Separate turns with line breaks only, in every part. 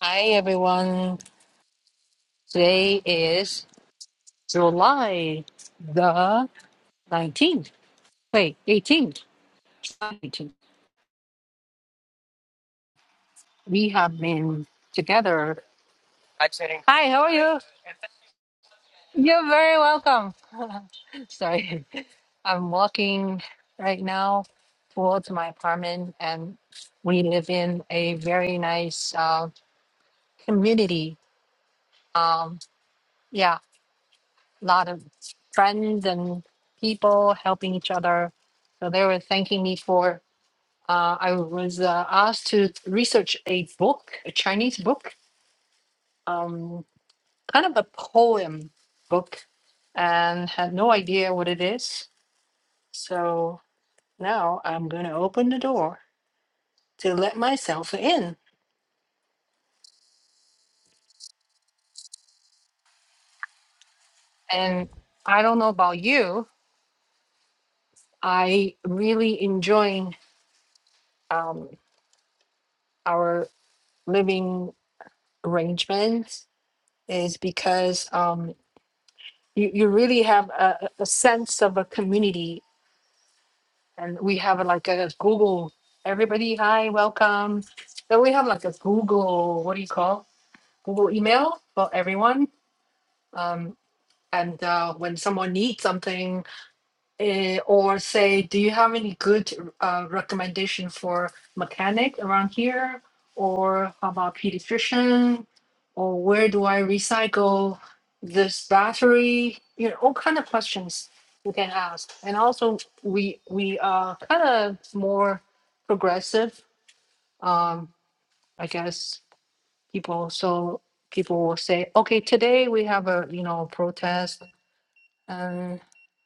Hi everyone. Today is July the 19th. Wait, 18th. 19th. We have been together. Hi, Jenny. Hi, how are you? You're very welcome. Sorry. I'm walking right now towards my apartment and we live in a very nice uh, community. Um, yeah, a lot of friends and people helping each other. So they were thanking me for Uh, I was uh, asked to research a book, a Chinese book, um, kind of a poem book, and had no idea what it is. So now I'm going to open the door to let myself in. And I don't know about you, I really enjoying um, our living arrangements is because um, you, you really have a, a a sense of a community and we have uh, like a Google. Everybody, hi, welcome. So we have like a Google. What do you call Google email for everyone? Um, and uh, when someone needs something, eh, or say, do you have any good uh, recommendation for mechanic around here? Or how about pediatrician? Or where do I recycle this battery? You know, all kind of questions you can ask. And also, we we are kind of more progressive, um, I guess. People, so people will say, okay, today we have a you know protest, and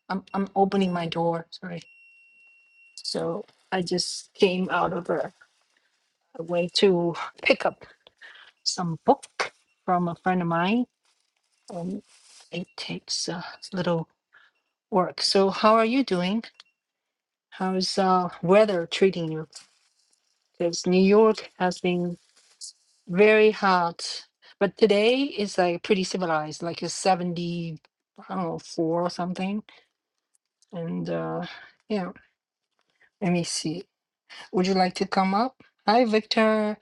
I'm I'm opening my door. Sorry so I just came out of a, a way to pick up some book from a friend of mine, and it takes a little work. So how are you doing? How's uh, weather treating you? Because New York has been very hot, but today is like pretty civilized, like a seventy, I don't know, four or something. And uh, yeah, let me see. Would you like to come up? Hi, Victor.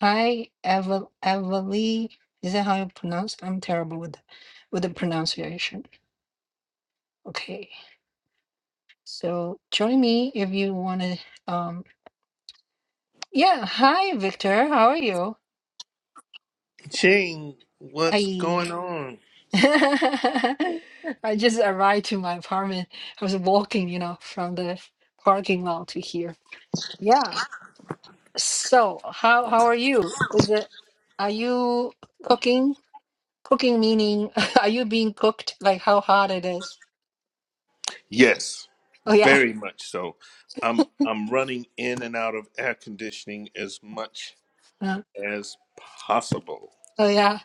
Hi, Evel Evely. Is that how you pronounce? I'm terrible with with the pronunciation. Okay. So join me if you want to. Um. Yeah. Hi, Victor. How are you?
Ching, what's
I
going on?
I just arrived to my apartment. I was walking, you know, from the parking lot to here. Yeah. So how how are you? Is it? Are you cooking? Cooking meaning, are you being cooked? Like how hot it is?
Yes,
Oh yeah,
very much so. I'm I'm running in and out of air conditioning as much
Uh,
as possible.
oh yeah,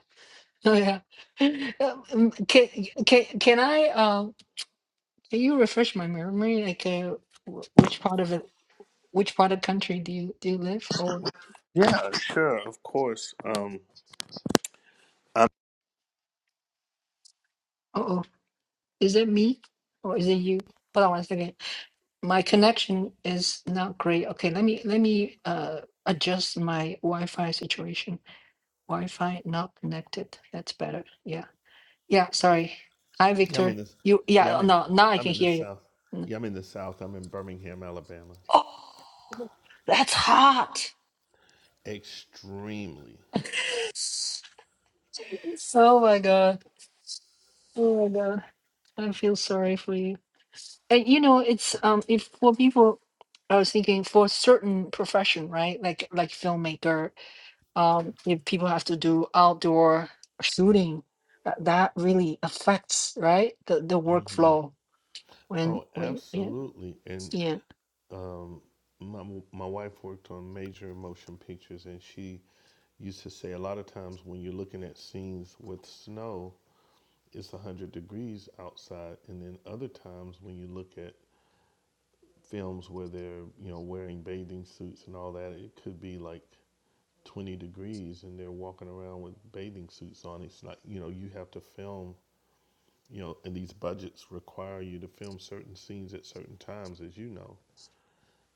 oh yeah. Um, Can can can I um can you refresh my memory? Like, uh, wh- which part of it, which part of the country do you do you live? Or
Yeah, Uh, sure, of course. Um, I'm
oh, is it me or is it you? Hold on one second. My connection is not great. Okay, let me let me uh adjust my Wi-Fi situation. Wi-Fi not connected. That's better. Yeah, yeah. Sorry. Hi,
yeah. I'm
Victor.
in this.
You
Yeah,
yeah.
I'm in.
No, now I
I'm
can
in the
hear
south.
you.
Yeah, I'm in the south. I'm in Birmingham, Alabama.
Oh, that's hot.
Extremely.
Oh my god. Oh my god. I feel sorry for you. And you know, it's um if for people I was thinking for certain profession, right? Like like filmmaker, um if people have to do outdoor shooting, that, that really affects, right? The the
hmm
workflow when
Oh,
when yeah.
absolutely. And um, my my wife worked on major motion pictures, and she used to say a lot of times when you're looking at scenes with snow, it's 100 degrees outside. And then other times when you look at films where they're, you know, wearing bathing suits and all that, it could be like 20 degrees and they're walking around with bathing suits on. It's like, you know, you have to film, you know, and these budgets require you to film certain scenes at certain times, as you know.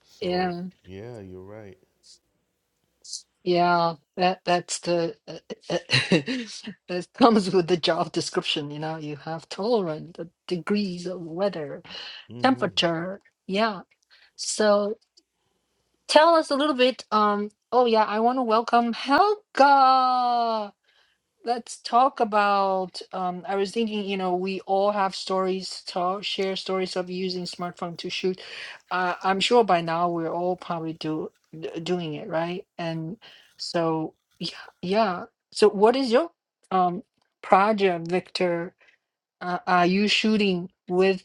So,
Yeah.
yeah, you're right.
Yeah, that that's the that comes with the job description, you know, you have tolerant the degrees of weather,
hmm
temperature. Yeah. So tell us a little bit. Um, oh yeah, I want to welcome Helga. Let's talk about. Um, I was thinking, you know, we all have stories to tell- share stories of using smartphone to shoot. Uh, I'm sure by now we're all probably do d- doing it, right? And so, yeah, yeah. So, what is your um project, Victor? Uh, are you shooting with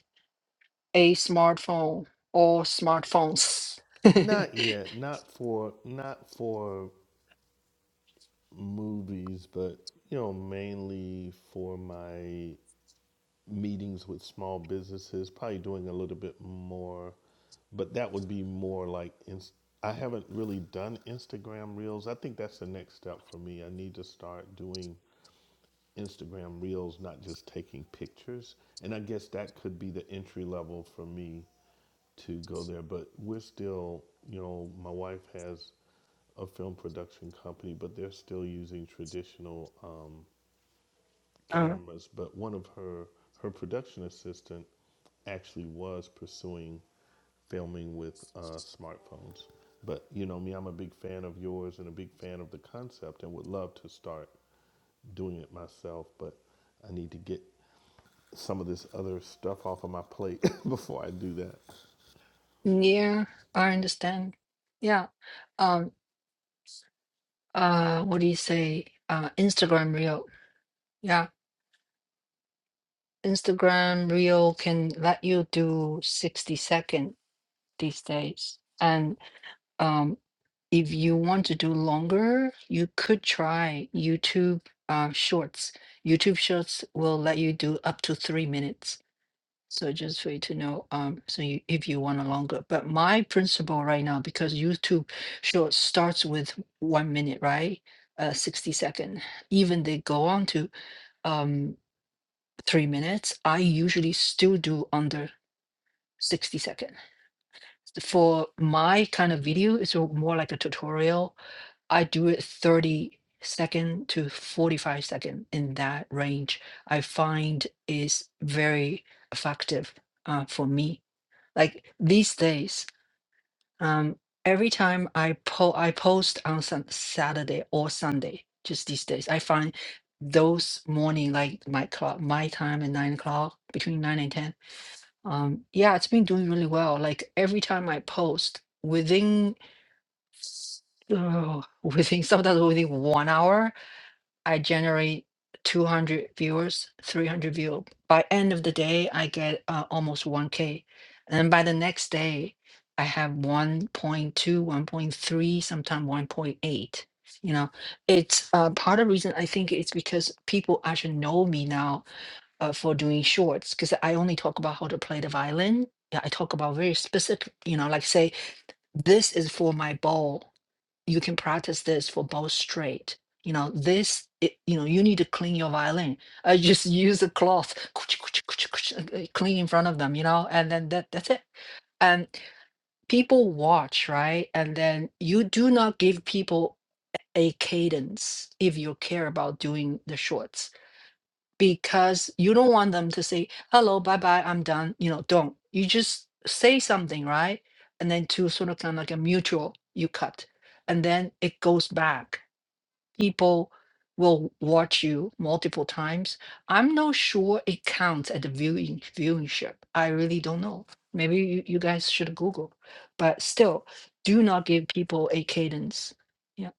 a smartphone or smartphones?
Not yet. Not for not for movies, but you know, mainly for my meetings with small businesses, probably doing a little bit more, but that would be more like inst- I haven't really done Instagram Reels. I think that's the next step for me. I need to start doing Instagram Reels, not just taking pictures. And I guess that could be the entry level for me to go there, but we're still, you know, my wife has a film production company, but they're still using traditional um,
uh,
cameras, but one of her her production assistant actually was pursuing filming with uh, smartphones. But you know me, I'm a big fan of yours and a big fan of the concept, and would love to start doing it myself. But I need to get some of this other stuff off of my plate before I do that.
yeah, I understand. Yeah. Um, uh what do you say uh Instagram Reel yeah Instagram Reel can let you do 60 second these days and um if you want to do longer you could try YouTube uh shorts YouTube shorts will let you do up to three minutes so just for you to know um so you, if you want a longer but my principle right now because YouTube shorts starts with one minute right uh 60 second even they go on to um, three minutes, I usually still do under 60 seconds. For my kind of video, it's a- more like a tutorial. I do it 30 second to 45 second in that range. I find is very effective uh, for me. Like these days, Um, every time I po- I post on some Saturday or Sunday, just these days, I find those morning like my clock, my time at nine o'clock between nine and ten. Um, yeah, it's been doing really well. Like every time I post within. s- Uh, within sometimes within one hour, I generate 200 viewers, 300 view. By end of the day, I get uh, almost 1K. And then by the next day, I have 1.2, 1.3, sometimes 1.8. You know, it's uh, part of the reason I think it's because people actually know me now uh, for doing shorts because I only talk about how to play the violin. Yeah, I talk about very specific, you know, like say, this is for my bow you can practice this for both straight. You know, this, it, you know, you need to clean your violin. I just use a cloth, clean in front of them, you know, and then that, that's it. And people watch, right? And then you do not give people a cadence if you care about doing the shorts because you don't want them to say, hello, bye bye, I'm done. You know, don't. You just say something, right? And then to sort of kind of like a mutual, you cut and then it goes back people will watch you multiple times. I'm not sure it counts at the viewing viewership. I really don't know. Maybe you, you guys should Google. But still, do not give people a cadence. Yeah.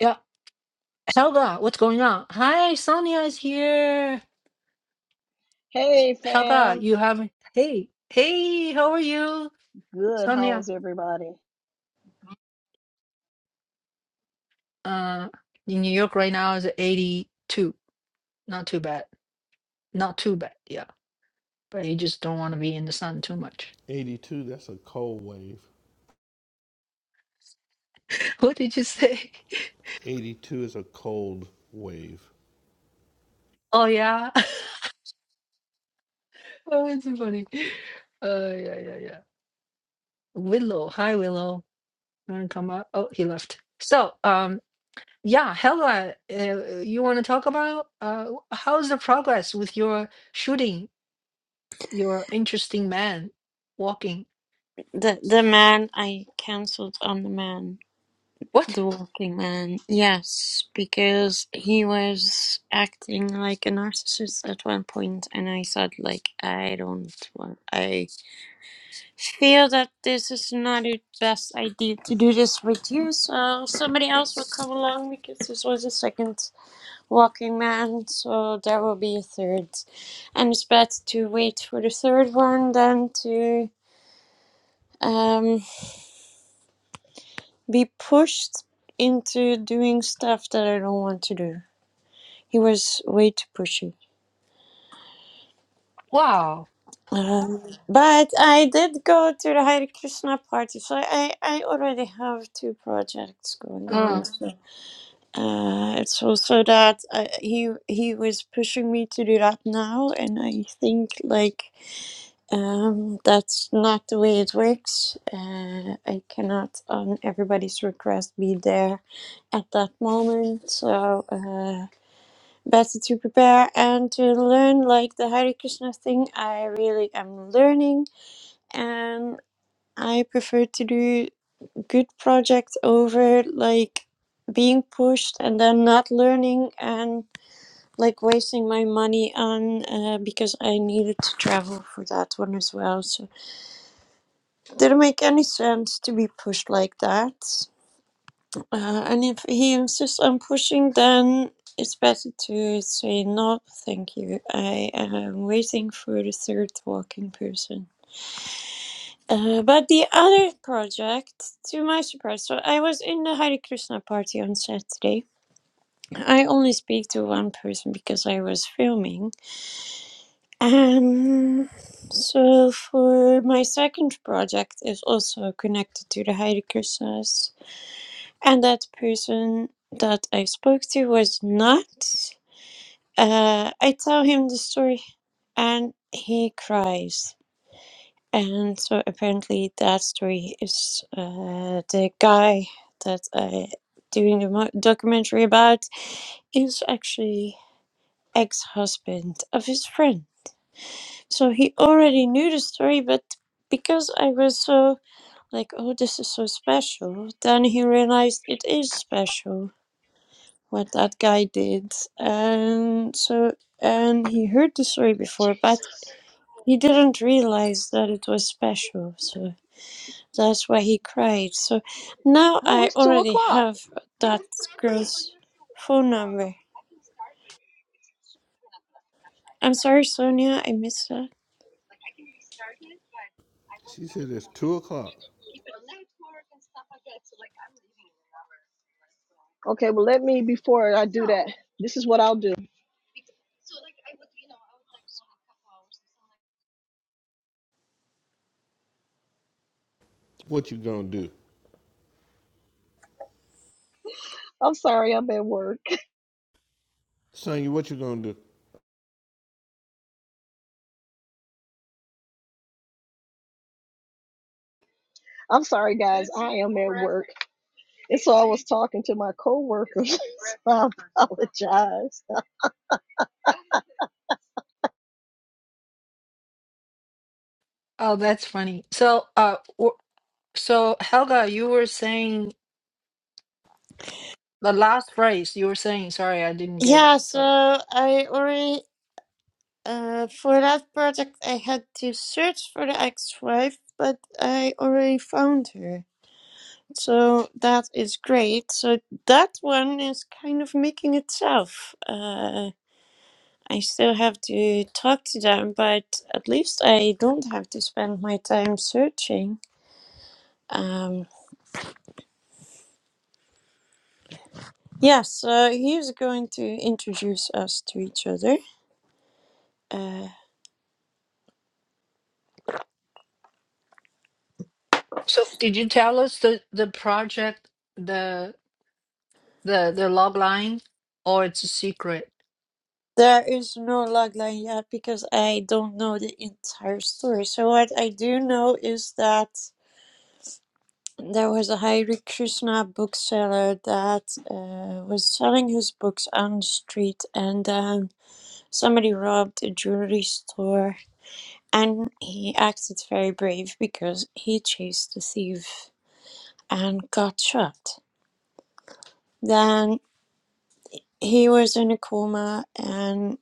Yeah. Helga, what's going on? Hi, Sonia is here.
Hey
Helga,
fam,
you haven't hey, hey, how are you?
good.
Sonia.
How's everybody?
Uh in New York right now is 82. Not too bad. Not too bad. Yeah. But you just don't want to be in the sun too much.
82, that's a cold wave.
What did you say?
82 is a cold wave.
Oh yeah. Oh, it's funny. Uh, yeah, yeah, yeah. Willow, hi Willow. Wanna come up? Oh, he left. So, um, yeah, Hella, uh, you want to talk about uh, how's the progress with your shooting? Your interesting man walking.
The the man I cancelled on the man,
What?
the walking man. Yes, because he was acting like a narcissist at one point, and I thought like I don't want. I feel that this is not the best idea to do this with you. So somebody else will come along because this was a second walking man. So there will be a third, and it's better to wait for the third one than to. um. be pushed into doing stuff that I don't want to do. He was way too pushy.
Wow.
Um, but I did go to the Hare Krishna party, so I, I already have two projects going
Uh,
on. So Uh, it's also that uh, he he was pushing me to do that now, and I think like um, that's not the way it works. Uh, I cannot on everybody's request be there at that moment. So uh, better to prepare and to learn. Like the Hare Krishna thing, I really am learning, and I prefer to do good project over like being pushed and then not learning and like wasting my money on uh, because I needed to travel for that one as well. So didn't make any sense to be pushed like that. Uh, and if he insists on pushing, then it's better to say no, thank you. I am waiting for the third walking person. Uh, but the other project, to my surprise, so I was in the Hare Krishna party on Saturday I only speak to one person because I was filming. Um, so for my second project is also connected to the Heidegger Sass. And that person that I spoke to was not. Uh, I tell him the story and he cries. And so apparently that story is uh, the guy that I doing the mo- documentary about is actually ex husband of his friend. So he already knew the story, but because I was so like, oh, this is so special, then he realized it is special what that guy did. And so, and he heard the story before, but he didn't realize that it was special. So that's why he cried. So now
Oh,
I
it's two
already
o'clock.
have that girl's phone number. I'm sorry, Sonia, I missed that.
She said it's two o'clock.
Okay, well let me before I do that. This is what I'll do.
What you gonna do,
I'm sorry, I'm at work.
Sonya? What you gonna do?
I'm sorry, guys. It's always talking to my coworkers. I apologize.
oh, that's funny. So, uh, w- so Helga, you were saying the last phrase. You were saying, sorry, I didn't get it.
Yeah, so
Sorry.
I already Uh, for that project, I had to search for the ex-wife, but I already found her. So that is great. So that one is kind of making itself. Uh, I still have to talk to them, but at least I don't have to spend my time searching. Um, yeah, so he's going to introduce us to each other. Uh,
So did you tell us the the project the the the log line or it's a secret?
There is no logline yet because I don't know the entire story. So what I do know is that there was a Hare Krishna bookseller that uh, was selling his books on the street, and um, somebody robbed a jewelry store, and he acted very brave because he chased the thief and got shot. Then he was in a coma, and.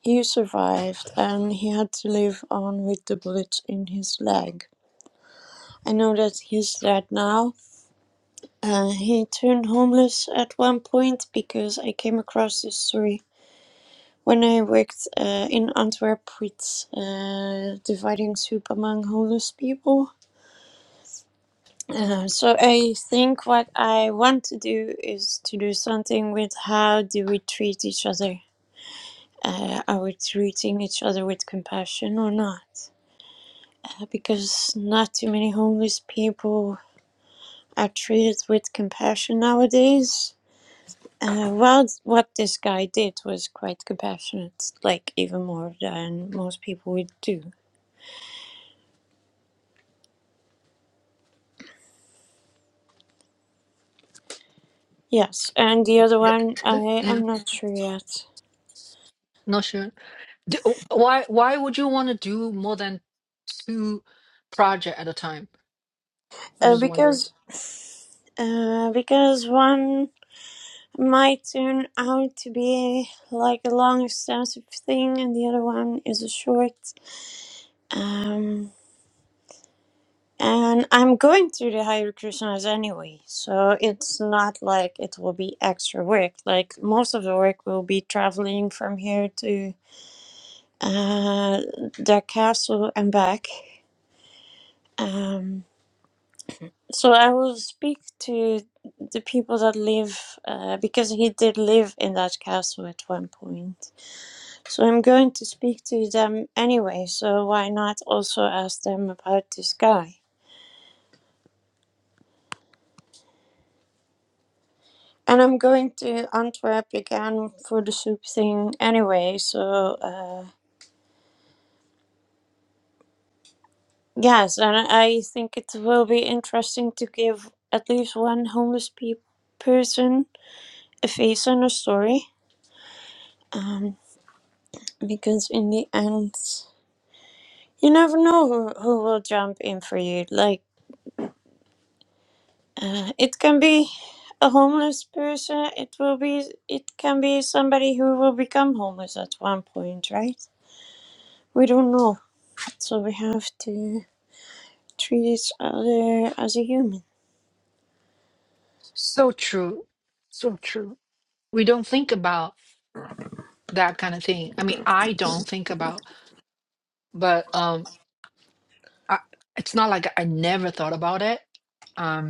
He survived and he had to live on with the bullets in his leg. I know that he's dead now. Uh, he turned homeless at one point because I came across this story when I worked uh, in Antwerp with uh, dividing soup among homeless people. Uh, so I think what I want to do is to do something with how do we treat each other. Uh, are we treating each other with compassion or not? uh, because not too many homeless people are treated with compassion nowadays. Uh, well, what this guy did was quite compassionate, like even more than most people would do. Yes, and the
It-
other
the-
one,
the-
I
yeah,
am not sure yet,
not sure. Do, why why would you want to do more than two project at a time? I'm
uh,
just wondering.
because uh, because one might turn out to be like a long extensive thing, and the other one is a short. Um, And I'm going through the Hare Krishnas anyway, so it's not like it will be extra work. Like most of the work will be traveling from here to uh, their castle and back. Um, so I will speak to the people that live, uh, because he did live in that castle at one point. So I'm going to speak to them anyway, so why not also ask them about this guy? And I'm going to Antwerp again for the soup thing anyway, so uh, yes, and I think it will be interesting to give at least one homeless pe- person a face and a story, um, because in the end, you never know who, who will jump in for you. Like, uh, it can be a homeless person, it will be, it can be somebody who will become homeless at one point, right? We don't know, so we have to. treat each other as a human.
So true. So true. We don't think about that kind of thing. I mean, I don't think about, but um I, it's not like I never thought about it. Um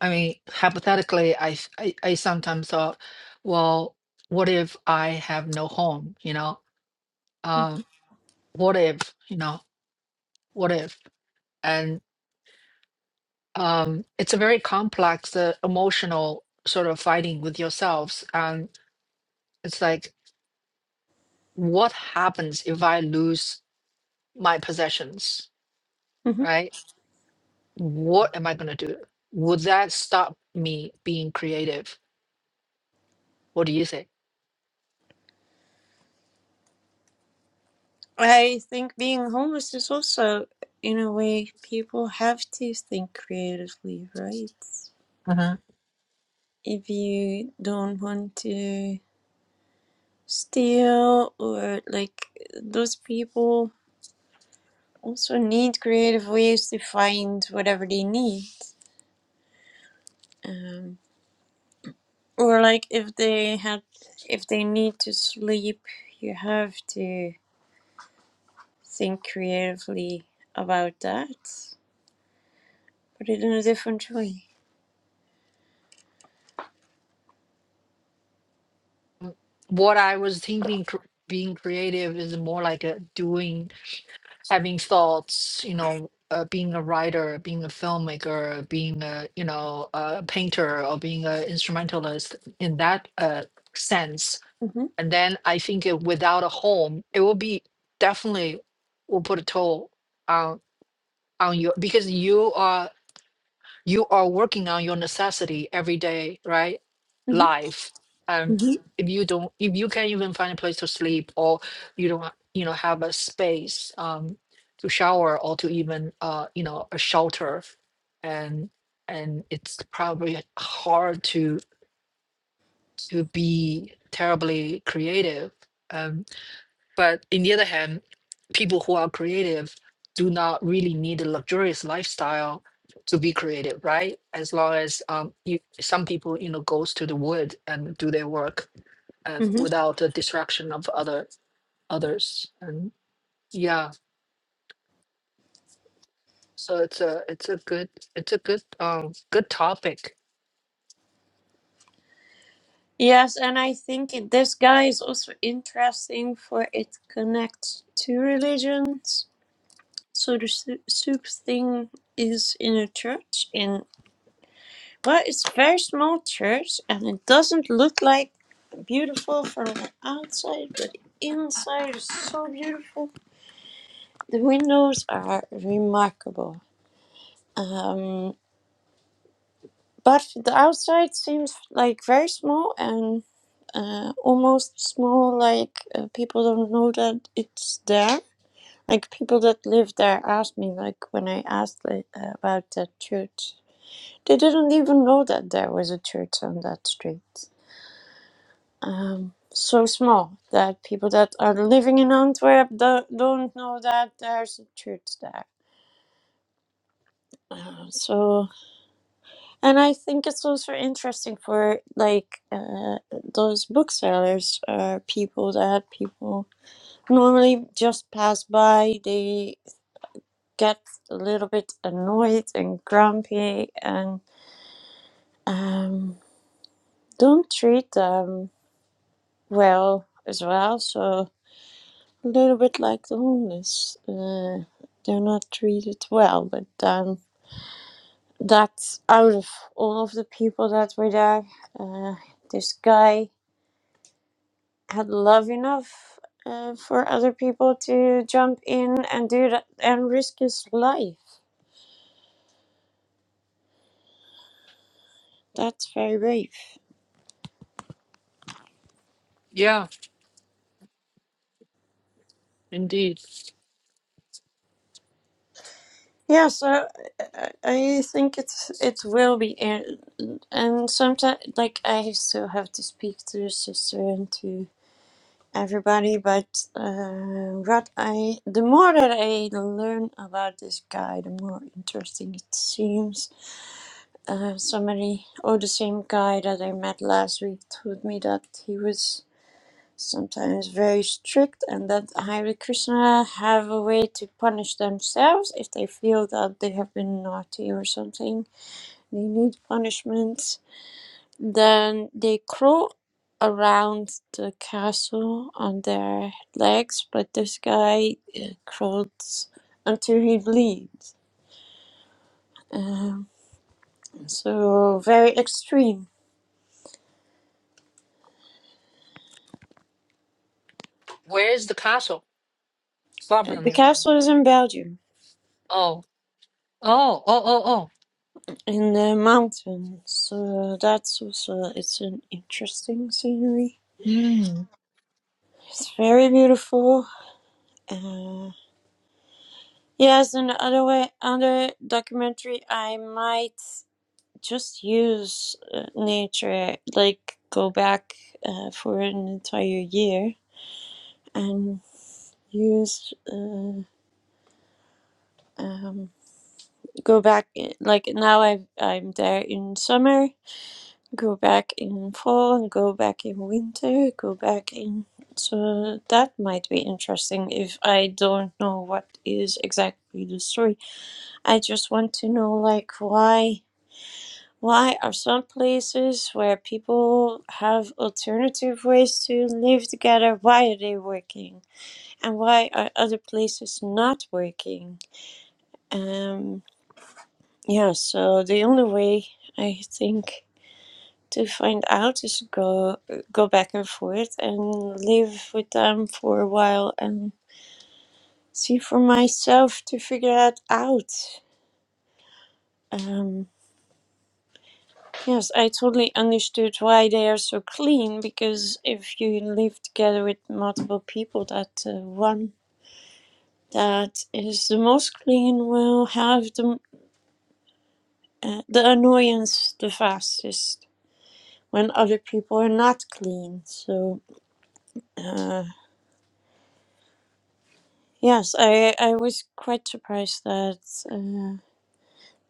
I mean, hypothetically, I, s- I I sometimes thought, well, what if I have no home? You know, um, what if? You know, what if? And um, it's a very complex uh, emotional sort of fighting with yourselves, and it's like, what happens if I lose my possessions?
hmm
Right? What am I gonna do? Would that stop me being creative? What do you think?
I think being homeless is also, in a way, people have to think creatively, right? If you don't want to steal, or like those people also need creative ways to find whatever they need. Um, or like if they had, if they need to sleep, you have to think creatively about that put it in a different way.
what I was thinking, cr- being creative is more like a doing, having thoughts, you know, uh, being a writer, being a filmmaker, being a, you know, a painter or being an instrumentalist in that uh, sense.
hmm
And then I think it, without a home, it will be definitely will put a toll on on you because you are you are working on your necessity every day, right?
hmm
Life. And
hmm
if you don't, if you can't even find a place to sleep or you don't, you know, have a space um, to shower or to even, uh, you know, a shelter, and and it's probably hard to to be terribly creative. Um, but in the other hand, people who are creative do not really need a luxurious lifestyle to be creative, right? As long as um, you, some people, you know, goes to the wood and do their work uh,
hmm
without the distraction of other others. And yeah, so it's a it's a good it's a good um good topic.
Yes, and I think it, this guy is also interesting for it connects to religions. So the su- soup thing is in a church in well, it's a very small church, and it doesn't look like beautiful from the outside, but inside is so beautiful. The windows are remarkable. Um, But the outside seems like very small and uh, almost small, like uh, people don't know that it's there. Like people that live there asked me, like when I asked like, uh, about that church, they didn't even know that there was a church on that street. Um, so small that people that are living in Antwerp don't, don't know that there's a church there. Uh, so And I think it's also interesting for like uh, those booksellers are people that people normally just pass by. They get a little bit annoyed and grumpy and um, don't treat them well as well. So a little bit like the homeless, uh, they're not treated well. But um, that's out of all of the people that were there. Uh, this guy. had love enough uh, for other people to jump in and do that and risk his life. That's very brave.
Yeah, indeed.
Yeah, so I, I think it's it will be, in- and sometimes like I still have to speak to the sister and to everybody, but uh, what I the more that I learn about this guy, the more interesting it seems. Uh, somebody, or the same guy that I met last week, told me that he was sometimes very strict and that Hare Krishna have a way to punish themselves if they feel that they have been naughty or something. They need punishment. Then they crawl around the castle on their legs, but this guy uh, crawled until he bleeds. Um, so very extreme.
Where is the castle? Far
Uh,
from
The
you.
castle is in Belgium.
Oh, oh, oh, oh, oh.
in the mountains. Uh, that's also it's an interesting scenery.
Mm.
It's very beautiful. Uh, yes, and other way, other documentary, I might just use uh, nature, like go back uh, for an entire year and use. Uh, um, go back like now I've, i'm there in summer Go back in fall and go back in winter, go back in. So that might be interesting if I don't know what is exactly the story. I just want to know, like, why. Why are some places where people have alternative ways to live together, why are they working? And why are other places not working? Um, yeah, so the only way I think to find out just go go back and forth and live with them for a while and see for myself to figure it out um, yes i totally understood why they are so clean because if you live together with multiple people that uh, one that is the most clean will have the, uh, the annoyance the fastest when other people are not clean so Uh, Yes, I, I was quite surprised that uh,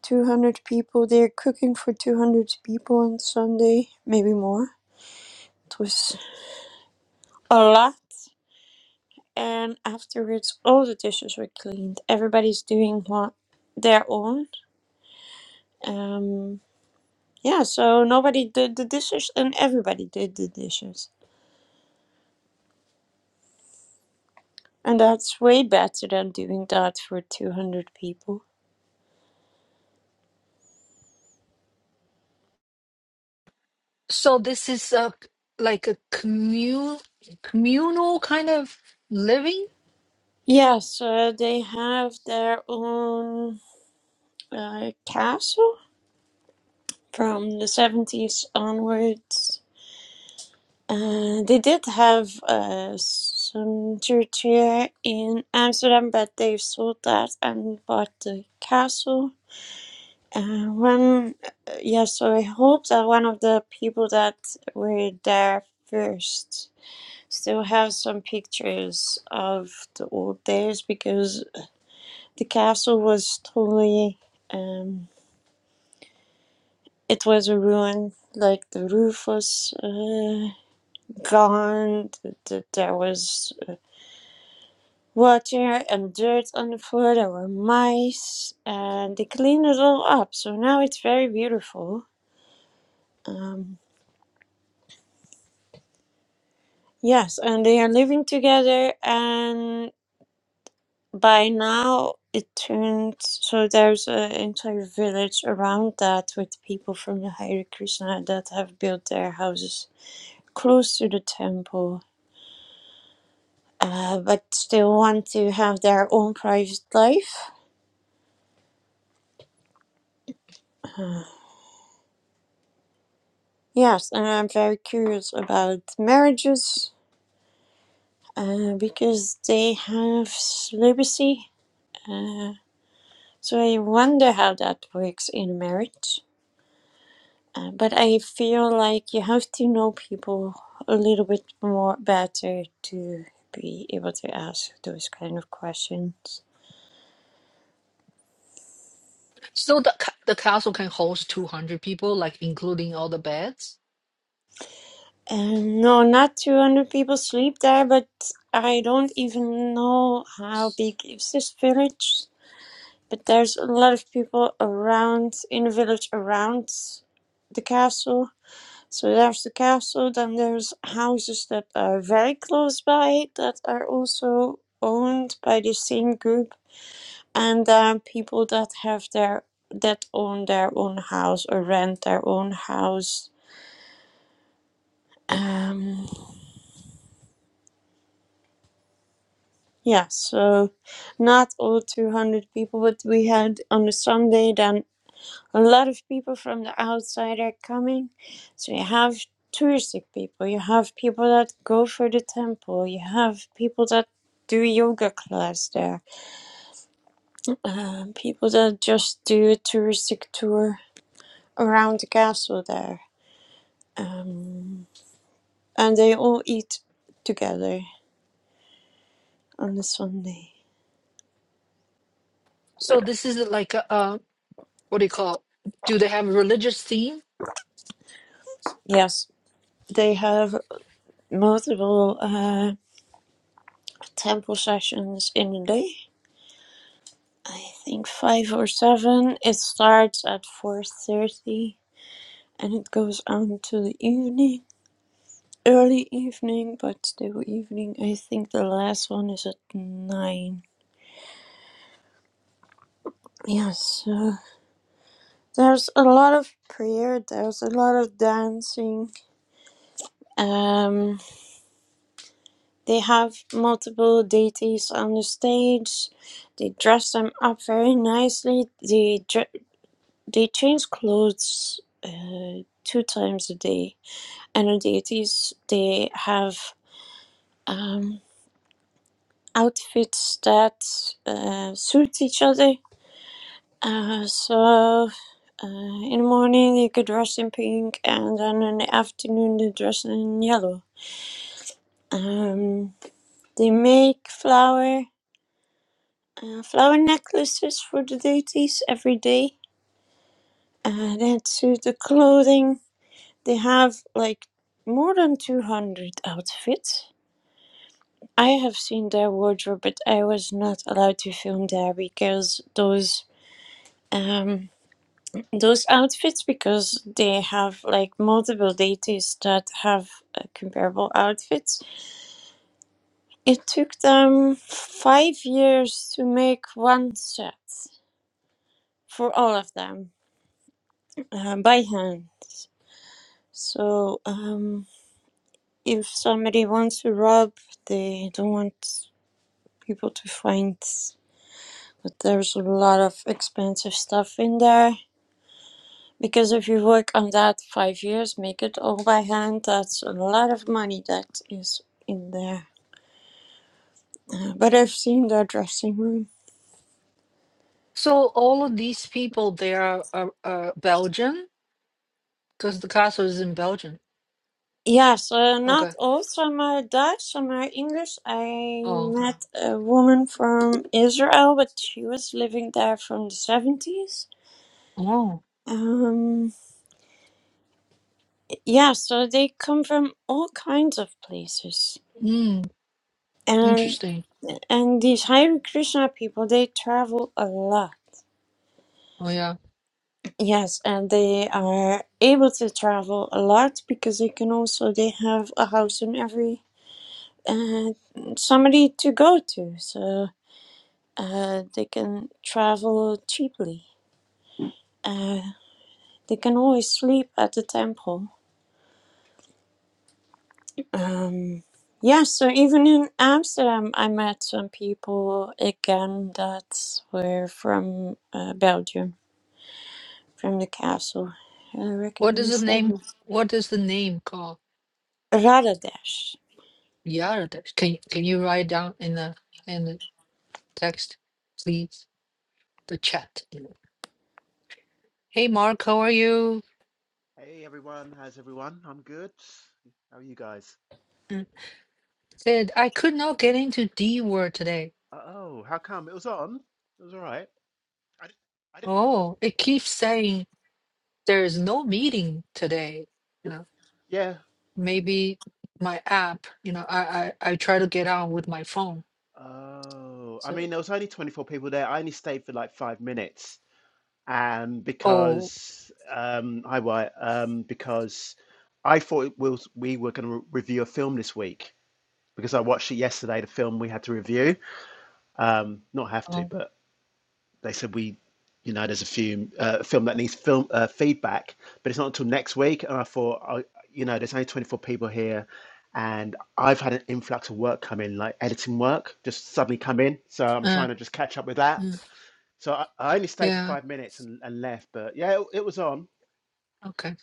200 people, they're cooking for 200 people on Sunday, maybe more. It was a lot. And afterwards, all the dishes were cleaned. Everybody's doing what their own. Um, yeah, so nobody did the dishes and everybody did the dishes. And that's way better than doing that for 200 people.
So this is a like a commun communal kind of living.
Yes, uh, they have their own uh, castle from the 70s onwards. Uh, they did have uh, some church here in Amsterdam, but they've sold that and bought the castle. Uh, one, uh, yeah, so I hope that one of the people that were there first still have some pictures of the old days because the castle was totally, um, it was a ruin. Like the roof was. uh, gone. th- th- There was water and dirt on the floor. There were mice, and they cleaned it all up. So now it's very beautiful. Um, yes, and they are living together. And by now it turned so there's an entire village around that with people from the Hare Krishna that have built their houses close to the temple. Uh, but still want to have their own private life Yes, and I'm very curious about marriages uh, because they have celibacy. Uh, so I wonder how that works in a marriage. Uh, but I feel like you have to know people a little bit more better to be able to ask those kind of questions.
So the ca- the castle can host 200 people, like including all the beds.
And no, not 200 people sleep there, but I don't even know how big is this village. But there's a lot of people around in the village around the castle. So there's the castle, then there's houses that are very close by that are also owned by the same group, and then people that have their that own their own house or rent their own house. Um, yeah, so not all 200 people, but we had on a Sunday then a lot of people from the outside are coming. So you have touristic people, you have people that go for the temple, you have people that do yoga class there, um, people that just do a touristic tour around the castle there. Um, and they all eat together on the Sunday.
So this is like a, uh, what do you call? Do they have a religious theme?
Yes, they have multiple uh, temple sessions in a day. I think five or seven. It starts at four thirty and it goes on to the evening, early evening, but still evening. I think the last one is at nine. Yes, uh, there's a lot of prayer. There's a lot of dancing. Um, they have multiple deities on the stage. They dress them up very nicely. They dr- they change clothes uh, two times a day and the deities they have um, outfits that uh, suit each other. Uh, so uh, in the morning you could dress in pink, and then in the afternoon they dress in yellow. Um, they make flower uh, flower necklaces for the deities every day. Uh, then to the clothing, they have like more than two hundred outfits I have seen their wardrobe, but I was not allowed to film there because those um those outfits because they have like multiple deities that have uh, comparable outfits. It took them five years to make one set for all of them uh, by hand. So um, if somebody wants to rob, they don't want people to find. But there's a lot of expensive stuff in there Because if you work on that five years, make it all by hand, that's a lot of money that is in there. But I've seen their dressing room.
So all of these people, they are uh, uh, Belgian because the castle is in Belgium.
Yes, uh, not
Okay.
all. Some are Dutch, some are English. I
Oh.
met a woman from Israel, but she was living there from the 70s.
Oh.
Um, yeah, so they come from all kinds of places.
Mm,
And
interesting.
and these Hare Krishna people, they travel a lot.
Oh yeah.
Yes, and they are able to travel a lot because they can also they have a house in every uh, somebody to go to, so uh, they can travel cheaply. Uh, they can always sleep at the temple. Um, yeah, so even in Amsterdam, I met some people again that were from uh, Belgium, from the castle. I
What is the
recognize
name?
that.
What is the name called?
Radadesh.
Yeah. Can can you write down in the in the text, please, the chat. Hey, Mark, how are you?
Hey everyone, how's everyone? I'm good. How are you guys?
Mm. Said, I could not get into D word today.
Oh, how come? It was on. It was all right. I didn't, I didn't.
Oh, it keeps saying there is no meeting today. You know,
Yeah.
maybe my app, you know, I, I, I try to get on with my phone.
Oh, I mean,
So,
there was only 24 people there. I only stayed for like five minutes, and
oh,
because um, hi Wyatt, um, because I thought it was, we were going to re review a film this week because I watched it yesterday, the film we had to review. Um, not have to,
oh,
but. they said we, you know, there's a few uh, a film that needs film uh, feedback, but it's not until next week. And I thought, I, you know, there's only 24 people here, and I've had an influx of work come in, like editing work, just suddenly come in. So I'm
uh,
trying to just catch up with that.
mm,
So I, I only stayed for
yeah,
five minutes and, and left, but yeah, it, it was on.
okay.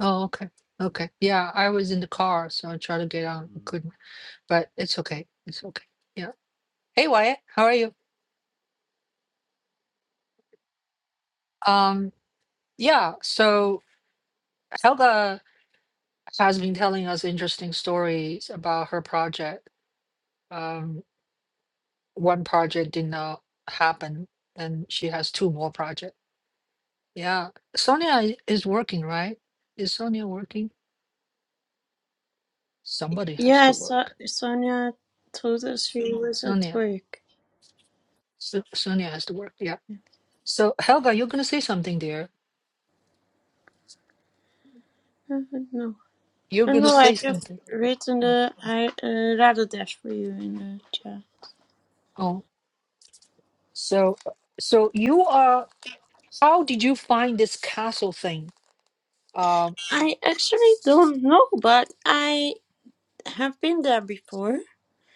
Oh, okay. Okay. Yeah, I was in the car, so I tried to get on. I
Mm.
couldn't, but it's okay. It's okay. Yeah. Hey, Wyatt, how are you? um. Yeah, so Helga has been telling us interesting stories about her project. Um, one project did not happen, and she has two more projects. Yeah, Sonia i- is working, right? Is Sonia working? Somebody has
Yeah,
to
so
work.
Sonia told us she was at
Sonia,
work.
so, Sonia has to work. Yeah. So Helga, you're gonna say something, dear.
I don't know.
You're
I
gonna
know, I
say
just
something.
written
Oh,
the I, uh, rather dash for you in the chat.
oh. So, so you are. How did you find this castle thing? Uh,
I actually don't know, but I have been there before.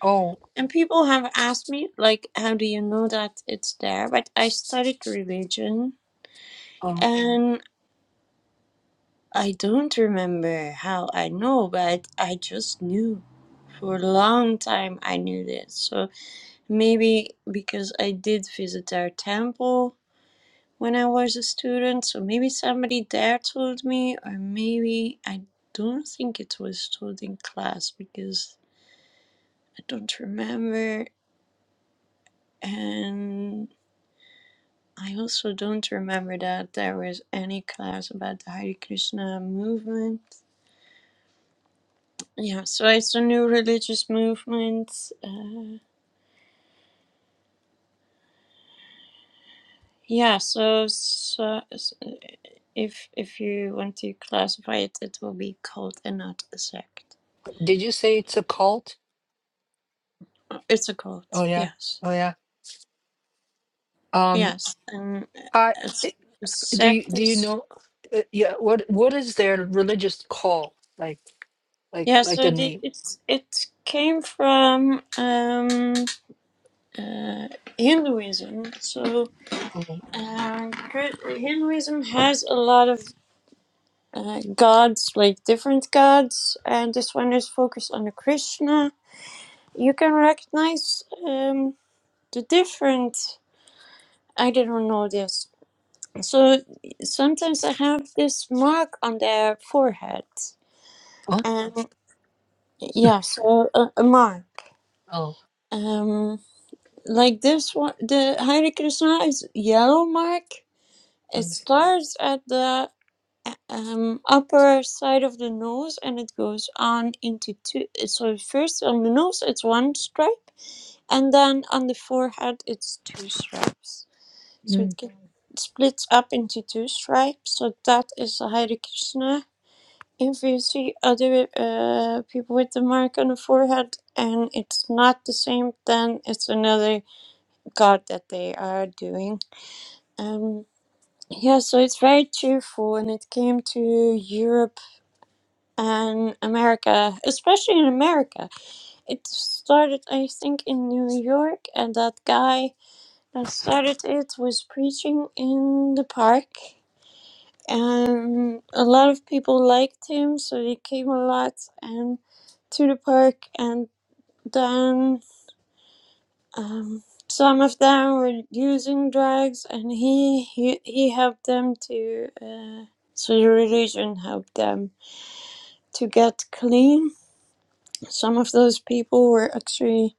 oh.
And people have asked me, like, how do you know that it's there? But I studied religion
oh.
and I don't remember how I know, but I just knew. For a long time, I knew this. So Maybe because I did visit their temple when I was a student, so maybe somebody there told me, or maybe I don't think it was told in class because I don't remember. And I also don't remember that there was any class about the Hare Krishna movement. Yeah, so it's a new religious movement. Uh, Yeah, so, so, so if if you want to classify it, it will be cult and not a sect.
Did you say it's a cult?
Uh, It's a
Oh
cult,
yeah,
yes,
oh yeah. Um,
yes, and uh,
I
it's
i-
a
do you
sect.
do you
Is,
know? Uh, yeah, what what is their religious call like? Like
yeah,
like
so
the
the,
name?
it's it came from um, uh, Hinduism. So
Oh,
uh, cri- Hinduism has a lot of uh, gods, like different gods, and this one is focused on the Krishna you can recognize. Um, the different i do not know this so sometimes i have this mark on their forehead
huh?
and yeah so a, a mark
Oh,
um like this one the hare krishna is yellow mark it
okay.
starts at the um upper side of the nose and it goes on into two so first on the nose it's one stripe and then on the forehead it's two stripes So it
Mm.
gets split up into two stripes. So that is the Hare Krishna. If you see other uh, people with the mark on the forehead and it's not the same, then it's another god that they are doing. Um, yeah, so it's very cheerful and it came to Europe and America, especially in America. It started, I think, in New York, and that guy that started it was preaching in the park and a lot of people liked him, so they came a lot and to the park. And then um, some of them were using drugs, and he he, he helped them to. Uh, so the religion helped them to get clean. Some of those people were actually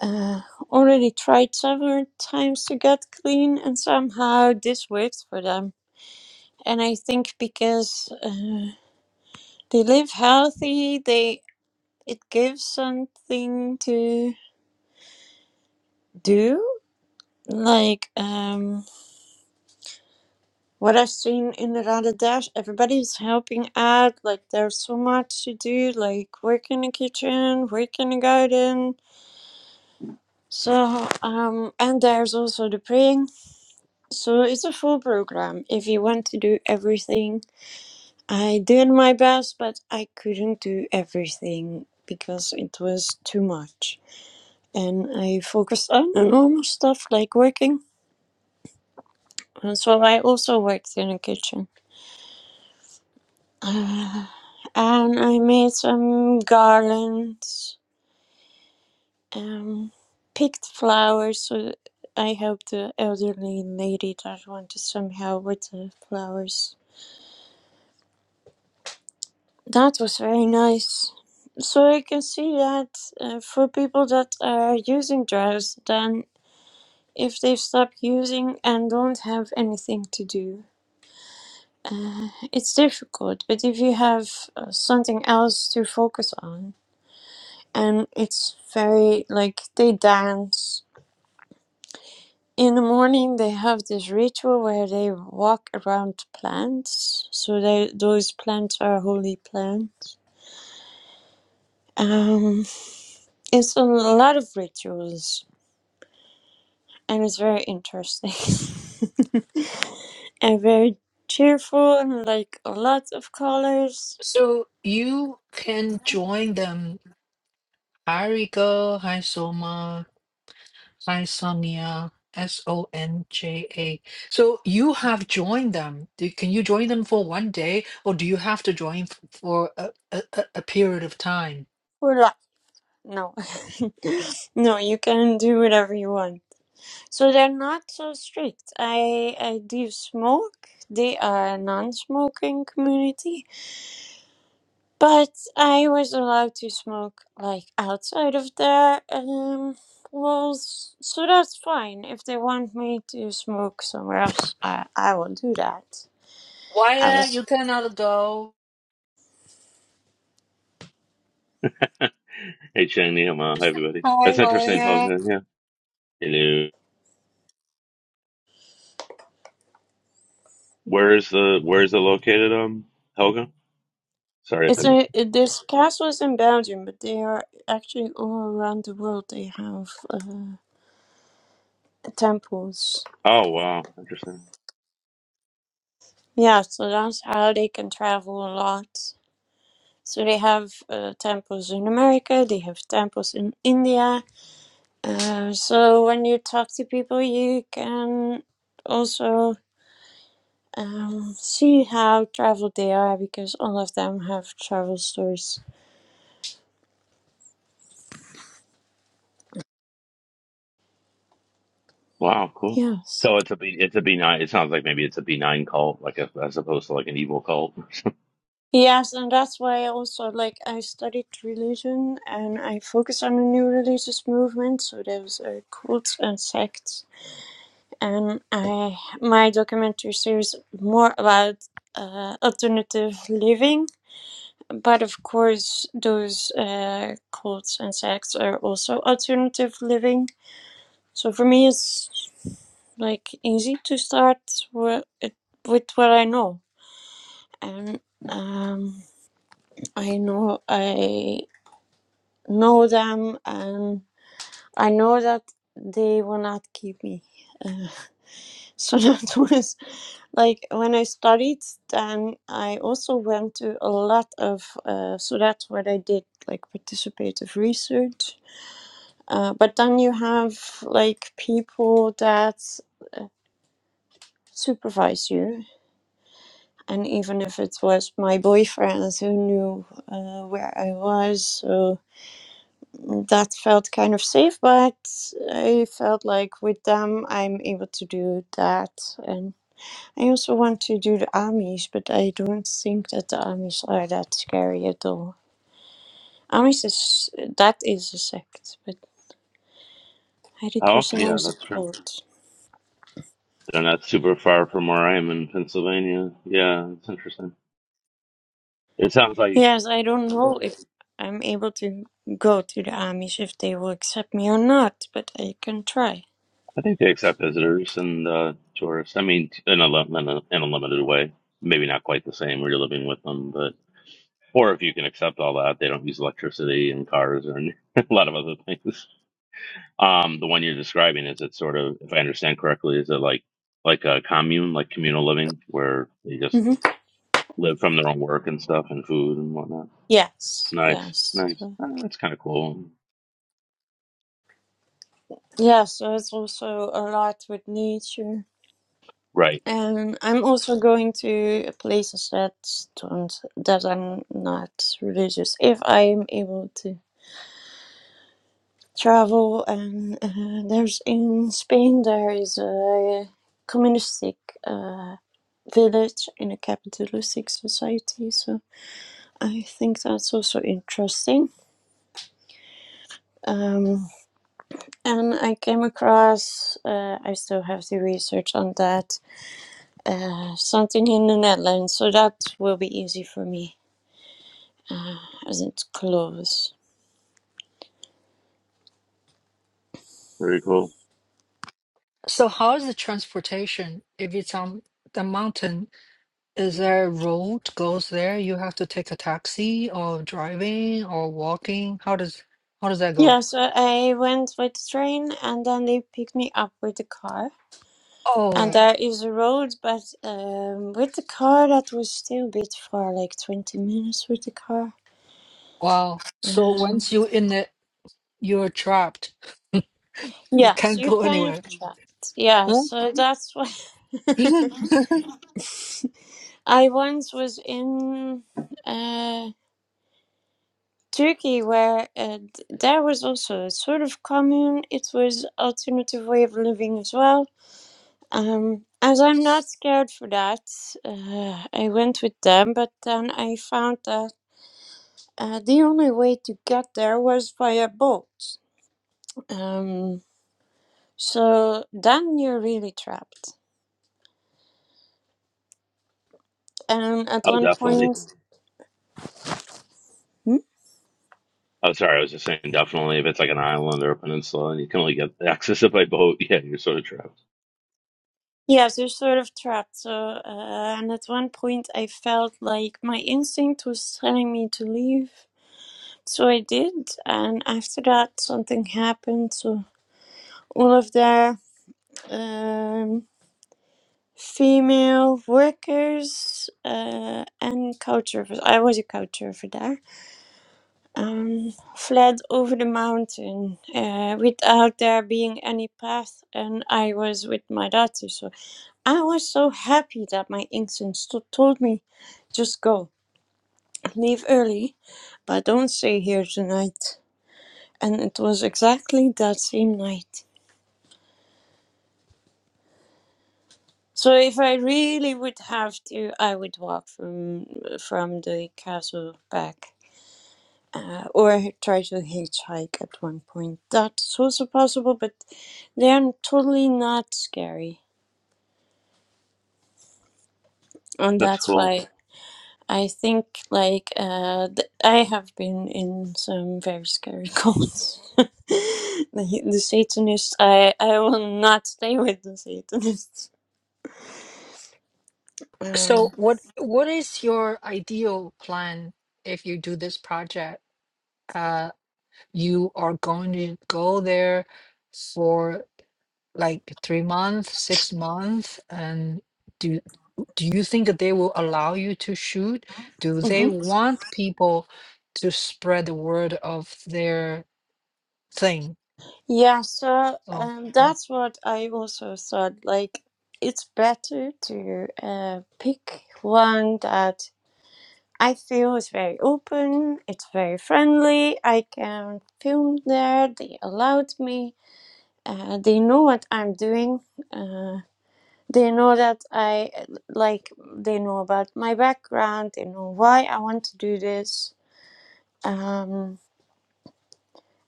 uh, already tried several times to get clean, and somehow this worked for them. And I think because. Uh, They live healthy. They it gives something to do. Like um, what I've seen in Radadesh, everybody's helping out. Like there's so much to do. Like work in the kitchen, work in the garden. So um, and there's also the praying. So it's a full program if you want to do everything. I did my best, but I couldn't do everything because it was too much. and I focused on the normal stuff like working. And so I also worked in the kitchen. Uh, and I made some garlands, um, picked flowers. So I helped the elderly lady that wanted some help with the flowers. That was very nice. So I can see that uh, for people that are using drugs, then if they stop using and don't have anything to do, It's difficult, but if you have uh, something else to focus on, and it's very like they dance. In the morning, they have this ritual where they walk around plants. So they, those plants are holy plants. Um, it's a lot of rituals, and it's very interesting and very cheerful and like lots of colors.
So you can join them. Hariga, Hisoma, Hisonia, S O N J A. So you have joined them. Do, can you join them for one day, or do you have to join f- for a, a, a a period of time?
Voila. No. No, you can do whatever you want. So they're not so strict. I I do smoke. They are a non-smoking community, but I was allowed to smoke like outside of their um walls, so that's fine. If they want me to smoke somewhere else, I I will do that. I
Why
was.
you cannot go?
Hey Chandy, I'm on. Hi everybody.
Hi,
That's interesting,
Leia.
Helga. Yeah. Hello. Where is the where is it located, um, Helga? Sorry if I
It's
missed.
a,
it.
it- this castle is in Belgium, but they are actually all around the world. They have uh, temples
Oh wow, interesting.
Yeah, so that's how they can travel a lot. So they have uh, temples in America, they have temples in India. Uh, so when you talk to people, you can also um, see how traveled they are because all of them have travel stories.
Wow, cool.
Yes.
So it's a B it's a B nine it sounds like maybe it's a B nine cult, like a, as opposed to like an evil cult.
Yes, and that's why I also like I studied religion and I focus on the new religious movement. So there's uh, cults and sects and I my documentary series more about uh, alternative living. But of course, those uh, cults and sects are also alternative living. So for me, it's like easy to start with, with what I know, and um, I know I know them, and I know that they will not keep me. Uh, so that was Like when I studied, then I also went to a lot of, uh, so that's what I did, like participative research. Uh, but then you have like people that supervise you. And even if it was my boyfriend who knew uh, where I was, so that felt kind of safe. But I felt like with them, I'm able to do that. and. I also want to do the Amish, but I don't think that the Amish are that scary at all. Amish is that is a sect, but Hare
Oh okay,
Krishna
yeah,
is a
that's true.
cult.
They're not super far from where I am in Pennsylvania. Yeah, it's interesting. It sounds like
Yes, I don't know if I'm able to go to the Amish if they will accept me or not, but I can try.
I think they accept visitors and uh tourists. I mean in a lim in a, in a limited way. Maybe not quite the same where you're living with them, but or if you can accept all that, they don't use electricity and cars and a lot of other things. Um, the one you're describing is it sort of, if I understand correctly, is it like like a commune, like communal living, where they just
hmm
live from their own work and stuff and food and whatnot.
Yes,
Nice,
yes,
nice.
so,
Uh, That's kind of cool.
yeah. So it's also a lot with nature.
Right.
And I'm also going to places that don't that I'm not religious. If I'm able to travel, and uh, there's in Spain there is a communistic uh, village in a capitalistic society, so I think that's also interesting. Um, and I came across, uh, I still have the research on that, uh, something in the Netherlands, so that will be easy for me Isn't close.
Very cool.
So how is the transportation? If it's on the mountain, is there a road goes there? You have to take a taxi or driving or walking? How does how does that go?
Yeah, so I went with the train and then they picked me up with the car. And
Oh,
there is a road, but um, with the car that was still a bit far, like 20 minutes with the car.
wow. So
Um,
once you in it, you're trapped. You
yeah,
can't
so you
go
kind of
anywhere.
trapped. Yeah,
Huh?
so that's why I once was in uh, Turkey where uh, there was also a sort of commune. It was alternative way of living as well Um, as I'm not scared for that, uh, I went with them, but then I found that uh, the only way to get there was via boat. Um, so then you're really trapped. And at
Oh,
one
definitely.
point, Hmm?
Oh, sorry. I was just saying, definitely. If it's like an island or a peninsula and you can only get access it by boat, yeah, you're sort of trapped.
yes, you're sort of trapped. So, uh, and at one point, I felt like my instinct was telling me to leave. So I did, and after that, something happened. So all of their um, female workers uh, and couchsurfers. I was a couchsurfer there. Um, fled over the mountain uh, without there being any path, and I was with my daughter. So I was so happy that my instincts to- told me, just go, leave early, but don't stay here tonight. And it was exactly that same night. So if I really would have to, I would walk from from the castle back uh, or try to hitchhike at one point. That's also possible, but they are totally not scary, and
That's
that's
cool.
why I think like uh, th- I have been in some very scary cults. the, the Satanists, I I will not stay with the Satanists. Um,
So what what is your ideal plan if you do this project? Uh, you are going to go there for like three months, six months, and do do you think that they will allow you to shoot? Do they
mhm.
want people to spread the word of their thing?
Yeah, so
Oh,
um,
oh,
that's what I also thought. Like, it's better to uh, pick one that I feel it's very open, it's very friendly. I can film there, they allowed me. Uh, they know what I'm doing. Uh, they know that I like, they know about my background, they know why I want to do this. Um,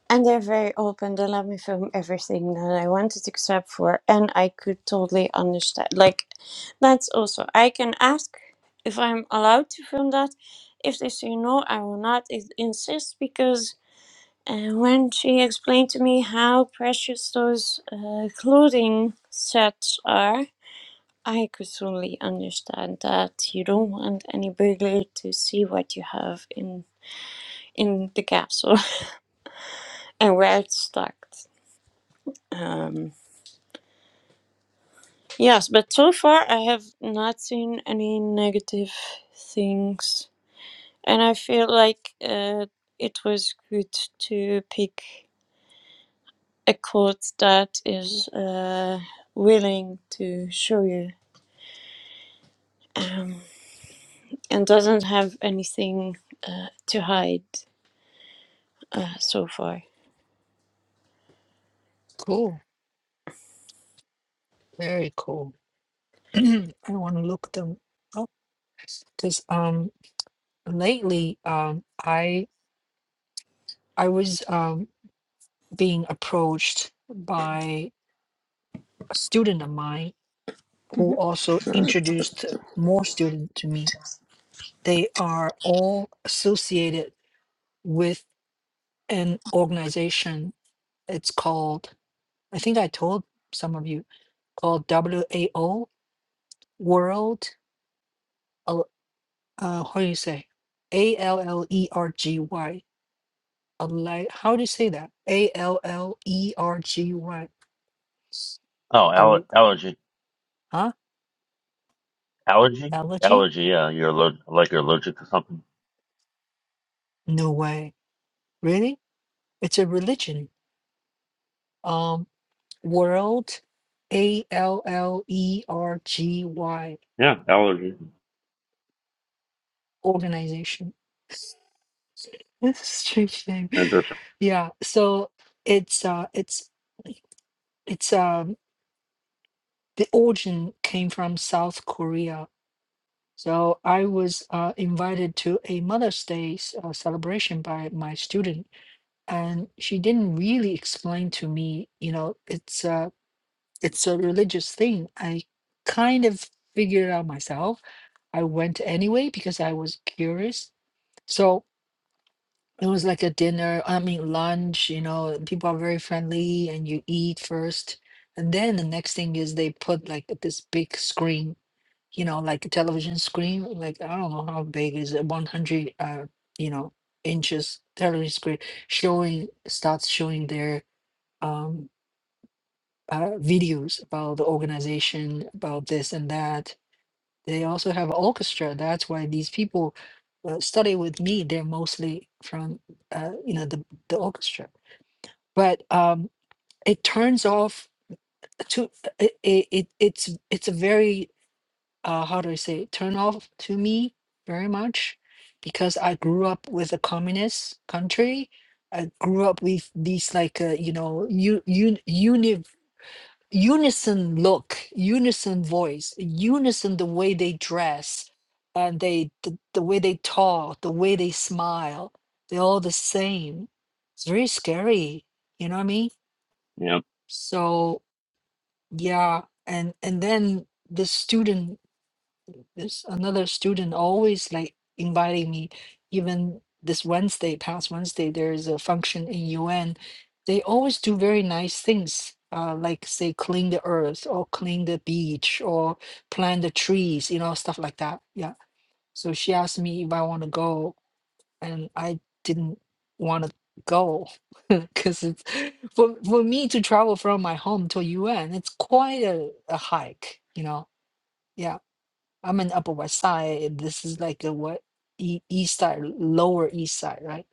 And they're very open. They let me film everything that I wanted except for, and I could totally understand. Like, that's also, I can ask if I'm allowed to film that. If they say no, I will not i- insist because uh, when she explained to me how precious those uh, clothing sets are, I could totally understand that you don't want any burglar to see what you have in in the capsule and where it's stuck. Um, Yes, but so far I have not seen any negative things. And I feel like uh, it was good to pick a quote that is uh, willing to show you um, and doesn't have anything uh, to hide uh, so far.
cool, very cool. I want to look them up because um lately um I I was um being approached by a student of mine who
Mhm.
also introduced more students to me. They are all associated with an organization. It's called, I think I told some of you, called WAO, World, Al- uh, how do you say? A L L E R G Y. Alle- How do you say that? A L L E R G Y.
Oh, aller-
Al-
allergy.
Huh?
Allergy?
Allergy?
Allergy, yeah. You're allergic, like you're allergic to something.
No way. Really? It's a religion. Um, World A L L E R G Y
Yeah, allergy.
organization. That's a strange name.
Interesting.
Yeah, so it's uh it's it's um the origin came from South Korea. So I was uh, invited to a Mother's Day s- uh, celebration by my student, and she didn't really explain to me. You know, it's a it's a religious thing. I kind of figured it out myself I went anyway because I was curious. So it was like a dinner, I mean, lunch, you know, and people are very friendly and you eat first. And then the next thing is they put like this big screen, you know, like a television screen. Like, I don't know how big is it, 100, uh, you know, inches television screen showing, starts showing their um, uh, videos about the organization, about this and that They also have orchestra. That's why these people uh, study with me. They're mostly from uh, you know the the orchestra. But um, it turns off to uh, it, it. it- It's it's a very uh, how do I say it? turn off to me very much because I grew up with a communist country. I grew up with these like uh, you know you unison look, unison voice, unison the way they dress, and they the, the way they talk, the way they smile, they're all the same. It's very scary, you know what I mean?
Yeah.
So yeah, and and then the student there's another student always like inviting me, even this Wednesday, past Wednesday, there is a function in UN. They always do very nice things, uh, like say clean the earth or clean the beach or plant the trees, you know, stuff like that. Yeah. So she asked me if I want to go, and I didn't want to go because it's for for me to travel from my home to UN, it's quite a, a hike, you know. Yeah I'm in Upper West Side. This is like a what e- East Side, Lower East Side, right?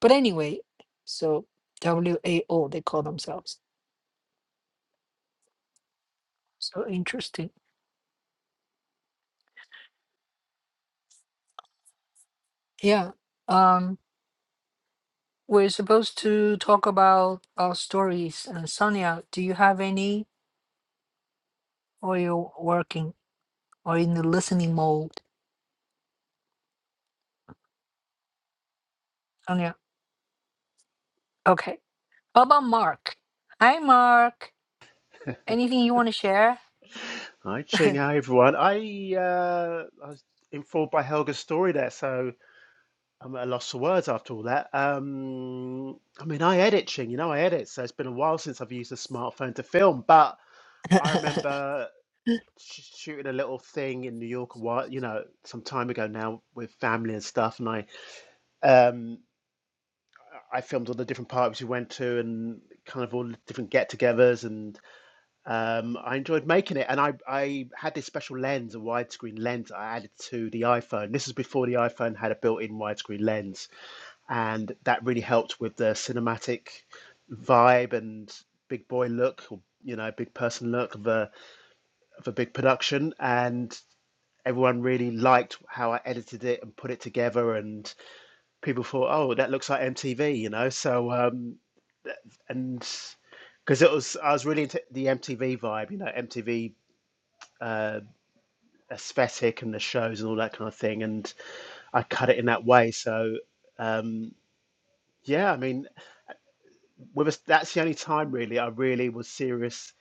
But anyway, so WAO they call themselves. So interesting. Yeah. Um, we're supposed to talk about our stories. And Sonia, do you have any, or you're working, or in the listening mode? Sonia. Okay. How about Mark? Hi, Mark. Anything you want to share?
Hi, Ching. Hi, everyone. I uh, I was informed by Helga's story there, so. I'm at a loss for words after all that. Um, I mean, I edit, Ching, you know, I edit, so it's been a while since I've used a smartphone to film, but I remember sh- shooting a little thing in New York a while, you know, some time ago now with family and stuff, and I um, I filmed all the different parties we went to and kind of all the different get-togethers, and um, I enjoyed making it. And I I had this special lens, a widescreen lens, I added to the iPhone. This is before the iPhone had a built-in widescreen lens and that really helped with the cinematic vibe and big boy look or you know big person look of a of a big production and everyone really liked how I edited it and put it together and people thought oh that looks like MTV you know so um and because it was I was really into the MTV vibe you know MTV uh, aesthetic and the shows and all that kind of thing and I cut it in that way so um yeah I mean with a, that's the only time really I really was serious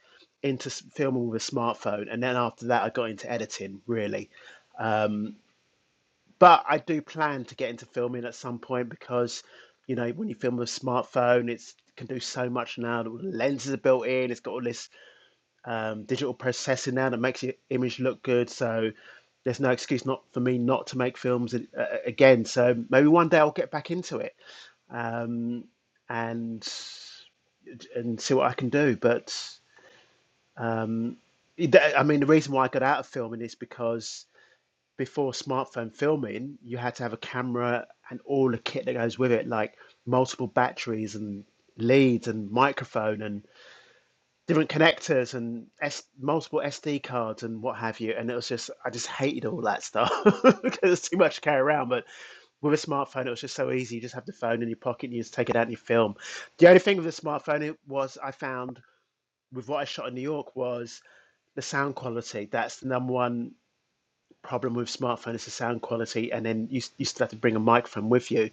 into s- filming with a smartphone, and then after that I got into editing really. Um, but I do plan to get into filming at some point because you know when you film with a smartphone, it's can do so much now. The lenses are built in. It's got all this um, digital processing now that makes your image look good. So there's no excuse not for me not to make films a- a- again. So maybe one day I'll get back into it um, and and see what I can do. But I mean, the reason why I got out of filming is because before smartphone filming, you had to have a camera and all the kit that goes with it, like multiple batteries and leads and microphone and different connectors and S- multiple SD cards and what have you. And it was just, I just hated all that stuff because it's too much to carry around. But with a smartphone, it was just so easy. You just have the phone in your pocket and you just take it out and you film. The only thing with the smartphone it was I found with what I shot in New York was the sound quality. That's the number one problem with smartphone is the sound quality, and then you, you still have to bring a microphone with you,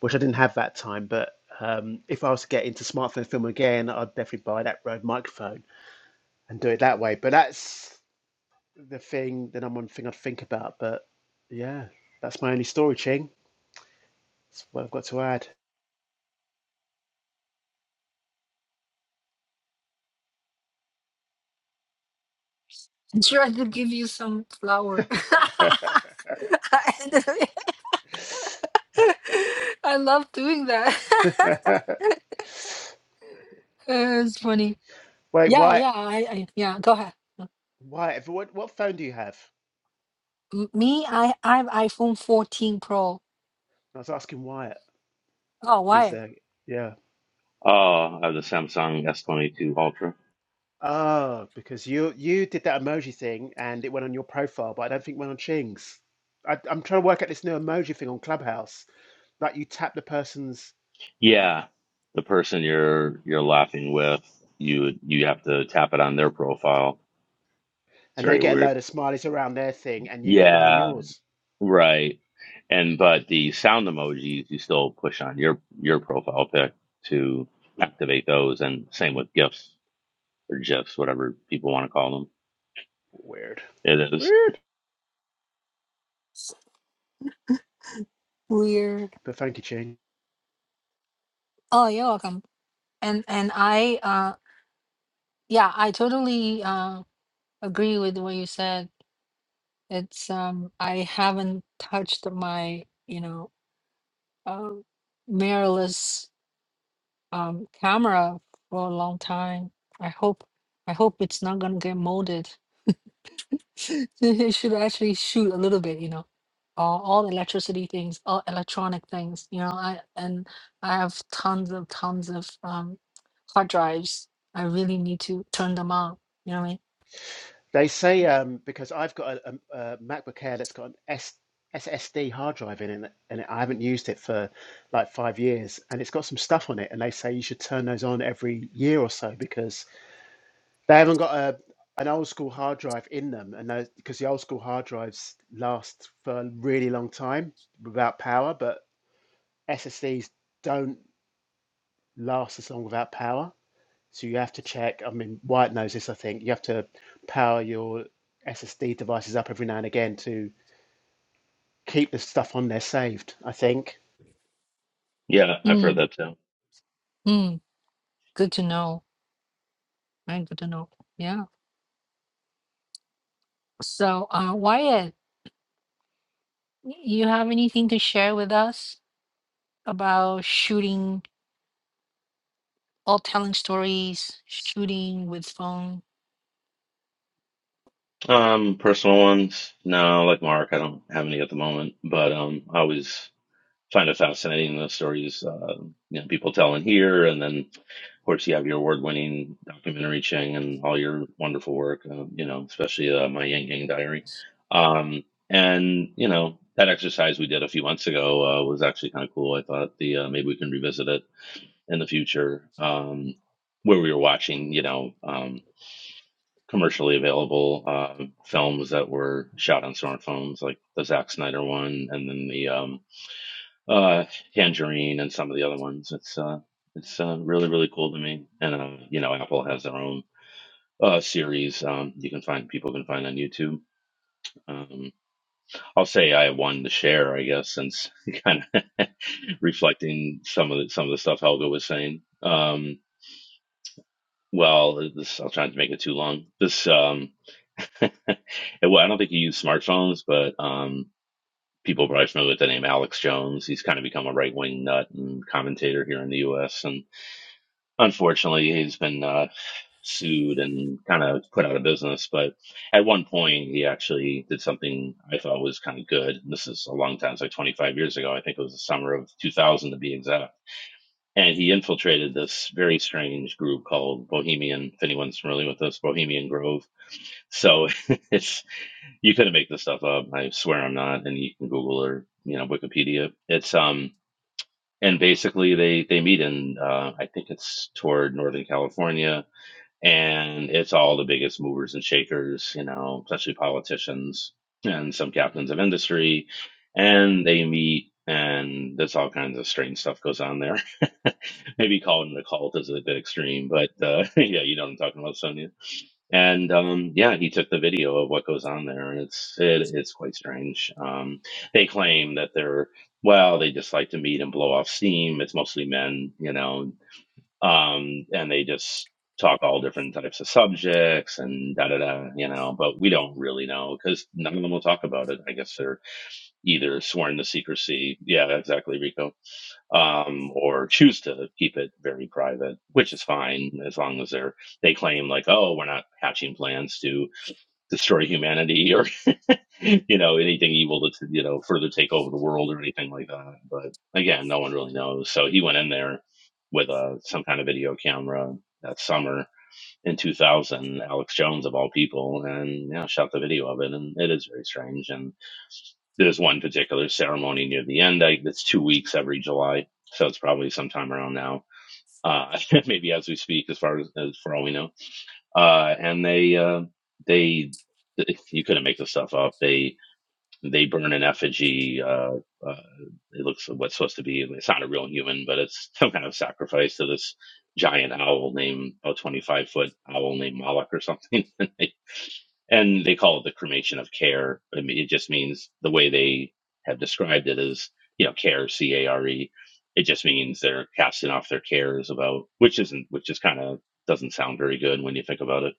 which I didn't have that time. But um, if I was to get into smartphone film again, I'd definitely buy that Rode microphone and do it that way. But that's the thing, the number one thing I'd think about. But yeah, that's my only story, Ching. That's what I've got to add.
Try to give you some flour. I I love doing that. Uh, it's funny.
Wait,
Yeah,
Wyatt,
yeah, I, I yeah, go ahead.
Wyatt, what, what phone do you have?
M- Me, I, I have iPhone 14 Pro.
I was asking Wyatt
Oh,
if he's
why?
there. Yeah.
Oh, I have the Samsung S22 Ultra.
Oh, because you you did that emoji thing and it went on your profile, but I don't think it went on Ching's. I, I'm trying to work out this new emoji thing on Clubhouse. Like you tap the person's
Yeah, the person you're you're laughing with, you you have to tap it on their profile. It's
and they
very
get a
weird.
load of smileys around their thing and you get one on
Yeah,
yours.
right. And but the sound emojis you still push on your your profile pic to activate those, and same with GIFs or GIFs, whatever people want to call them.
Weird.
It is.
Weird.
Weird.
But thank you, Ching.
Oh, you're welcome. And and I uh yeah, I totally uh agree with what you said. It's um I haven't touched my, you know, uh mirrorless um camera for a long time. I hope I hope it's not gonna get molded. It should actually shoot a little bit, you know. All, all electricity things, all electronic things, you know. I and I have tons of tons of um hard drives. I really need to turn them on. You know what I
They say um, because I've got a, a, a MacBook Air that's got an S, SSD hard drive in it and I haven't used it for like five years and it's got some stuff on it and they say you should turn those on every year or so because They haven't got a an old school hard drive in them, and because the old school hard drives last for a really long time without power, but SSDs don't last as long without power. So you have to check. I mean, White knows this, I think. You have to power your SSD devices up every now and again to keep the stuff on there saved. I think.
Yeah, I've heard
mean? Mm,
that too.
mm, good to know. Right, good to know. Yeah. So, uh, Wyatt, y- you have anything to share with us about shooting? all telling stories, shooting with phone.
Um, personal ones? No, like Mark, I don't have any at the moment, but um, I always find it fascinating the stories uh, you know people tell in here, and then of course you have your award-winning documentary Ching and all your wonderful work, uh, you know, especially uh, my Yang Yang Diary. Um, and you know that exercise we did a few months ago uh, was actually kind of cool. I thought the uh, maybe we can revisit it in the future. Um, where we were watching, you know. um commercially available uh, films that were shot on smartphones, like the Zack Snyder one, and then the um, uh, Tangerine, and some of the other ones. It's uh, it's uh, really really cool to me. And uh, you know, Apple has their own uh, series. Um, you can find people can find on YouTube. Um, I'll say I won the share, I guess, since kind of reflecting some of the, some of the stuff Helga was saying. Um, well, this I'll try not to make it too long. This um, And, well, I don't think he used smartphones, but um, people probably familiar with the name Alex Jones. He's kind of become a right wing nut and commentator here in the U.S. And unfortunately, he's been uh, sued and kind of put out of business. But at one point, he actually did something I thought was kind of good. And this is a long time, it's like 25 years ago. I think it was the summer of 2000 to be exact. And he infiltrated this very strange group called Bohemian, if anyone's familiar with this, Bohemian Grove. So it's you couldn't make this stuff up. I swear I'm not. And you can Google or you know Wikipedia. It's um and basically they they meet in uh, I think it's toward Northern California, and it's all the biggest movers and shakers, you know, especially politicians and some captains of industry, and they meet. And there's all kinds of strange stuff goes on there. Maybe calling it a cult is a bit extreme, but uh, yeah, you know what I'm talking about, Sonia and um, yeah, he took the video of what goes on there, and it's it, it's quite strange. Um, they claim that they're well, they just like to meet and blow off steam. It's mostly men, you know, um, and they just talk all different types of subjects and da da da, you know. But we don't really know because none of them will talk about it. I guess they're either sworn to secrecy. Yeah, exactly, Rico um, or choose to keep it very private, which is fine as long as they're they claim like, oh, we're not hatching plans to destroy humanity or you know anything evil to to, you know further take over the world or anything like that. But again, no one really knows. So he went in there with a some kind of video camera that summer in 2000. Alex Jones of all people, and yeah, shot the video of it, and it is very strange and there's one particular ceremony near the end. I, it's two weeks every July, so it's probably sometime around now, uh, maybe as we speak, as far as, as for all we know. Uh, and they, uh, they, you couldn't make this stuff up. They they burn an effigy. Uh, uh, it looks what's supposed to be. It's not a real human, but it's some kind of sacrifice to this giant owl named about 25 foot owl named Moloch or something. They and they call it the cremation of care. I mean, it just means the way they have described it is, you know, care, C A R E. It just means they're casting off their cares about, which isn't, which is kind of doesn't sound very good when you think about it.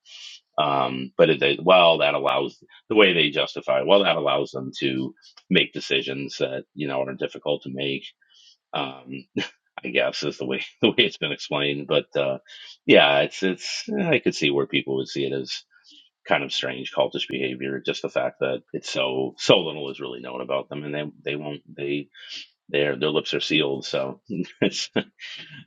Um, but it, they, well, that allows the way they justify. Well, that allows them to make decisions that you know are difficult to make. Um, I guess is the way the way it's been explained. But uh, yeah, it's it's I could see where people would see it as kind of strange cultish behavior. Just the fact that it's so so little is really known about them, and they they won't they their their lips are sealed. So it's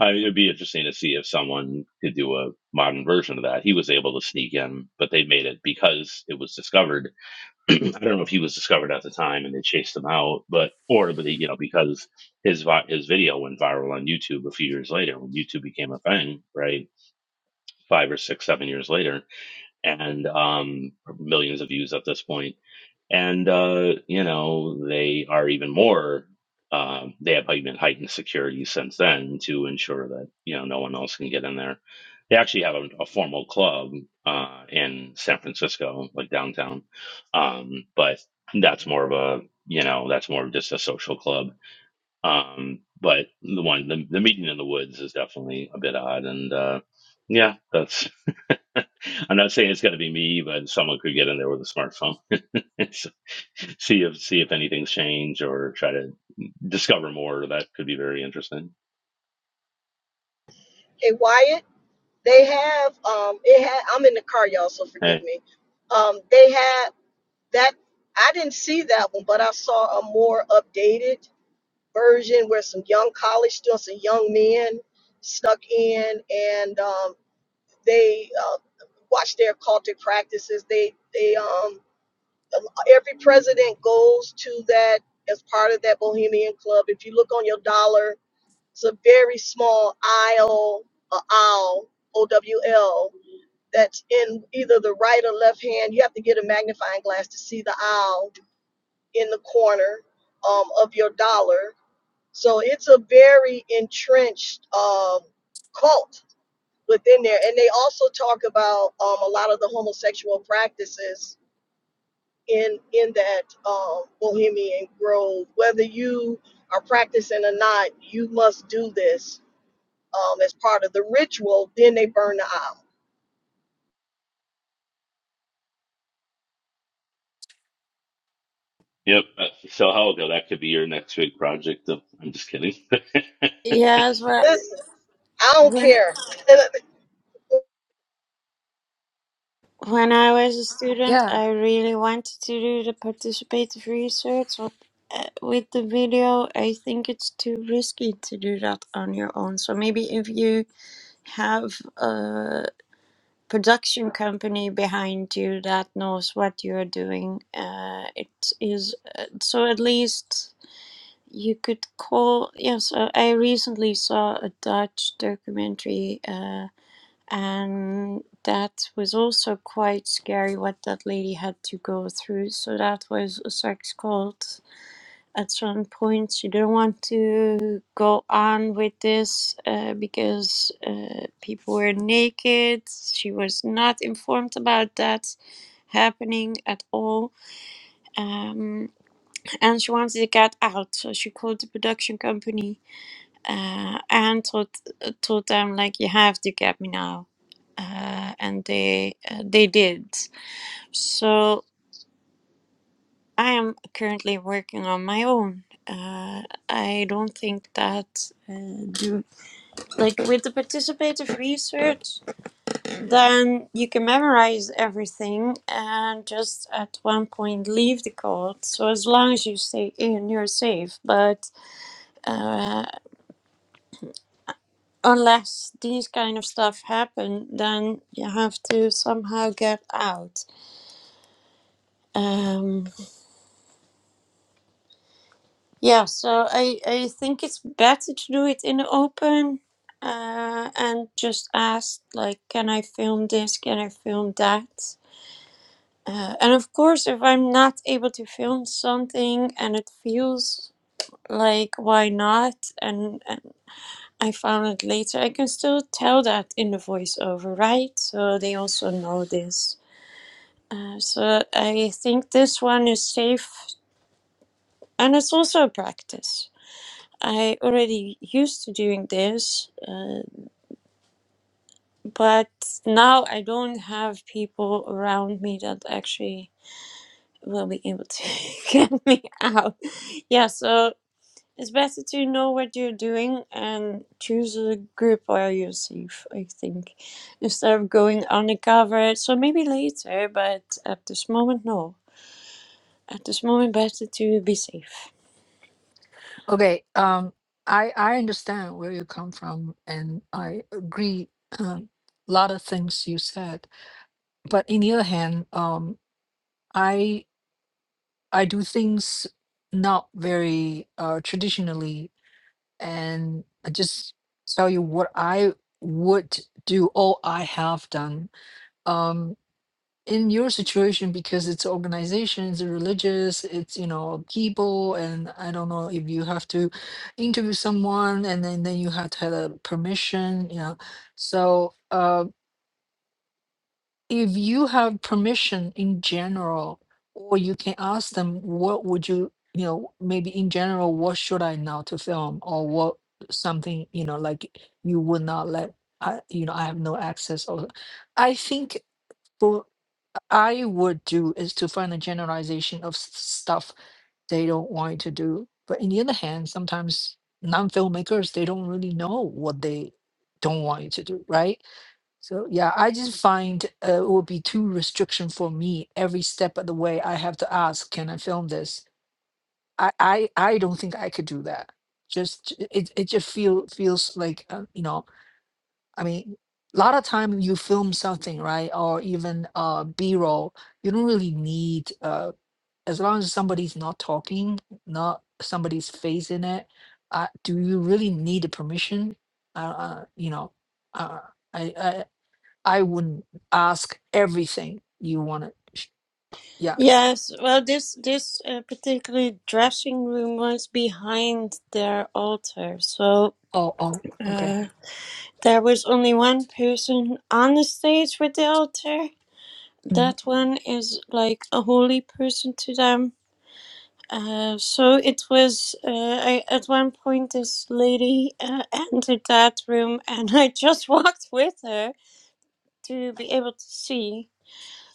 I mean, it'd be interesting to see if someone could do a modern version of that. He was able to sneak in, but they made it because it was discovered. I don't know if he was discovered at the time and they chased him out, but or but he, you know because his vi- his video went viral on YouTube a few years later when YouTube became a thing, right? Five or six, seven years later, and um, millions of views at this point and uh, you know they are even more. Um, they have even heightened security since then to ensure that you know no one else can get in there. They actually have a, a formal club uh, in San Francisco, like downtown, um, but that's more of a you know that's more of just a social club. Um, but the one the, the meeting in the woods is definitely a bit odd, and uh, yeah, that's I'm not saying it's got to be me, but someone could get in there with a smartphone, So, see if see if anything's changed or try to discover more. That could be very interesting.
Okay, Wyatt, they have um, it had. I'm in the car, y'all, so forgive
Hey,
me. Um, they had that. I didn't see that one, but I saw a more updated version where some young college students and young men snuck in and um, They uh, watch their cultic practices. They they um every president goes to that as part of that Bohemian Club. If you look on your dollar, it's a very small aisle, a owl, O W L, that's in either the right or left hand. You have to get a magnifying glass to see the owl in the corner um, of your dollar. So it's a very entrenched uh, cult within there and they also talk about um, a lot of the homosexual practices in in that um, bohemian grove whether you are practicing or not you must do this um, as part of the ritual then they burn the aisle
yep. uh, So how will go? That could be your next big project. Oh, I'm just kidding.
Yes, well,
listen i don't
when
care
When I was a student,
Yeah.
I really wanted to do the participative research, but uh, with the video, I think it's too risky to do that on your own. So maybe if you have a production company behind you that knows what you're doing, uh, it is uh, so at least you could call. Yes, uh, I recently saw a Dutch documentary. Uh, and that was also quite scary what that lady had to go through. So that was a sex cult. At some point, she didn't want to go on with this uh, because uh, people were naked. She was not informed about that happening at all. Um, and she wanted to get out, so she called the production company uh, and told told them like you have to get me now uh, and they uh, they did so i am currently working on my own uh, i don't think that uh, do like with the participative research then you can memorize everything and just at one point leave the code so as long as you stay in you're safe but uh, unless these kind of stuff happen, then you have to somehow get out. Um, yeah, so I, I think it's better to do it in the open uh, and just ask, like, can I film this? Can I film that? Uh, and of course, if I'm not able to film something and it feels like why not and, and i found it later i can still tell that in the voiceover right so they also know this So I think this one is safe, and it's also a practice. I already used to doing this, uh, but now I don't have people around me that actually will be able to get me out. Yeah, so it's better to know what you're doing and choose a group where you're safe, I think, instead of going undercover. So maybe later, but at this moment, no. At this moment, better to be safe.
Okay. Um, I I understand where you come from, and I agree um, a lot of things you said. But in the other hand, um, I I do things not very uh, traditionally, and I just tell you what I would do or I have done. Um, in your situation because it's organizations it's religious it's you know people and i don't know if you have to interview someone and then then you have to have a permission you know so uh if you have permission in general or you can ask them what would you you know maybe in general what should i now to film or what something you know like you would not let i you know i have no access or i think I would do is to find a generalization of s- stuff they don't want you to do. But in the other hand, sometimes non-filmmakers they don't really know what they don't want you to do, right? So yeah, I just find uh, it would be too restriction for me. Every step of the way, I have to ask, can I film this? I I, I don't think I could do that. Just it it just feel feels like uh, you know I mean, a lot of time you film something, right? Or even uh B-roll, you don't really need uh as long as somebody's not talking, not somebody's face in it. Uh, do you really need the permission? Uh, uh you know, uh, I I I wouldn't ask everything you want to. Yeah.
Yes, well, this this uh, particularly dressing room was behind their altar, so
Oh, oh, okay.
uh, there was only one person on the stage with the altar.
Mm,
That one is like a holy person to them. Uh, so it was. Uh, I, at one point, this lady uh, entered that room, and I just walked with her to be able to see.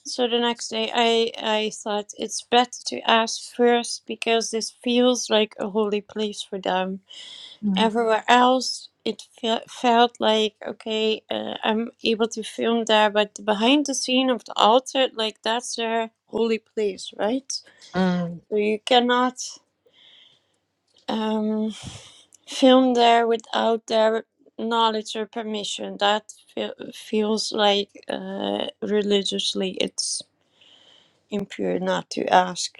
So the next day, I I thought it's better to ask first because this feels like a holy place for them.
mm,
Everywhere else, it fe- felt like okay, uh, I'm able to film there, but the behind the scene of the altar, like that's their holy place, right?
mm.
So you cannot um, film there without their knowledge or permission. That fe- feels like uh, religiously, it's impure not to ask.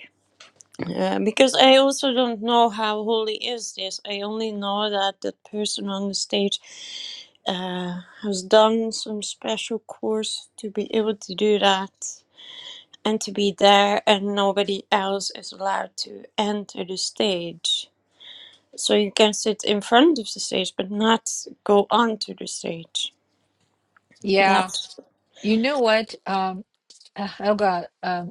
Yeah, because I also don't know how holy is this. I only know that the person on the stage uh, has done some special course to be able to do that and to be there, and nobody else is allowed to enter the stage. So you can sit in front of the stage, but not go onto the stage.
Yeah.
That's.
You know what? Um, uh, Helga.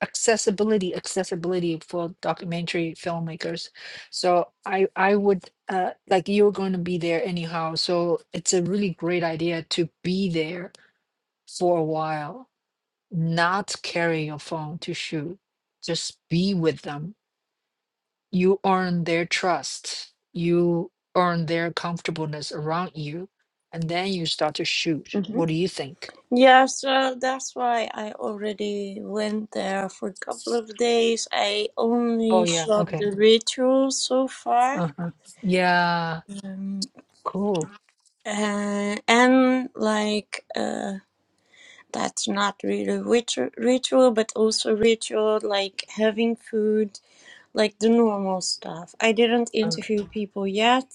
accessibility accessibility for documentary filmmakers so i i would uh like you're going to be there anyhow so it's a really great idea to be there for a while not carry your phone to shoot just be with them you earn their trust you earn their comfortableness around you and then you start to shoot
mm-hmm.
what do you think
Yeah, so that's why I already went there for a couple of days. I
oh
only
yeah
shot
okay
the rituals so far.
uh-huh yeah
Um,
cool
uh, and like, uh, that's not really ritual, ritual, but also ritual, like having food, like the normal stuff. I didn't
uh,
interview people yet.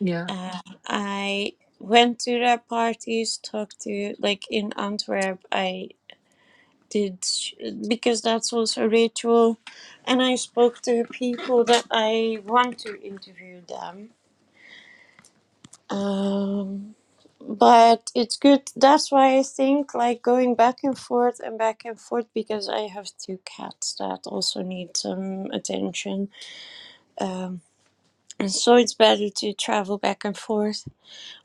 yeah
Uh, I went to their parties, talked to, like in Antwerp, I did because that was a ritual and i spoke to people that i want to interview them um, but it's good that's why i think like going back and forth and back and forth because i have two cats that also need some attention um, and so it's better to travel back and forth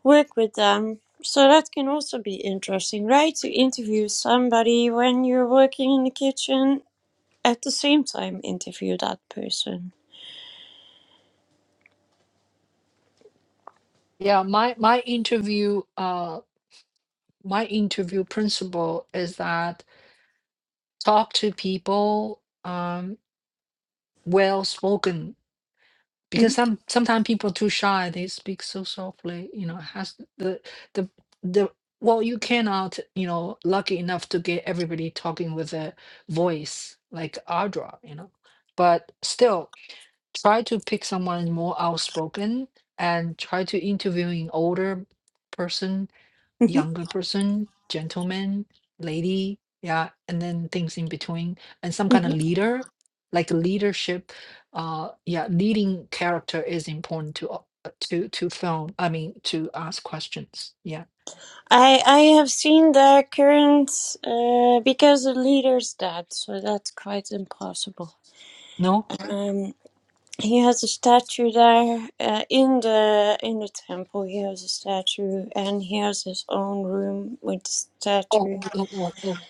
work with them so that can also be interesting right to interview somebody when you're working in the kitchen at the same time interview that person.
Yeah, my my interview uh my interview principle is that talk to people um well spoken because
Mhm,
some sometimes people too shy they speak so softly you know has the the the well you cannot you know lucky enough to get everybody talking with a voice like Audra you know but still try to pick someone more outspoken and try to interview an older person
mhm,
younger person, gentleman, lady, yeah, and then things in between, and some kind of
mhm.
leader, like a leadership, uh, yeah, leading character is important to o- uh, to to film. I mean, to ask questions. Yeah,
I I have seen the current uh, because the leader's dead, so that's quite impossible.
no.
Um, he has a statue there uh, in the in the temple. He has a statue, and he has his own room with the
Oh,
statue.
oh, oh, oh, oh, oh,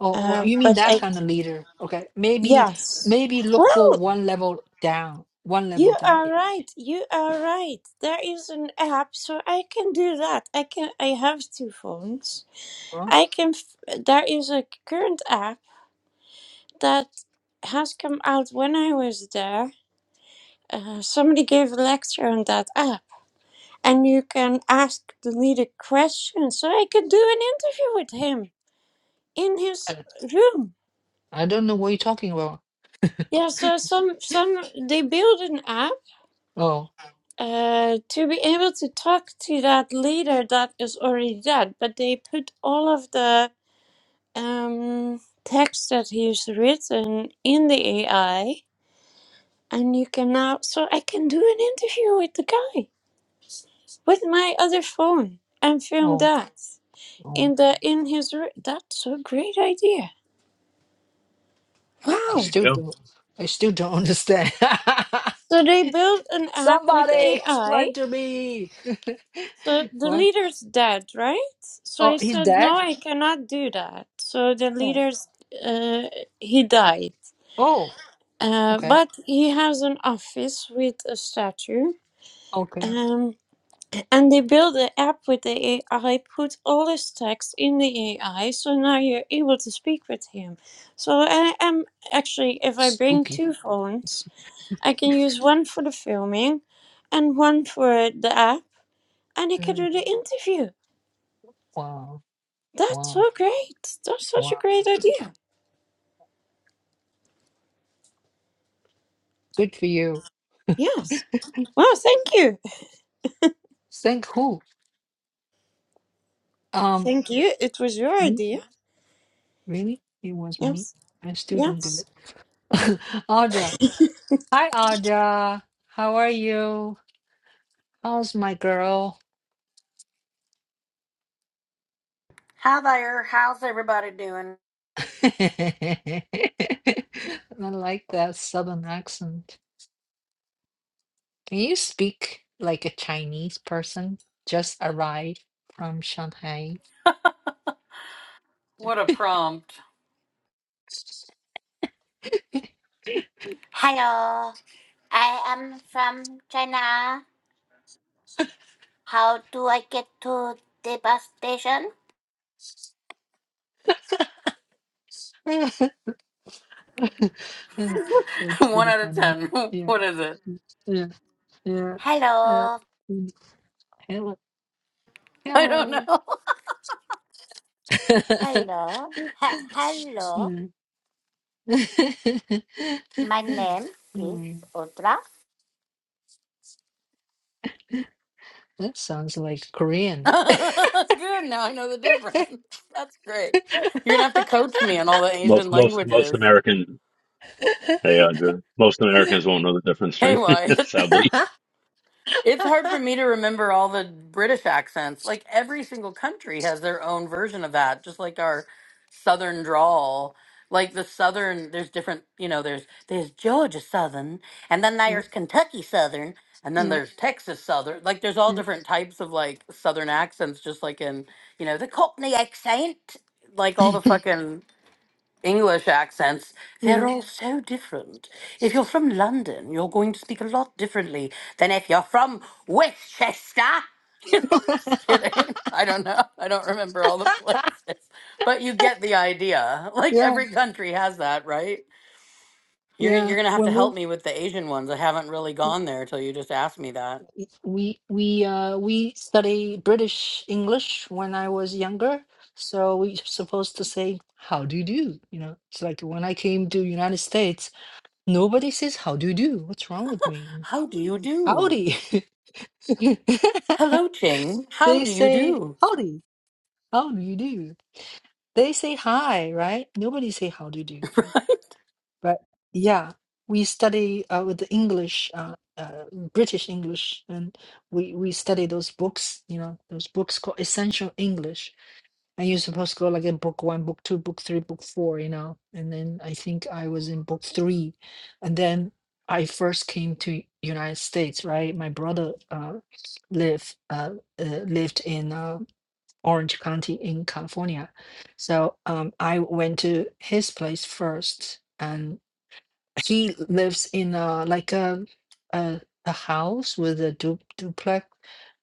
oh, oh,
Uh,
you mean
but
that
I
kind of leader? Okay, maybe,
yes,
maybe look
well
for one level down, one level
You
down.
are
eh,
right. You are right. There is an app, so I can do that. I can. I have two phones.
Huh?
I can. f- There is a current app that has come out when I was there. Uh, somebody gave a lecture on that app, and you can ask the leader questions. So I could do an interview with him in his
I
room.
I don't know what you're talking about.
Yeah. So some some they build an app
Oh,
uh, to be able to talk to that leader that is already dead, but they put all of the um, text that he's written in the AI, and you can now. So I can do an interview with the guy with my other phone and film
oh,
that
oh.
in the in his. r- That's a great idea!
I
you
Wow.
still
know,
don't. I still don't understand.
So they built an app with
Somebody
AI
explain to me.
So the
what?
leader's dead, right? So
Oh,
I
he's
said, no,
dead.
I cannot do that. So the
Oh.
leader's, uh, he died.
Oh.
Uh,
Okay.
but he has an office with a statue.
Okay.
Um, and they built an app with the AI, put all his text in the AI, so now you're able to speak with him. So I am actually, if
That's
I bring
Spooky.
two phones, I can use one for the filming and one for the app, and I can
Mm,
do the interview.
Wow.
That's
Wow.
so great. That's such a
Wow.
great idea.
Good for you.
Yes. Wow, thank you.
Thank who? Um.
Thank you. It was your
Me?
idea.
Really? It was me.
Yes.
I still don't do
Yes.
it. Audra. Hi, Audra. How are you? How's my girl?
Hi there. How's everybody doing?
I like that southern accent. Can you speak like a Chinese person just arrived from Shanghai?
What a prompt. Hello, I am from China. How do I get to the bus station?
That's
One
pretty
out of
funny.
ten.
Yeah,
What is it?
mm, yeah, yeah. Uh,
Hello,
mm, hello,
I don't
hello.
know. hello, ha- hello.
Mm.
My name is
Mm,
Audra.
That sounds like Korean.
Good. Now I know the difference. That's great. You're going to have to coach me on all the
most
Asian
most most
languages.
Americans, they uh, the- most Americans won't know the difference.
Hey,
Right?
why?
Sadly,
It's hard for me to remember all the British accents. Like every single country has their own version of that, just like our southern drawl. Like the southern, there's different, you know, there's there's Georgia Southern, and then there's Kentucky Southern, and then
yeah.
there's Texas Southern. Like there's all
yeah.
different types of like southern accents, just like in, you know, the Cockney accent, like all the fucking English accents, they're
Yeah.
all so different. If you're from London, you're going to speak a lot differently than if you're from Westchester. You know, I'm just kidding. I don't know. I don't remember all the places, but you get the idea. Like
yeah.
every country has that, right? You're you're
Yeah.
gonna have to
When
help
we
me with the Asian ones. I haven't really gone there till you just asked me that.
we we uh we study British English when I was younger, so we supposed to say how do you do? You know, it's like when I came to United States, nobody says how do you do? What's wrong with me?
How do you do?
Howdy.
Hello, Ching. How
They
do you
say
do?
howdy. How do you do? They say hi, right? Nobody say how do you do. But yeah, we study uh, with the English, uh, uh, British English, and we we study those books. You know, those books called Essential English, and you're supposed to go like in book one, book two, book three, book four. You know, and then I think I was in book three, and then I first came to United States. Right, my brother uh, lived uh, uh, lived in uh, Orange County in California, so um, I went to his place first. and he lives in a like a a, a house with a du- duplex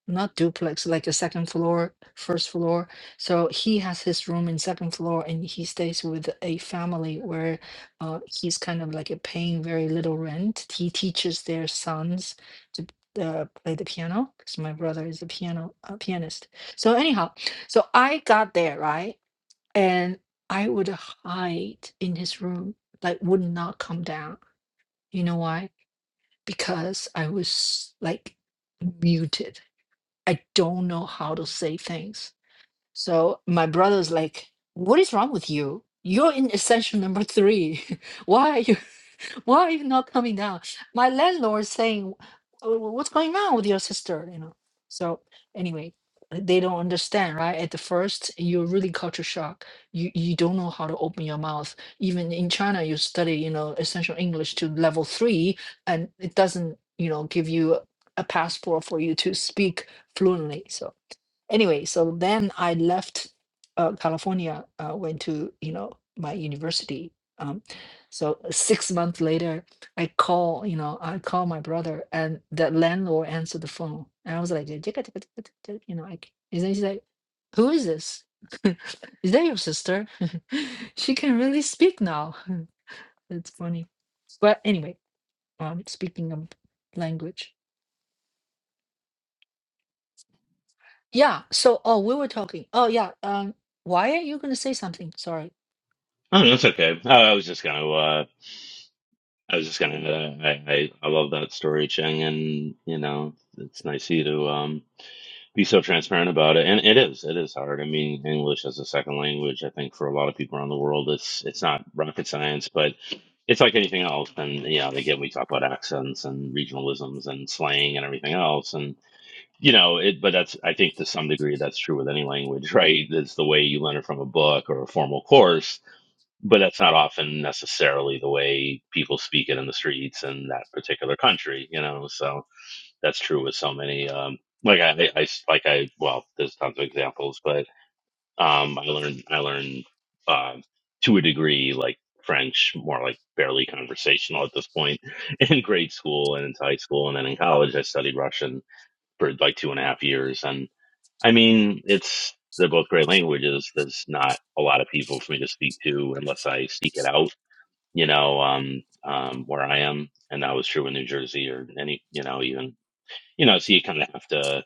not duplex like a second floor first floor so he has his room in second floor and he stays with a family where uh, he's kind of like a paying very little rent he teaches their sons to uh, play the piano because my brother is a piano a pianist so anyhow so i got there right and i would hide in his room like would not come down you know why? Because I was like muted. I don't know how to say things. So my brother's like, What is wrong with you? You're in essential number three. Why are you? Why are you not coming down? My landlord saying, "Oh, "What's going on with your sister?" You know. So anyway, they don't understand, right? At the first, you're really culture shock. You you don't know how to open your mouth. Even in China, you study, you know, essential English to level three, and it doesn't, you know, give you a passport for you to speak fluently. So anyway, so then I left uh, California, uh, went to you know my university. Um, so six months later, I call you know I call my brother, and the landlord answered the phone, and I was like, "Jika, jika, jika, jika, jika," you know, like, and then she's like, "Who is this? is that your sister? she can really speak now." That's funny. But anyway, um, speaking of language, yeah. So oh, we were talking. Oh yeah. Um, why are you gonna say something? Sorry.
oh, that's okay. Uh, I was just gonna. Uh, I was just gonna. Uh, I, I I love that story, Cheng, and you know, it's nice of you to. um be so transparent about it. And it is, it is hard. I mean, English as a second language, I think for a lot of people around the world, it's it's not rocket science, but it's like anything else. And yeah, again, we talk about accents and regionalisms and slang and everything else. And you know, it. But that's I think to some degree that's true with any language, right? It's the way you learn it from a book or a formal course. But that's not often necessarily the way people speak it in the streets in that particular country, you know. So that's true with so many um like I, I like i well there's tons of examples but um i learned i learned um to a degree like french more like barely conversational at this point in grade school and into high school and then in college i studied russian for like two and a half years and i mean it's they're both great languages there's not a lot of people for me to speak to unless i seek it out you know um um where i am and that was true in new jersey or any you know even you know, so you kind of have to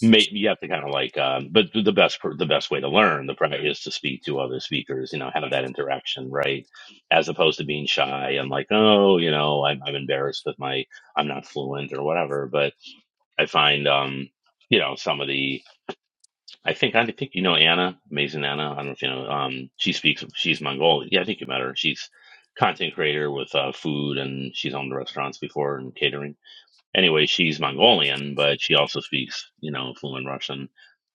make you have to kind of like, um, but the best the best way to learn the pra- is to speak to other speakers, you know, have that interaction, right? As opposed to being shy and like, oh, you know, I'm, I'm embarrassed with my I'm not fluent or whatever. But I find, um, you know, some of the I think I think you know Anna, amazing Anna. I don't know if you know. Um, she speaks. She's Mongolian. Yeah, I think you met her. She's content creator with uh, food and she's owned restaurants before and catering anyway, she's Mongolian, but she also speaks, you know, fluent Russian.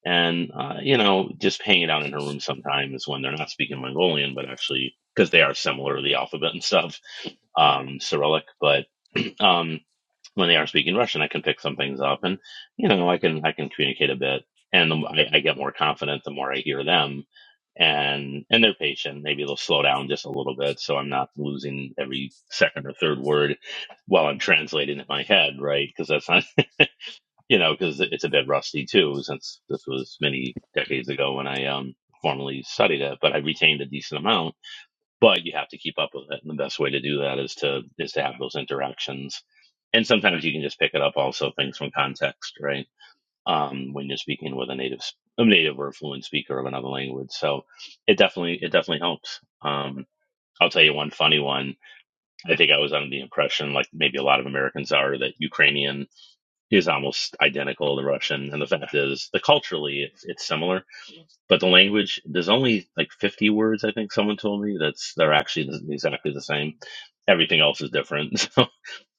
And, uh, you know, just hanging out in her room sometimes when they're not speaking Mongolian, but actually, because they are similar, the alphabet and stuff, um, Cyrillic. But, um, when they aren't speaking Russian, I can pick some things up, and you know, I can I can communicate a bit, and the, I, I get more confident the more I hear them, and and they're patient. Maybe they'll slow down just a little bit, so I'm not losing every second or third word while I'm translating in my head, right? Because that's not, you know, because it's a bit rusty too, since this was many decades ago when I um formally studied it, but I retained a decent amount but you have to keep up with it. And the best way to do that is to is to have those interactions. And sometimes you can just pick it up also things from context, right? Um, when you're speaking with a native a native or fluent speaker of another language. So it definitely it definitely helps. Um, I'll tell you one funny one. I think I was under the impression, like maybe a lot of Americans are, that Ukrainian is almost identical to Russian. And the fact is, the culturally it's, it's similar but the language there's only like 50 words i think someone told me that's they're actually th- exactly the same everything else is different so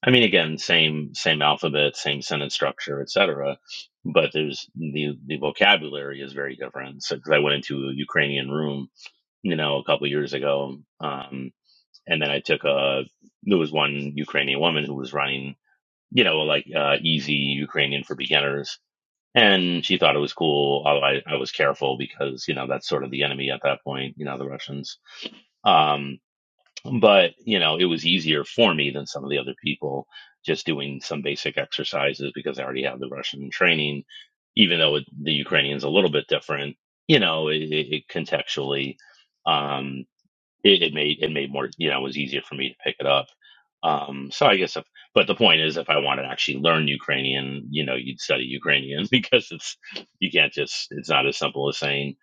i mean again same same alphabet same sentence structure etc but there's the the vocabulary is very different so 'cause i went into a ukrainian room you know a couple years ago um and then i took a there was one ukrainian woman who was running you know like uh, easy ukrainian for beginners and she thought it was cool. Although I, I was careful because you know that's sort of the enemy at that point. You know the Russians. Um, but you know it was easier for me than some of the other people just doing some basic exercises because I already have the Russian training. Even though it, the Ukrainian's a little bit different, you know it, it contextually. Um, it, it made it made more you know it was easier for me to pick it up um so i guess if, but the point is if i wanted to actually learn ukrainian you know you'd study ukrainian because it's you can't just it's not as simple as saying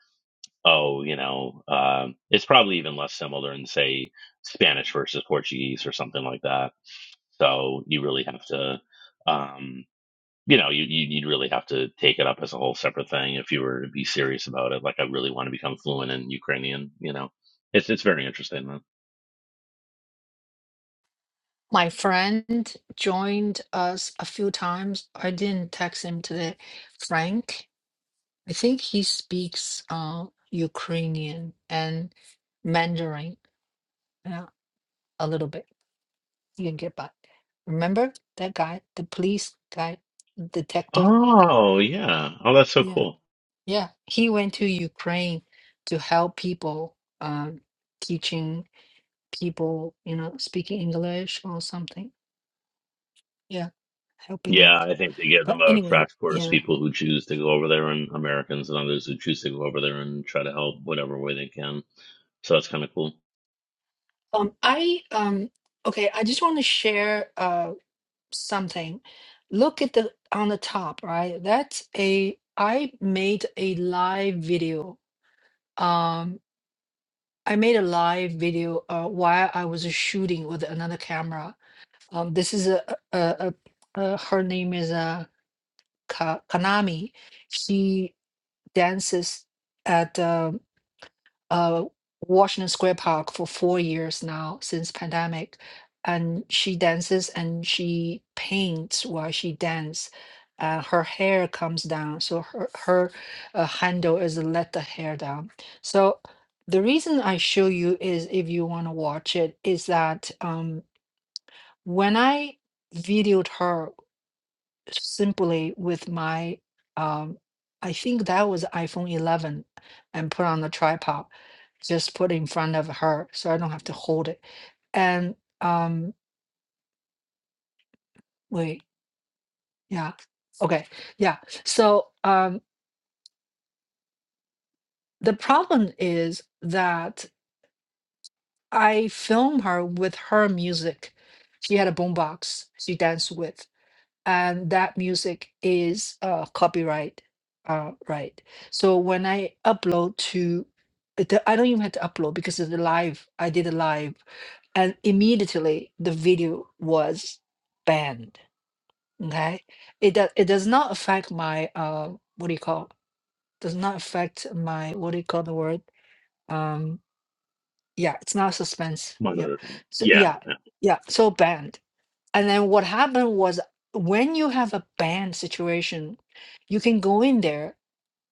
oh you know um it's probably even less similar than say spanish versus portuguese or something like that so you really have to um you know you, you- you'd really have to take it up as a whole separate thing if you were to be serious about it like i really want to become fluent in ukrainian you know it's it's very interesting
My friend joined us a few times. I didn't text him today. Frank, I think he speaks uh, Ukrainian and Mandarin yeah, a little bit. You can get by. Remember that guy, the police guy, detective?
Oh, yeah. Oh, that's so
Yeah.
cool.
Yeah. He went to Ukraine to help people, um, teaching people, you know, speaking English or something. Yeah, helping
Yeah,
out.
I think they give them
But
a
anyway,
crash course,
yeah.
people who choose to go over there and Americans and others who choose to go over there and try to help whatever way they can. So that's kind of cool.
Um, I um okay, I just want to share uh something. Look at the on the top, right? That's a I made a live video. Um, I made a live video uh while I was shooting with another camera. Um, this is a a, a, a her name is uh Ka Kanami. She dances at uh, uh, Washington Square Park for four years now since pandemic, and she dances and she paints while she dance, Uh, her hair comes down, so her her uh, handle is let the hair down. So the reason I show you is if you want to watch it is that um, when I videoed her simply with my um I think that was iPhone 11 and put on the tripod just put in front of her so I don't have to hold it and um wait yeah okay yeah so um the problem is that I film her with her music she had a boombox she danced with and that music is uh, copyright uh, right. So when I upload to, the, I don't even have to upload because it's a live. I did a live, and immediately the video was banned. Okay, it does it does not affect my uh what do you call? Does not affect my what do you call the word? Um, yeah, it's not suspense.
One
Yeah,
other-
so
Yeah.
yeah,
yeah.
yeah. So banned. And then what happened was when you have a band situation, you can go in there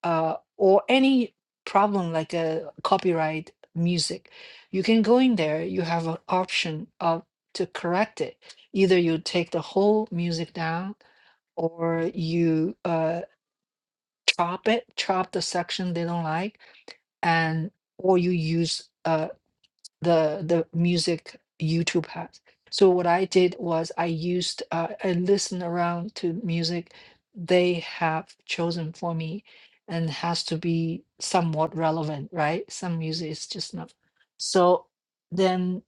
uh, or any problem like a copyright music, you can go in there. You have an option of to correct it. Either you take the whole music down or you uh, chop it, chop the section they don't like, and or you use. uh, the the music YouTube has. So what I did was I used uh, I listened around to music they have chosen for me, and has to be somewhat relevant, right? Some music is just not. So then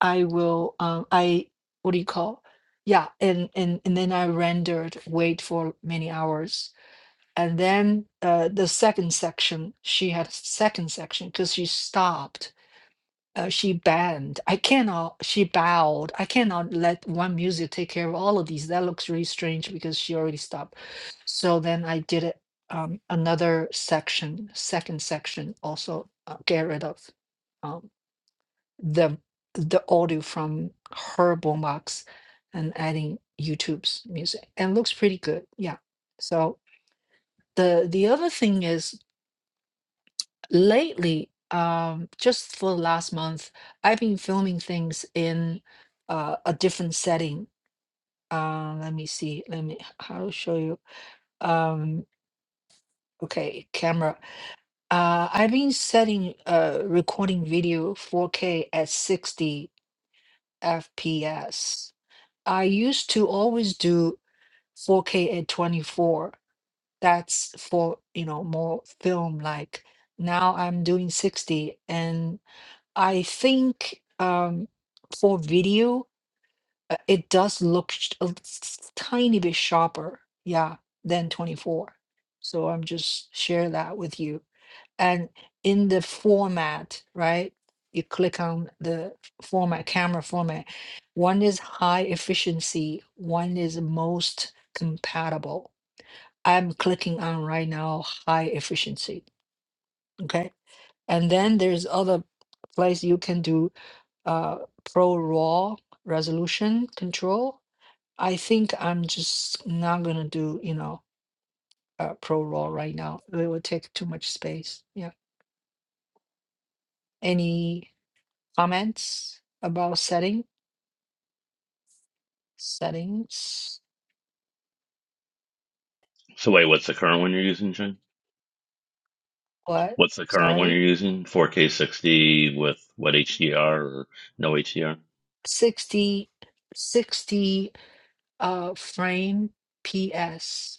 I will um I what do you call? Yeah, and and and then I rendered wait for many hours. And then uh, the second section, she had a second section because she stopped uh, she banned. I cannot, she bowed. I cannot let one music take care of all of these. That looks really strange because she already stopped. So then I did it, um, another section, second section, also uh, get rid of um, the the audio from her boombox and adding YouTube's music. And looks pretty good. Yeah. So the the other thing is lately, um, just for the last month, I've been filming things in uh, a different setting. Uh, let me see. Let me. I'll show you. Um, okay, camera. Uh, I've been setting uh, recording video 4K at 60 FPS. I used to always do 4K at 24. That's for you know more film like. Now I'm doing 60 and I think um, for video, uh, it does look sh- a s- tiny bit sharper, yeah, than 24. So I'm just share that with you. And in the format, right? You click on the format, camera format. One is high efficiency, one is most compatible. I'm clicking on right now high efficiency. Okay. And then there's other place you can do uh, pro raw resolution control. I think I'm just not gonna do you know uh, pro raw right now. It would take too much space. Yeah. Any comments about setting settings?
So wait, what's the current one you're using, Jen?
What?
What's the current one you're
Sorry,
using? 4K 60 with what HDR or no HDR?
60, 60. uh, frame PS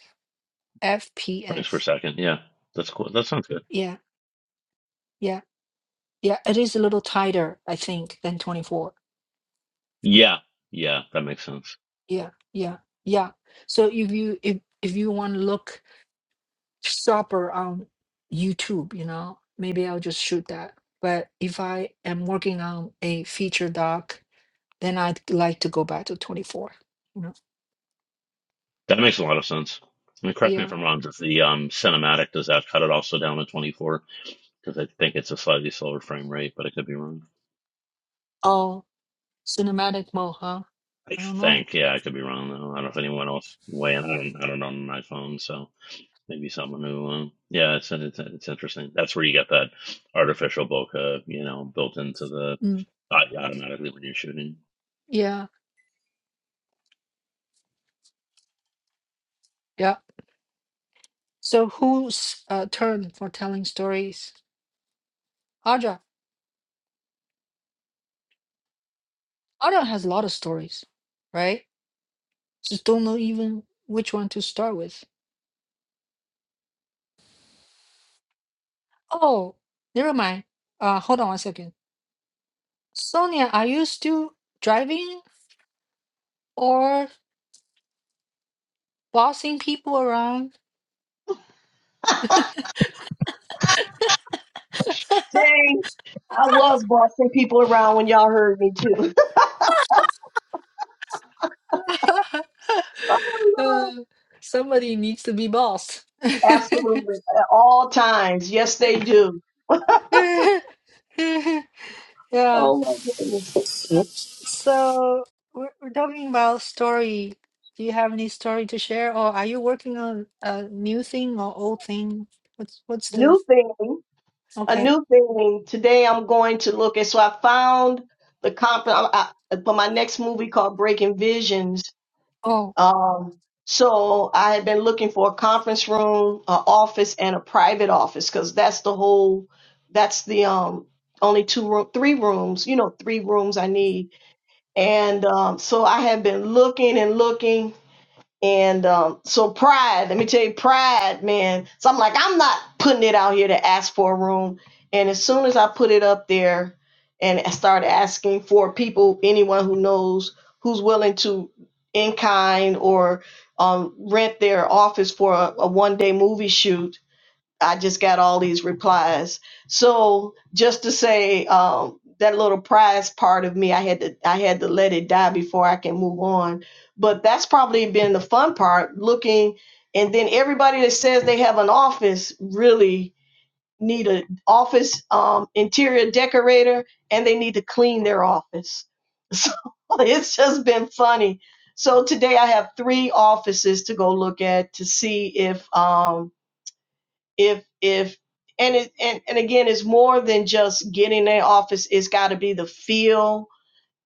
Frames per
FPS.
second. Yeah. That's cool. That sounds good.
Yeah, yeah, yeah. It is a little tighter, I think, than 24
Yeah. Yeah, that makes sense.
yeah, yeah, yeah. So if you if if you want to look sharper on YouTube, you know, maybe I'll just shoot that. But if I am working on a feature doc, then I'd like to go back to 24. You know,
That makes a lot of sense. And correct me if
yeah.
I'm wrong, does the um cinematic does that cut it also down to 24? because I think it's a slightly slower frame rate, but I could be wrong.
Oh, cinematic mode, huh?
I
I don't know.
think, yeah, I could be wrong though. I don't know if anyone else weigh in. I don't, I don't own an iPhone, so maybe someone who, um, yeah, it's, it's it's interesting. That's where you get that artificial bokeh, you know, built into the
Mm,
uh, automatically when you're shooting,
yeah, yeah. So whose uh, turn for telling stories? Audra. Audra has a lot of stories, right? Just don't know even which one to start with. Oh, never mind. Uh, hold on one second. Sonia, are you still driving or bossing people around?
Dang, I was bossing people around when y'all heard me too. Oh,
Uh,
Lord.
somebody needs to be bossed.
Absolutely. At all times. Yes, they do.
Yeah.
Oh my goodness.
So we're, we're talking about story. Do you have any story to share, or are you working on a new thing or old thing? What's what's the
New thing. a
okay?
new thing today. I'm going to look at. So I found the comp I, I, for my next movie called Breaking Visions.
Oh,
Um, so I had been looking for a conference room, an office, and a private office because that's the whole. That's the um only two room, three rooms. You know, three rooms I need. And um, so I had been looking and looking, and um, so pride, let me tell you, pride, man. So I'm like, I'm not putting it out here to ask for a room. And as soon as I put it up there and I started asking for people, anyone who knows who's willing to in kind or um, rent their office for a, a one day movie shoot, I just got all these replies. So just to say um, that little prize part of me, I had to I had to let it die before I can move on. But that's probably been the fun part. Looking and then everybody that says they have an office really need an office um, interior decorator and they need to clean their office. So it's just been funny. So today I have three offices to go look at to see if. Um, if if and it and, and again it's more than just getting an office it's got to be the feel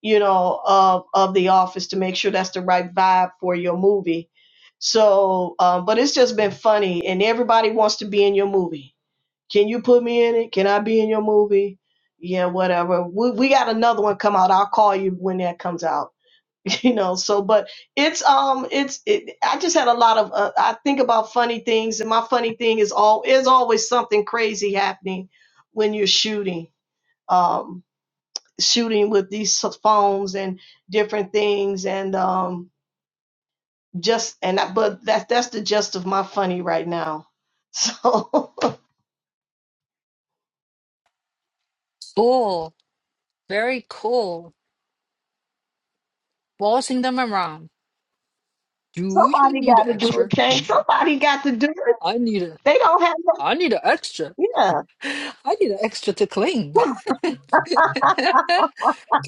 you know of of the office to make sure that's the right vibe for your movie so um, but it's just been funny and everybody wants to be in your movie can you put me in it can i be in your movie yeah whatever we, we got another one come out i'll call you when that comes out you know so but it's um it's it, i just had a lot of uh, i think about funny things and my funny thing is all is always something crazy happening when you're shooting um shooting with these so- phones and different things and um just and I, but that that's the gist of my funny right now so
cool. Very cool. bossing them around. Do you
somebody
need
got
an
to do it
extra?
Kane.
Mm,
somebody got to do it
I need a
they don't have no,
I need an extra.
yeah
I need an extra to clean. Can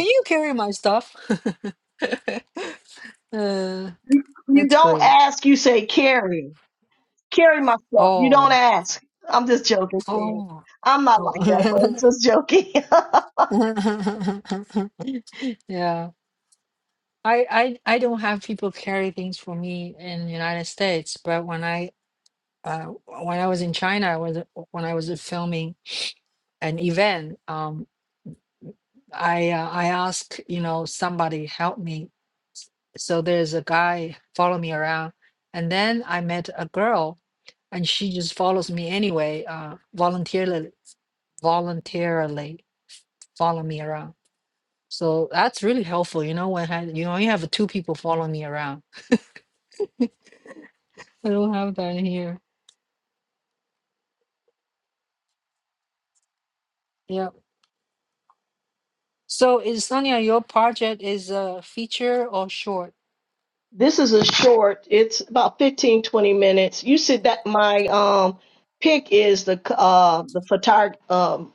you carry my stuff? uh,
you, you
that's
don't
great.
ask you say carry carry myself. You don't
Oh,
ask. I'm just joking, Stan.
oh.
I'm not like that, but
oh.
it's just joking.
yeah. I, I I don't have people carry things for me in the United States, but when I uh, when I was in China, I was when I was filming an event. um, I uh, I ask, you know, somebody help me. So there's a guy follow me around, and then I met a girl, and she just follows me anyway, uh, voluntarily, voluntarily follow me around. So that's really helpful, you know, when I, you only have two people following me around. I don't have that here. Yeah. So is Sonia, your project is a feature or short?
this is a short. It's about 15 20 minutes. You said that my um pick is the uh the photog um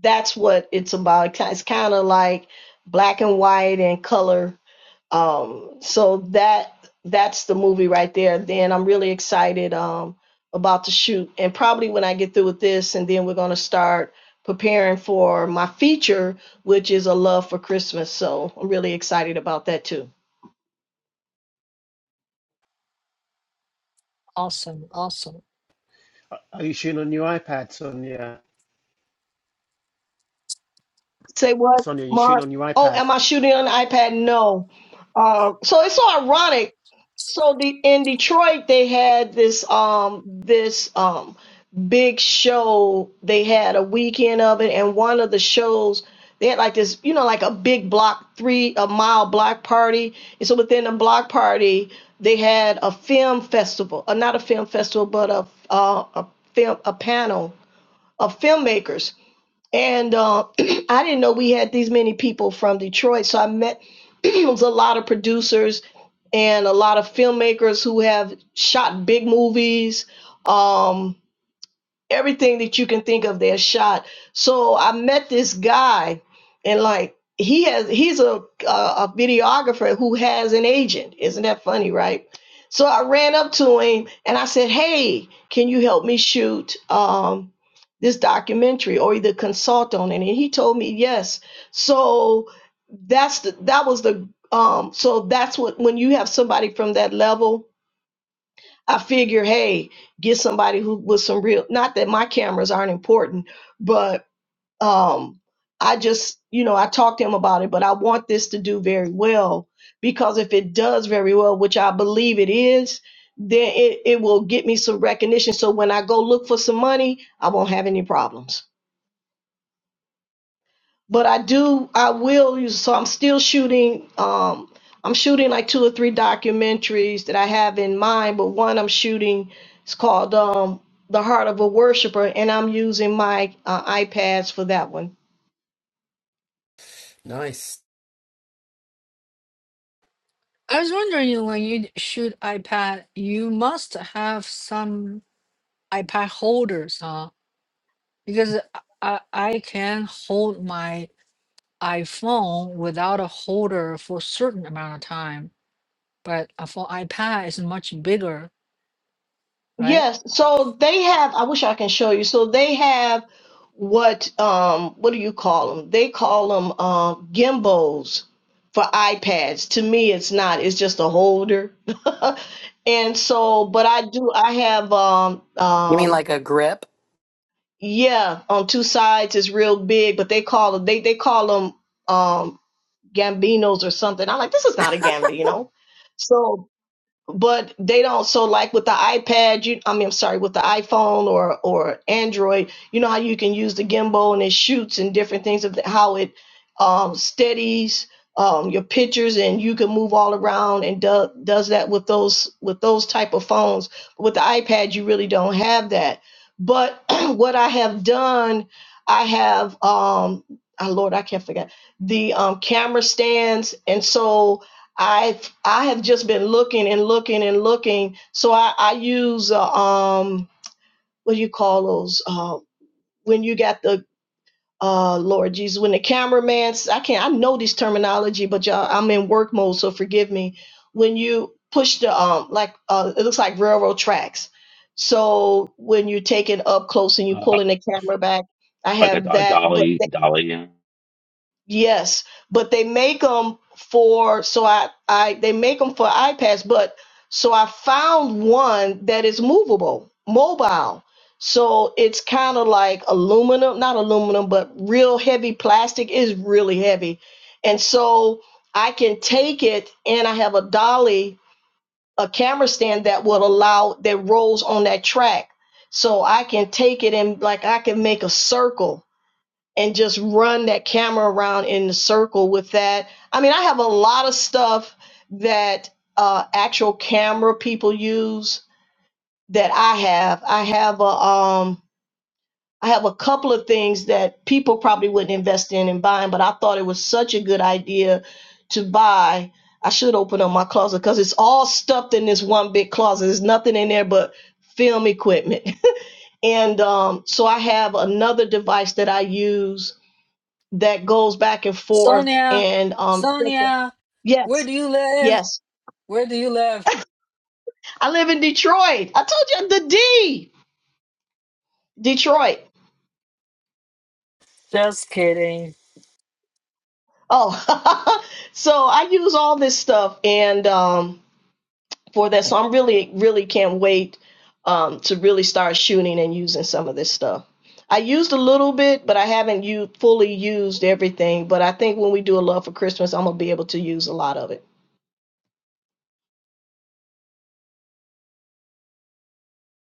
that's what it's about. It's kind of like black and white and color Um, so that that's the movie right there. Then I'm really excited um, about the shoot, and probably when I get through with this, and then we're gonna start preparing for my feature, which is a love for Christmas. So I'm really excited about that too.
Awesome, awesome.
Are you shooting on your iPad, Sonia?
Say what,
Sonia, you are shooting
Mark?
on your
Oh,
iPad?
am I shooting on the iPad? No. Uh, so it's so ironic. So the in Detroit they had this um this um big show. They had a weekend of it, and one of the shows they had like this, you know, like a big block three a mile block party. And so within the block party, they had a film festival, uh, not a film festival, but a uh, a film a panel of filmmakers and uh, I didn't know we had these many people from Detroit. So I met it was a lot of producers and a lot of filmmakers who have shot big movies. Um, everything that you can think of they're shot so i met this guy and like he has he's a a videographer who has an agent isn't that funny right so i ran up to him and i said hey can you help me shoot um this documentary or either consult on it and he told me yes so that's the that was the um so that's what when you have somebody from that level I figure, hey, get somebody who with some real not that my cameras aren't important, but um I just, you know, I talked to him about it, but I want this to do very well because if it does very well, which I believe it is, then it, it will get me some recognition. So when I go look for some money, I won't have any problems but I do I will use so I'm still shooting um I'm shooting like two or three documentaries that I have in mind, but one I'm shooting is called um The Heart of a Worshipper and I'm using my uh, iPads for that one.
Nice.
I was wondering when you shoot iPad, you must have some iPad holders, huh? Because I, I can hold my iPhone without a holder for a certain amount of time, but uh, for iPad, it's much bigger, right?
Yes, so they have, I wish I can show you. So they have what um what do you call them? They call them um gimbals for iPads. To me it's not, it's just a holder. And so, but I do, I have um
You mean
um
like a grip?
yeah, on two sides it's real big, but they call them they they call them um gambinos or something. I'm like, this is not a gambino. So but they don't so like with the ipad you i mean i'm sorry with the iphone or or android you know how you can use the gimbal and it shoots and different things of how it um, steadies um, your pictures and you can move all around and do, does that with those with those type of phones with the ipad you really don't have that but what i have done i have um oh lord i can't forget the um, camera stands and so I I have just been looking and looking and looking. So I I use uh, um what do you call those uh when you got the uh Lord Jesus when the cameraman I I can't I know this terminology but y'all I'm in work mode so forgive me when you push the um like uh it looks like railroad tracks. So when you take it up close and you
uh,
pulling the camera back, I
like a,
have
do-
that but
dolly, dolly. Yeah,
Yes, but they make them for so I I they make them for iPads, but so I found one that is movable, mobile. So it's kind of like aluminum, not aluminum, but real heavy plastic is really heavy. And so I can take it and I have a dolly, a camera stand that would allow that rolls on that track. So I can take it and like I can make a circle and just run that camera around in a circle with that. I mean, I have a lot of stuff that uh, actual camera people use that I have. I have a um, I have a couple of things that people probably wouldn't invest in and buying, but I thought it was such a good idea to buy. I should open up my closet because it's all stuffed in this one big closet. There's nothing in there but film equipment. And um, so I have another device that I use that goes back and forth
Sonia,
and um
Sonia, where
yes
do you live?
yes
Where do you live?
i live in detroit i told you the d detroit
Just kidding.
oh so i use all this stuff and um for that so i'm really really can't wait um to really start shooting and using some of this stuff i used a little bit but i haven't you fully used everything but i think when we do a love for christmas i'm gonna be able to use a lot of it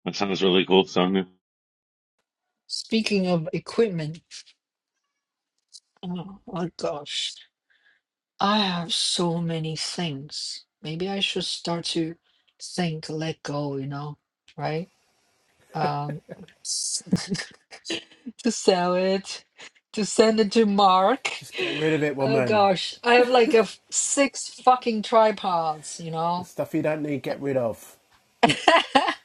that sounds really cool, Sonia.
Speaking of equipment, oh, oh gosh. I have so many things. Maybe I should start to think, let go, you know, right? Um, to sell it, to send it to Mark.
Just get rid of it,
Oh
woman.
gosh, I have like a f- six fucking tripods, you know.
The stuff you don't need, get rid of.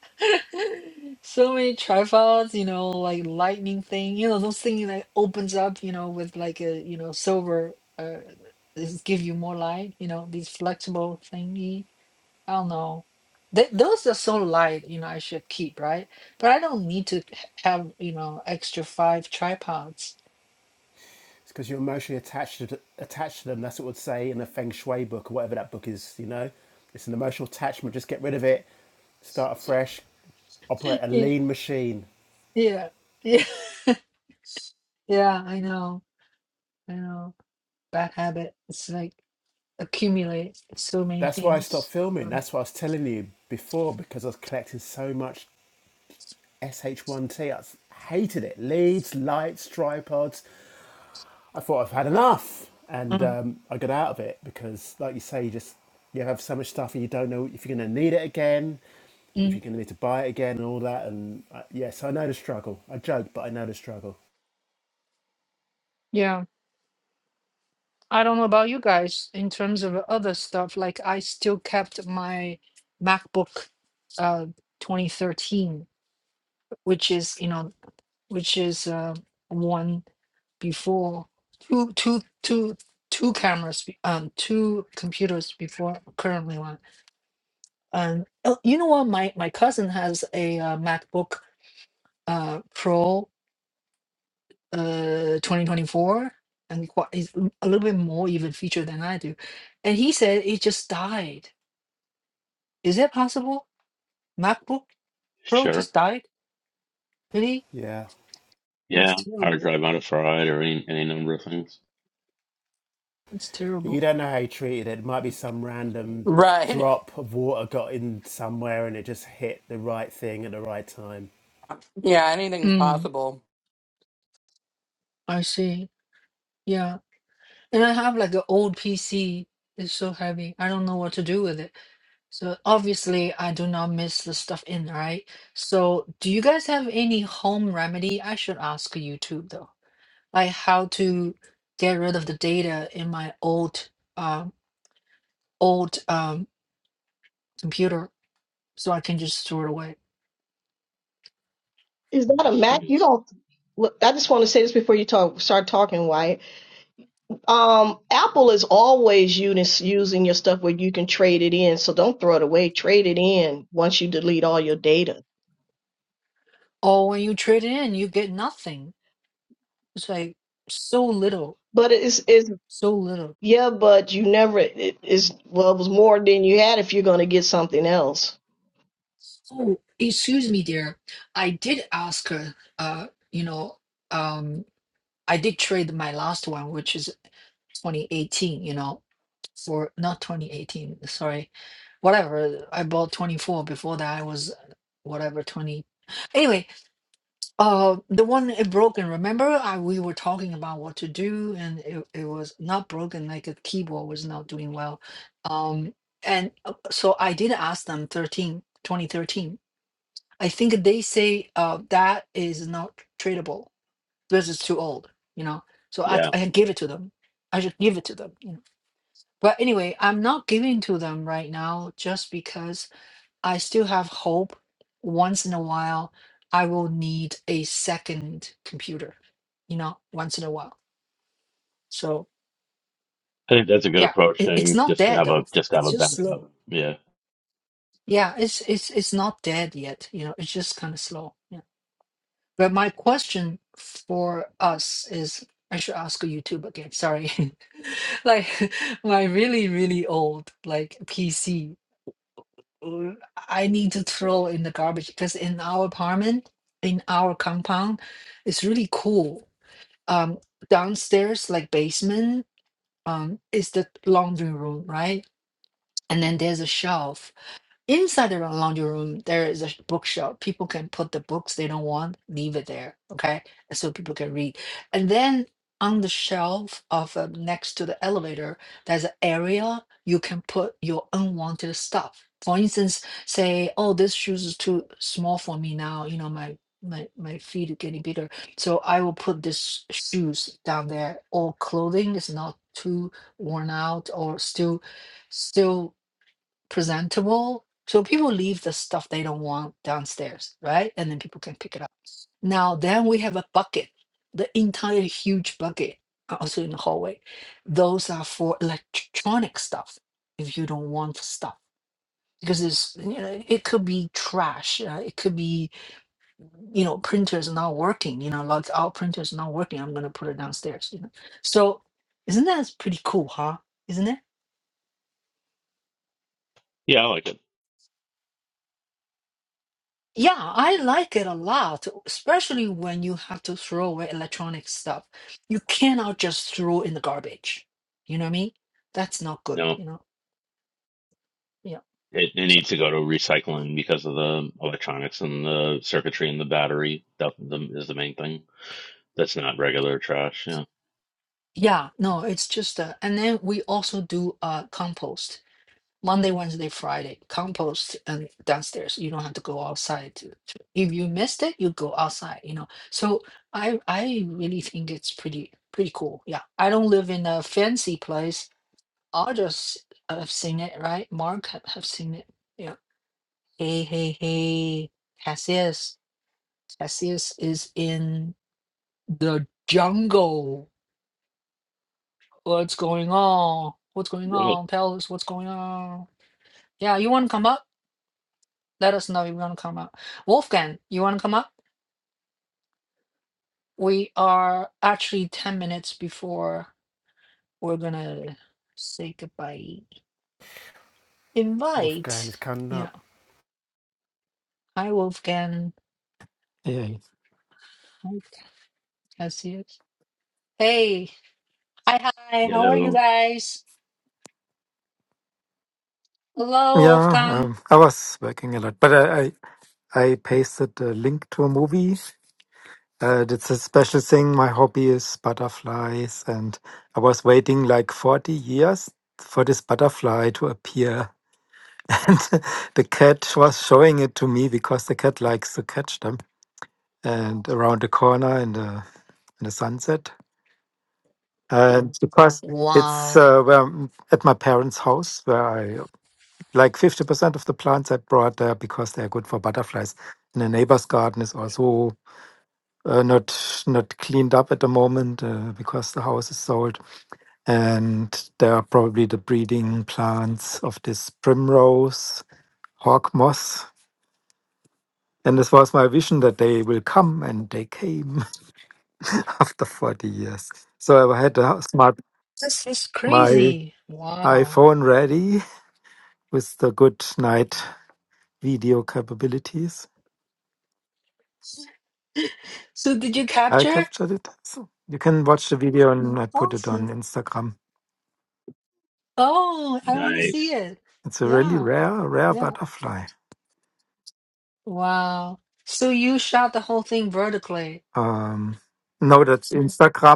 So many tripods, you know, like lightning thing, you know, those things that opens up, you know, with like a, you know, silver, uh, this give you more light, you know, these flexible thingy. I don't know. Th those are so light, you know, I should keep, right? But I don't need to h- have, you know, extra five tripods.
It's because you're emotionally attached to, attached to them. That's what it would say in a Feng Shui book or whatever that book is, you know? It's an emotional attachment. Just get rid of it, start afresh, operate a
Yeah,
lean machine.
yeah, yeah, yeah, I know, I know. Bad habit. It's like accumulate so many
That's why I stopped
things.
filming.
Um,
That's what I was telling you before because I was collecting so much SH1T. I hated it. Leads, lights, tripods, I thought I've had enough, and
mm,
um, I got out of it because, like you say, you just you have so much stuff and you don't know if you're going to need it again,
mm.
if you're going to need to buy it again, and all that. And uh, yes, I know the struggle. I joke, but I know the struggle.
Yeah, I don't know about you guys in terms of other stuff. Like I still kept my MacBook uh 2013, which is, you know, which is uh one before two two two two cameras be- um two computers before currently one. And oh, you know what? My my cousin has a uh, MacBook uh Pro uh 2024 and quite, he's l- a little bit more even feature than I do. And he said it just died. Is that possible? MacBook Pro
Sure.
just died? Really?
Yeah,
Yeah,
That's
hard
terrible.
drive on a fried or any any number of things.
That's
you
terrible.
don't know how you treated it. It might be some random
Right.
drop of water got in somewhere and it just hit the right thing at the right time.
Yeah, anything's
Mm,
possible.
I see. Yeah. And I have like an old PC. It's so heavy. I don't know what to do with it. So obviously I do not miss the stuff in, right? So do you guys have any home remedy? I should ask YouTube though. like how to get rid of the data in my old uh, old um, computer so I can just throw it away.
is that a mac you
Nice.
don't look i just want to say this before you talk start talking wyatt Um, Apple is always unis- using your stuff where you can trade it in, so don't throw it away. Trade it in once you delete all your data.
Or when you trade it in, you get nothing. It's like so little,
But it's it's
so little.
yeah, but you never it is well, it was more than you had if you're gonna get something else.
Oh, excuse me, dear. I did ask her, uh, you know, um, I did trade my last one, which is 2018, you know, for not 2018, sorry, whatever. I bought 24. Before that, I was uh, whatever 20. Anyway, Uh, the one it broken. Remember, I we were talking about what to do, and it, it was not broken. Like a keyboard was not doing well. Um, and uh, so I did ask them 13 2013. I think they say uh that is not tradable because it's too old. You know, so I
Yeah,
I give it to them. I should give it to them. You know, but anyway, I'm not giving to them right now just because I still have hope once in a while I will need a second computer, you know, once in a while. So
I think that's a good
yeah,
approach
it, it's
thing,
not
just to
dead
have a
though.
just to have
It's
a
just slow.
backup. Yeah.
Yeah, it's it's it's not dead yet, you know, it's just kind of slow. Yeah. But my question for us is I should ask YouTube again, sorry. like my really, really old like PC uh, I need to throw in the garbage because in our apartment, in our compound, it's really cool. Um, downstairs, like basement, um, is the laundry room, right? And then there's a shelf Inside the laundry room, there is a sh- bookshop. People can put the books they don't want, leave it there, okay? And So people can read. And then on the shelf of uh, next to the elevator, there's an area you can put your unwanted stuff. For instance, say, oh, this shoes is too small for me now. You know, my my my feet are getting bigger, so I will put this shoes down there. Or clothing is not too worn out or still still presentable. So people leave the stuff they don't want downstairs, right? And then people can pick it up. Now, then we have a bucket, the entire huge bucket, uh, also in the hallway. Those are for electronic stuff if you don't want stuff. Because it's, you know, it could be trash. Uh, it could be, you know, printers not working. You know, like our printer's not working. I'm gonna put it downstairs. You know, so isn't that pretty cool, huh? Isn't it?
Yeah, I like it.
Yeah, I like it a lot, especially when you have to throw away electronic stuff. You cannot just throw in the garbage. You know what I mean? That's not good,
No,
you know? Yeah.
it, it needs to go to recycling because of the electronics and the circuitry and the battery. That the, is the main thing. That's not regular trash. Yeah.
Yeah, no, it's just uh, and then we also do uh compost Monday, Wednesday, Friday, compost and downstairs. You don't have to go outside to, to if you missed it, you go outside, you know. So I I really think it's pretty pretty cool. Yeah. I don't live in a fancy place Others have seen it, right? Mark ha- have seen it. Yeah. Hey, hey, hey. Cassius. Cassius is in the jungle. What's going on? What's going
Really?
on? Tell us what's going on. Yeah, you want to come up? Let us know if you want to come up. Wolfgang, you want to come up? We are actually 10 minutes before we're going to say goodbye.
Wolfgang is
Invite.
coming
Yeah.
up.
Hi, Wolfgang.
Yeah,
Hi, Cassius. Hey. Hi, hi, how are you
Ditto.
guys? Hello,
yeah.
Wolfgang.
Um, I was working a lot, but I I, I pasted a link to a movie. Uh, it's a special thing. My hobby is butterflies, and I was waiting like forty years for this butterfly to appear. And the cat was showing it to me because the cat likes to catch them. And around the corner in the in the sunset, and because it's
Wow,
uh, where, at my parents' house where I like 50% of the plants I brought there because they're good for butterflies. And the neighbor's garden is also uh, not not cleaned up at the moment uh, because the house is sold. And there are probably the breeding plants of this primrose, hawk moss. And this was my vision that they will come, and they came after 40 years. So I had a smart
this is
my
crazy. Wow.
iPhone ready with the good night video capabilities
So, did you
I
capture?
captured it. So you can watch the video and I put it
Awesome.
on Instagram.
Oh, I want to see
Nice.
it.
It's a really
Yeah,
rare, rare
yeah.
butterfly.
Wow. So, you shot the whole thing vertically.
Um, no, that's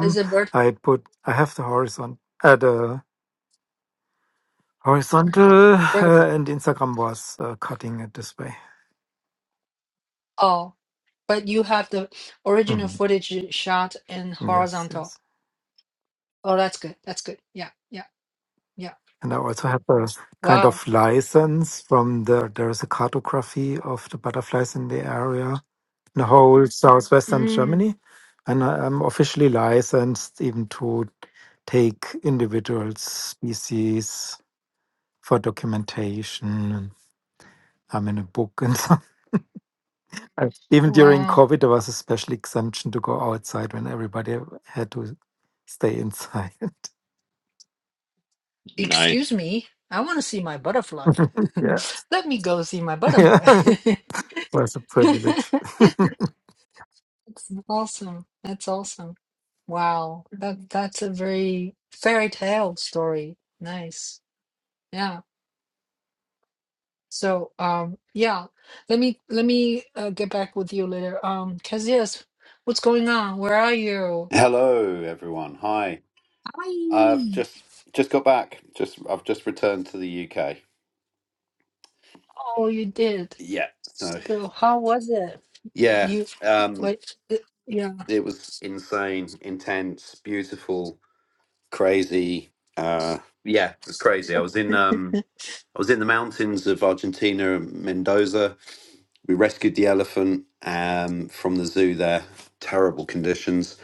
Is it vert
I put, I have the horizon, uh, the horizontal, uh,
vertical?
and Instagram was uh, cutting it this way.
Oh, but you have the original
hmm
footage shot in
Yes,
horizontal.
yes.
Oh, that's good. That's good. Yeah, yeah, yeah.
And I also have a kind
Wow.
of license from the, there is a cartography of the butterflies in the area. the whole southwestern
Mm,
Germany, and I- I'm officially licensed even to take individual species for documentation. And I'm in a book, and so I- even during
wow.
COVID, there was a special exemption to go outside when everybody had to stay inside.
Nice.
Excuse me, I want to see my butterfly.
Yeah,
Let me go see my
yeah,
butterfly.
it was a
That's
privilege,
awesome. That's awesome. Wow. That that's a very fairy tale story. Nice. Yeah. So, um, yeah. Let me let me uh, get back with you later. Um, cause yes, what's going on? Where are you?
Hello, everyone. Hi. I've
Hi.
just just got back. Just I've just returned to the UK.
Oh, you did.
Yeah. So
So, how was it?
yeah,
You
um,
wait. uh, Yeah.
it was insane, intense, beautiful, crazy. Uh, yeah, it was crazy. I was in um, I was in the mountains of Argentina, Mendoza, We rescued the elephant um, from the zoo there, terrible conditions.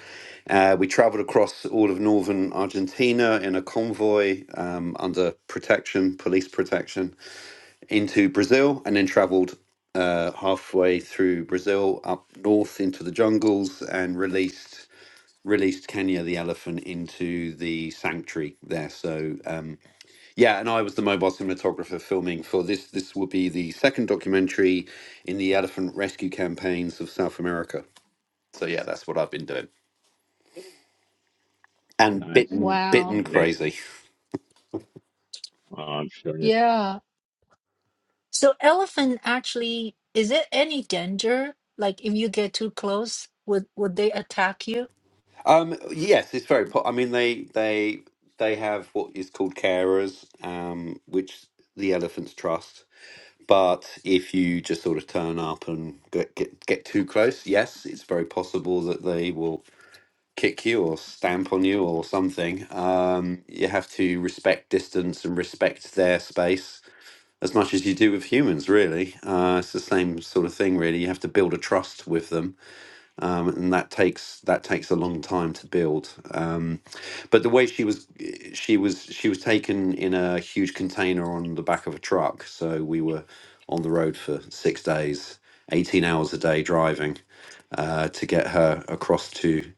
Uh, we traveled across all of northern Argentina in a convoy um, under protection, police protection, into Brazil, and then traveled uh, halfway through Brazil up north into the jungles and released released Kenya the elephant into the sanctuary there. So um, yeah, and I was the mobile cinematographer filming for this. This will be the second documentary in the elephant rescue campaigns of South America. So yeah, that's what I've been doing. And
Nice.
bitten,
Wow.
bitten
Nice.
crazy.
Oh, I'm sure.
Yeah. So elephant actually, is it any danger? Like if you get too close, would would they attack you?
Um, yes, it's very. Po- I mean, they they they have what is called carers, um, which the elephants trust. But if you just sort of turn up and get get, get too close, yes, it's very possible that they will kick you or stamp on you or something. Um, you have to respect distance and respect their space as much as you do with humans, really. Uh, it's the same sort of thing, really. You have to build a trust with them um, and that takes that takes a long time to build. Um, but the way she was, she was she was taken in a huge container on the back of a truck. So we were on the road for six days, eighteen hours a day driving uh, to get her across to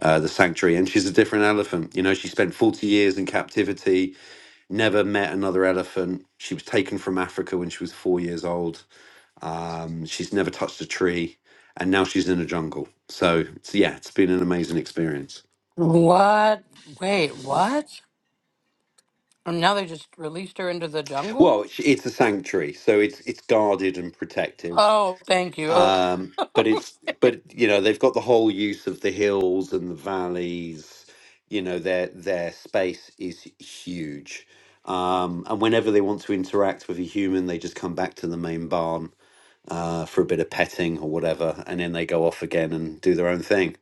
uh, the sanctuary. And she's a different elephant. You know, she spent forty years in captivity, never met another elephant. She was taken from Africa when she was four years old um, she's never touched a tree, and now she's in a jungle. So, it's- yeah, it's been an amazing experience.
What? Wait,
Wow.
what? And now they just released her into the
Well,
jungle?
it's, it's a sanctuary, so it's it's guarded and protected.
Oh, thank you. Oh,
Um, but it's but you know they've got the whole use of the hills and the valleys. You know their their space is huge, um, and whenever they want to interact with a human, they just come back to the main barn uh, for a bit of petting or whatever, and then they go off again and do their own thing.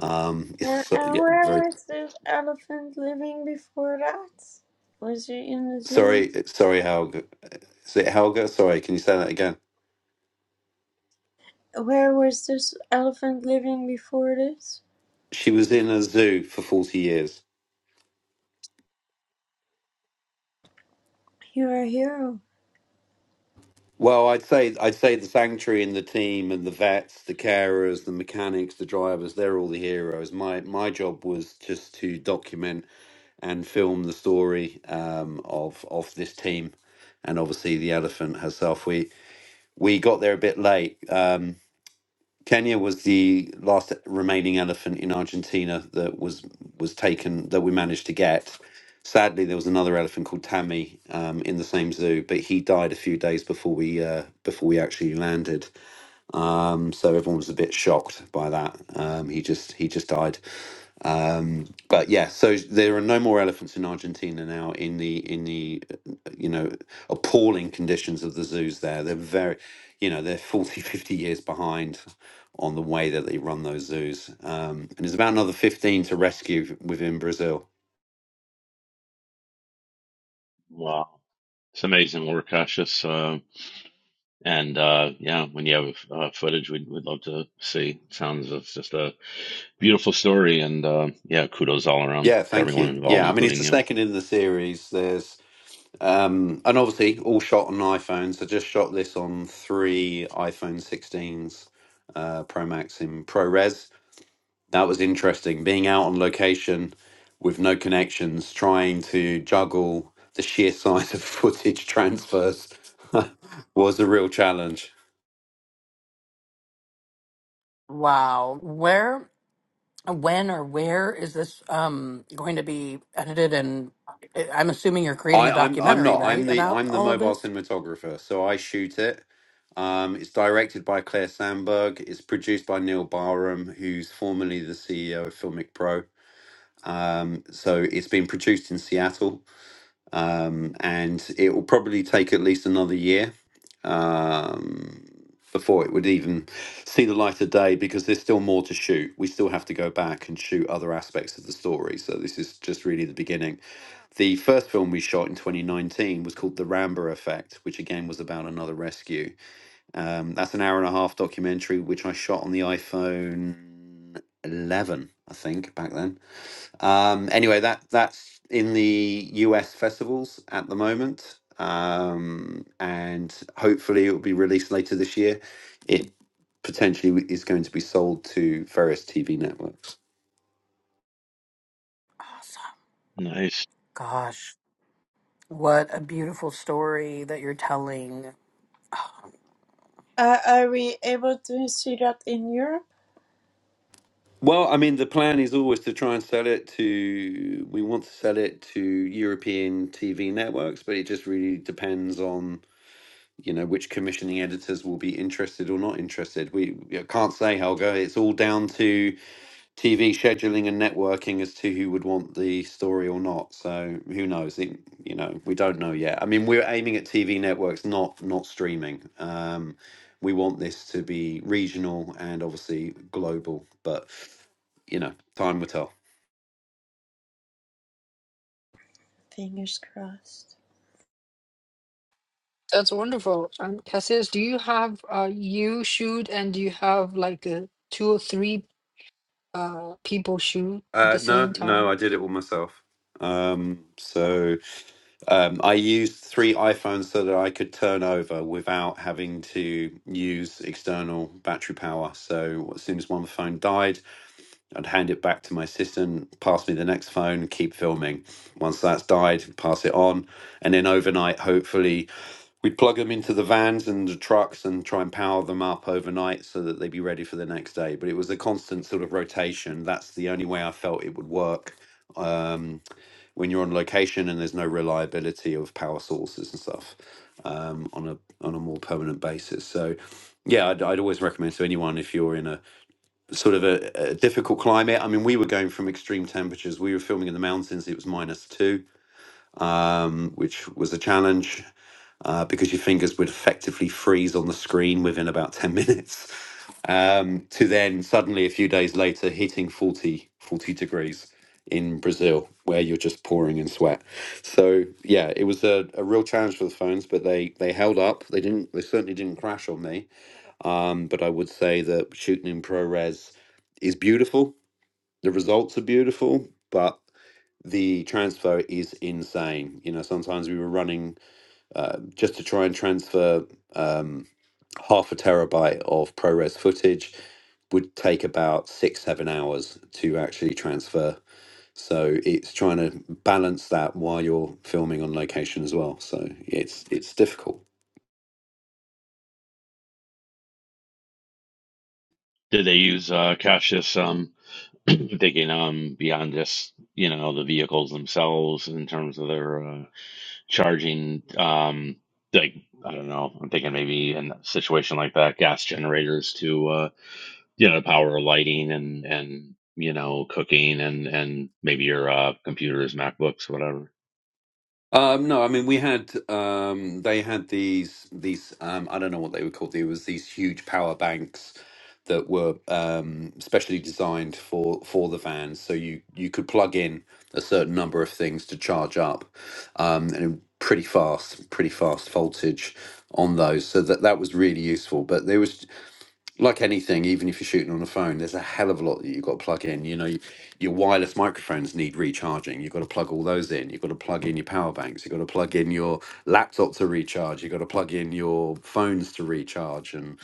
Um, it's
Uh,
so-
and
yeah,
where
very
was this elephant living before that? Was he in the zoo?
Sorry, sorry, Helga. Is it Helga? Sorry, can you say that again?
Where was this elephant living before this?
She was in a zoo for forty years.
You're a hero.
Well, I'd say I'd say the sanctuary and the team and the vets, the carers, the mechanics, the drivers—they're all the heroes. My my job was just to document and film the story um, of of this team, and obviously the elephant herself. We we got there a bit late. Um, Kenya was the last remaining elephant in Argentina that was was taken that we managed to get. Sadly, there was another elephant called Tammy um, in the same zoo, but he died a few days before we uh, before we actually landed. Um, so everyone was a bit shocked by that. Um, he just he just died. Um, but yeah, so there are no more elephants in Argentina now in the in the uh, you know appalling conditions of the zoos there. They're very you know they're forty, 50 years behind on the way that they run those zoos. Um, and there's about another 15 to rescue within Brazil.
Wow. It's amazing work, Cassius. Uh, and uh, yeah, when you have uh, footage, we'd, we'd love to see. Sounds it's just a beautiful story. And uh, yeah, kudos all around
Yeah,
to
thank
everyone
you.
involved,
Yeah, I mean it's
including
the
you.
second in the series. There's um and obviously all shot on iPhones. I just shot this on three iPhone 16s uh Pro Max in ProRes that was interesting being out on location with no connections trying to juggle the sheer size of footage transfers was a real challenge
Wow. Where, when, or where is this um going to be edited? And I- I'm assuming you're creating
I,
a
I'm I'm
documentary,
not I'm
right,
the
about
I'm the
all of
mobile
this?
cinematographer so I shoot it um, it's directed by Claire Sandberg it's produced by Neil Barham who's formerly the CEO of Filmic Pro um, so it's been produced in Seattle um, and it will probably take at least another year um, before it would even see the light of day because there's still more to shoot. We still have to go back and shoot other aspects of the story. So this is just really the beginning. The first film we shot in 2019 was called The Rambo Effect, which again was about another rescue. Um, that's an hour and a half documentary, which I shot on the iPhone 11, I think, back then um, anyway, that that's in the US festivals at the moment, um, and hopefully it will be released later this year. It potentially w- is going to be sold to various TV networks.
Awesome.
Nice.
Gosh, what a beautiful story that you're telling.
Uh, are we able to see that in Europe?
Well, I mean, the plan is always to try and sell it to. We want to sell it to European TV networks, but it just really depends on you know which commissioning editors will be interested or not interested. We I can't say, Helga. It's all down to TV scheduling and networking as to who would want the story or not. So who knows? It, you know, we don't know yet. I mean, we're aiming at TV networks, not not streaming. Um, we want this to be regional and obviously global, but you know, time will tell.
Fingers crossed.
That's wonderful. And Cassius, do you have uh you shoot and do you have like uh two or three uh people shoot at the
Uh, no,
same
no,
time?
I did it all myself. Um, so Um, I used three iPhones so that I could turn over without having to use external battery power. So as soon as one phone died, I'd hand it back to my assistant, pass me the next phone, keep filming. Once that's died, pass it on. And then overnight, hopefully, we'd plug them into the vans and the trucks and try and power them up overnight so that they'd be ready for the next day. But it was a constant sort of rotation. That's the only way I felt it would work Um, when you're on location and there's no reliability of power sources and stuff um, on a on a more permanent basis. So yeah, I'd, I'd always recommend to anyone if you're in a sort of a, a difficult climate. I mean, we were going from extreme temperatures. We were filming in the mountains. It was minus two, um, which was a challenge uh, because your fingers would effectively freeze on the screen within about 10 minutes, um, to then suddenly a few days later hitting 40 40 degrees in Brazil, where you're just pouring in sweat. So yeah, it was a, a real challenge for the phones, but they they held up. They didn't. They certainly didn't crash on me. Um, but I would say that shooting in ProRes is beautiful. The results are beautiful, but the transfer is insane. You know, sometimes we were running uh, just to try and transfer um, half a terabyte of ProRes footage would take about six, seven hours to actually transfer. So it's trying to balance that while you're filming on location as well. So it's it's difficult.
Did they use uh, Cassius um, thinking um, beyond just you know the vehicles themselves in terms of their uh, charging? Um, like I don't know, I'm thinking maybe in a situation like that, gas generators to uh, you know power lighting and and you know cooking and and maybe your uh, computers, MacBooks, whatever.
Um, no, I mean we had um, they had these these um, I don't know what they were called. There was these huge power banks that were um, specially designed for for the vans, so you you could plug in a certain number of things to charge up, um, and pretty fast, pretty fast voltage on those. So that that was really useful. But there was like anything, even if you're shooting on a phone, there's a hell of a lot that you've got to plug in. You know, y- your wireless microphones need recharging. You've got to plug all those in. You've got to plug in your power banks. You've got to plug in your laptop to recharge. You've got to plug in your phones to recharge. And,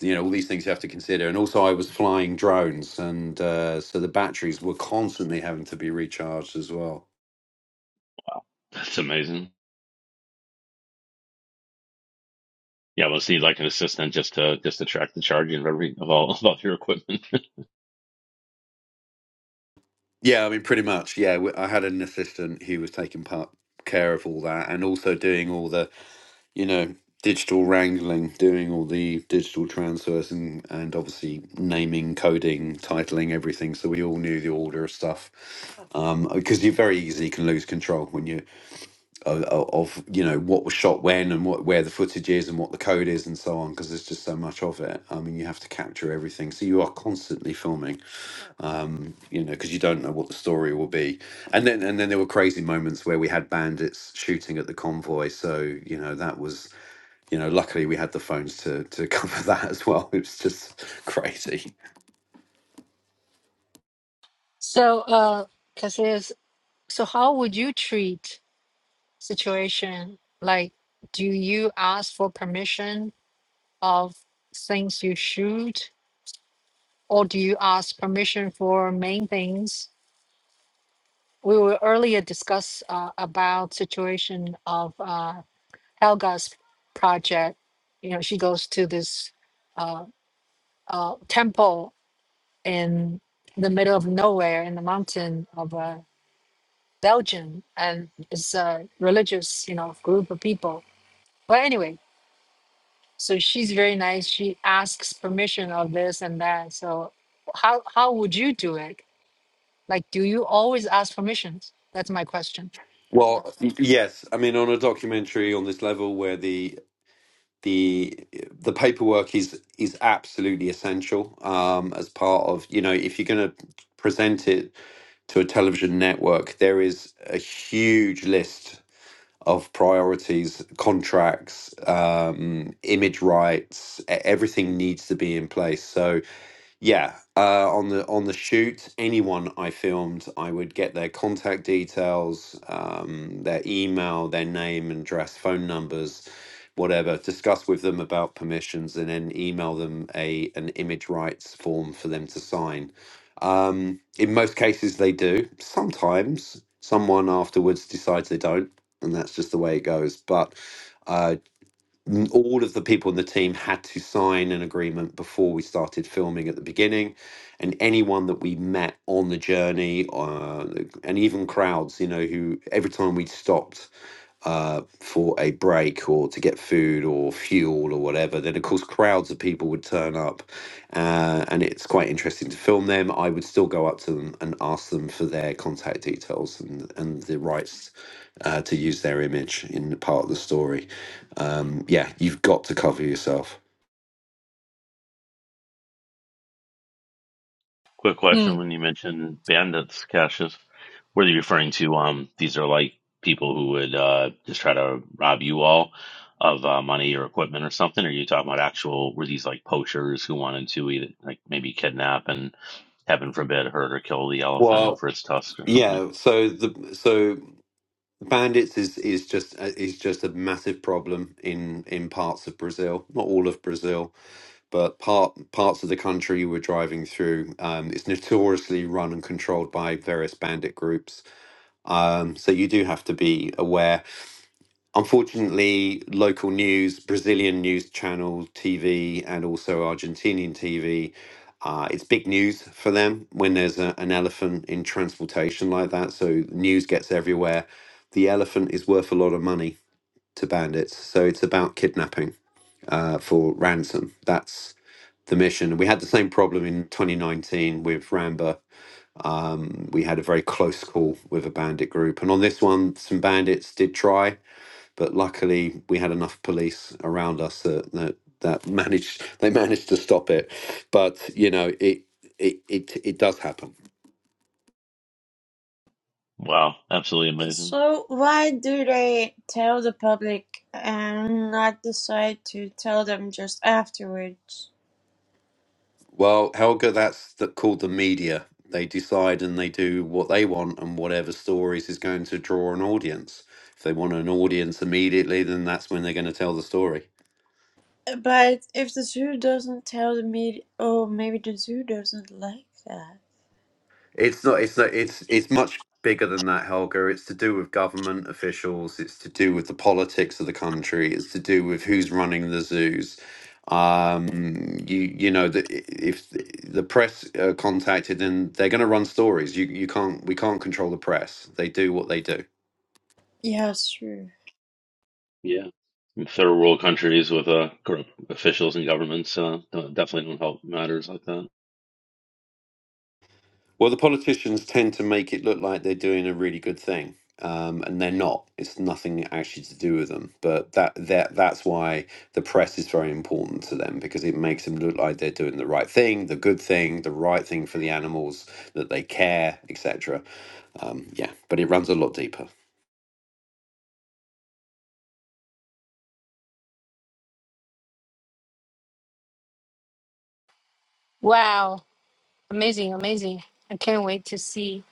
you know, all these things you have to consider. And also, I was flying drones. And uh, so the batteries were constantly having to be recharged as well.
That's amazing. Yeah, we'll see like an assistant just to just to track the charging of every of all of all your equipment.
Yeah, I mean, pretty much. Yeah, we- I had an assistant who was taking part care of all that and also doing all the you know, digital wrangling, doing all the digital transfers and, and obviously naming, coding, titling, everything. So we all knew the order of stuff. Um, because you very easily can lose control when you of, of you know what was shot when and what where the footage is and what the code is and so on because there's just so much of it. I mean, you have to capture everything, so you are constantly filming. Um, you know, because you don't know what the story will be. And then and then there were crazy moments where we had bandits shooting at the convoy, so you know that was you know, luckily we had the phones to to cover that as well. It was just crazy.
So, uh, Cassius, so how would you treat situation? Like, do you ask for permission of things you shoot, or do you ask permission for main things? we were earlier discuss uh, about situation of uh, Helga's project. You know, she goes to this uh, uh, temple in the middle of nowhere in the mountain of uh, Belgium, and it's a religious, you know, group of people. But anyway, so she's very nice. She asks permission of this and that. So, how how would you do it? Like, do you always ask permissions? That's my question.
Well, y- yes, I mean, on a documentary on this level where the the the paperwork is is absolutely essential um, as part of you know if you're going to present it to a television network, there is a huge list of priorities, contracts, um, image rights. e- Everything needs to be in place. So yeah, uh, on the on the shoot, anyone I filmed, I would get their contact details, um, their email, their name and address, phone numbers, whatever. Discuss with them about permissions, and then email them a an image rights form for them to sign. Um, in most cases, they do. Sometimes someone afterwards decides they don't, and that's just the way it goes. But uh, n- all of the people in the team had to sign an agreement before we started filming at the beginning and anyone that we met on the journey uh, and even crowds you know who every time we would stopped uh, for a break or to get food or fuel or whatever, then of course crowds of people would turn up, uh, and it's quite interesting to film them. I would still go up to them and ask them for their contact details and and the rights uh, to use their image in the part of the story. Um, yeah, you've got to cover yourself.
Quick question:
Mm.
When you mentioned bandits, Cassius, were you referring to um? These are like people who would uh just try to rob you all of uh, money or equipment or something. Or are you talking about actual? Were these like poachers who wanted to either like maybe kidnap and heaven forbid hurt or kill the elephant
Well,
for its tusk or something?
yeah. So the so bandits is is just is just a massive problem in in parts of Brazil, not all of Brazil but part parts of the country we're driving through um, it's notoriously run and controlled by various bandit groups um, so you do have to be aware unfortunately local news brazilian news channel tv and also argentinian tv uh, it's big news for them when there's a, an elephant in transportation like that so news gets everywhere the elephant is worth a lot of money to bandits so it's about kidnapping uh, for ransom. That's the mission. We had the same problem in 2019 with Ramba. Um, we had a very close call with a bandit group, and on this one, some bandits did try, but luckily we had enough police around us that that, that managed they managed to stop it. But you know, it it it, it does happen.
Wow, absolutely amazing.
So why do they tell the public and not decide to tell them just afterwards?
Well, Helga, that's the, called the media. They decide and they do what they want, and whatever stories is going to draw an audience. If they want an audience immediately, then that's when they're going to tell the story.
But if the zoo doesn't tell the media, oh, maybe the zoo doesn't like that.
It's not. It's not. It's it's much bigger than that, Helga. It's to do with government officials. It's to do with the politics of the country. It's to do with who's running the zoos. Um, you you know the, if the the press are contacted, then they're going to run stories. You you can't we can't control the press. They do what they do.
Yeah, sure.
Yeah, In third world countries with uh corrupt officials and governments uh, don't- definitely don't help matters like that.
Well, the politicians tend to make it look like they're doing a really good thing, um, and they're not. It's nothing actually to do with them, but that that that's why the press is very important to them because it makes them look like they're doing the right thing, the good thing, the right thing for the animals that they care, etc. Um, yeah, but it runs a lot deeper.
Wow. Amazing, amazing. I can't wait to see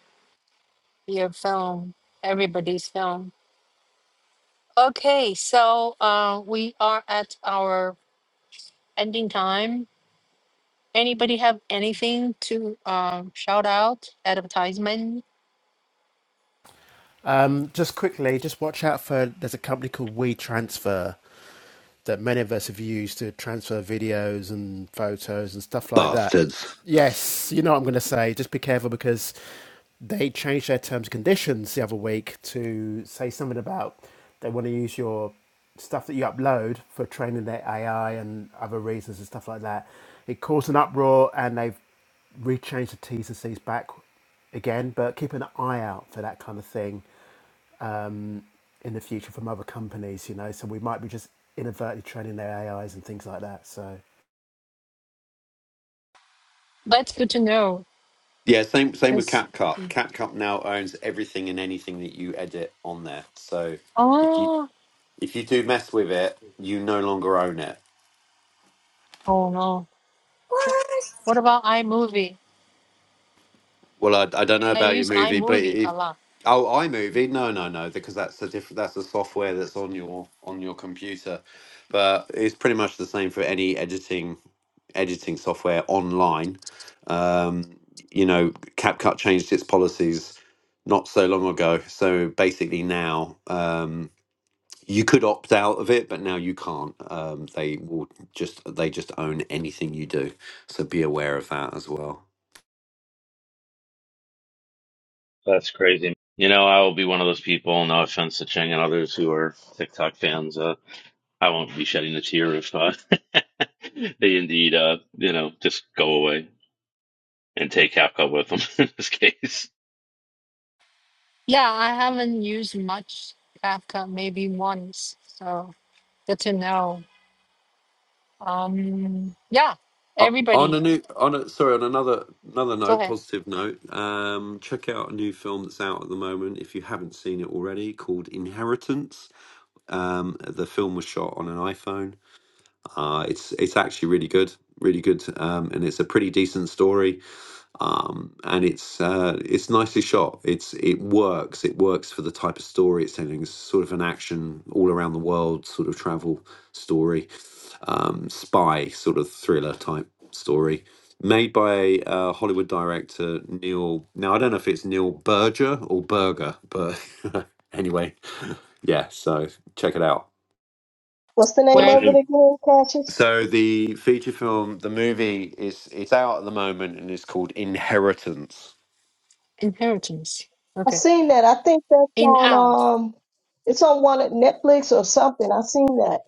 your film, everybody's film. Okay, so uh, we are at our ending time. Anybody have anything to um, shout out, advertisement?
Um, just quickly, just watch out for. There's a company called WeTransfer. that many of us have used to transfer videos and photos and stuff like that.
Bastards.
Yes, you know what I'm going to say. Just be careful because they changed their terms and conditions the other week to say something about they want to use your stuff that you upload for training their AI and other reasons and stuff like that. It caused an uproar and they've rechanged the T's and C's back again, but keep an eye out for that kind of thing um, in the future from other companies, you know. So we might be just inadvertently training their AIs and things like that. So
That's good to know.
Yeah, same same with
Because,
CapCut. CapCut now owns everything and anything that you edit on there. So if you
oh,
if you do mess with it, you no longer own it.
oh no. Wh-
What?
What about iMovie?
Well, I, I don't know
I
about your
use
movie, but
iMovie a
if
lot.
oh iMovie, no, no, no, because that's a different that's the software that's on your on your computer, but it's pretty much the same for any editing editing software online. Um, you know, CapCut changed its policies not so long ago, so basically now um, you could opt out of it, but now you can't. Um, they will just they just own anything you do, so be aware of that as well.
That's crazy. You know, I will be one of those people. No offense to Cheng and others who are TikTok fans. Uh, I won't be shedding a tear if uh, they indeed, uh, you know, just go away and take half cut with them in this case.
Yeah, I haven't used much Kafka, maybe once. So good to know. Um, yeah,
Uh, on a
everybody,
new on a sorry on another another
go
note
ahead.
positive note um check out a new film that's out at the moment if you haven't seen it already called inheritance um the film was shot on an iphone uh it's it's actually really good really good um and it's a pretty decent story um, and it's uh, it's nicely shot. It's it works. It works for the type of story it's telling. It's sort of an action all around the world sort of travel story, um, spy sort of thriller type story, made by uh, Hollywood director Neil. Now I don't know if it's Neil Berger or Berger, but anyway, yeah. So check it out.
What's the name
What's it?
Where
of it
And
again, Cassius?
So the feature film, the movie is it's out at the moment and it's called Inheritance
inheritance?
I
Okay.
seen that. I think that's
In
on
out.
um, it's on one of Netflix or something. I seen that.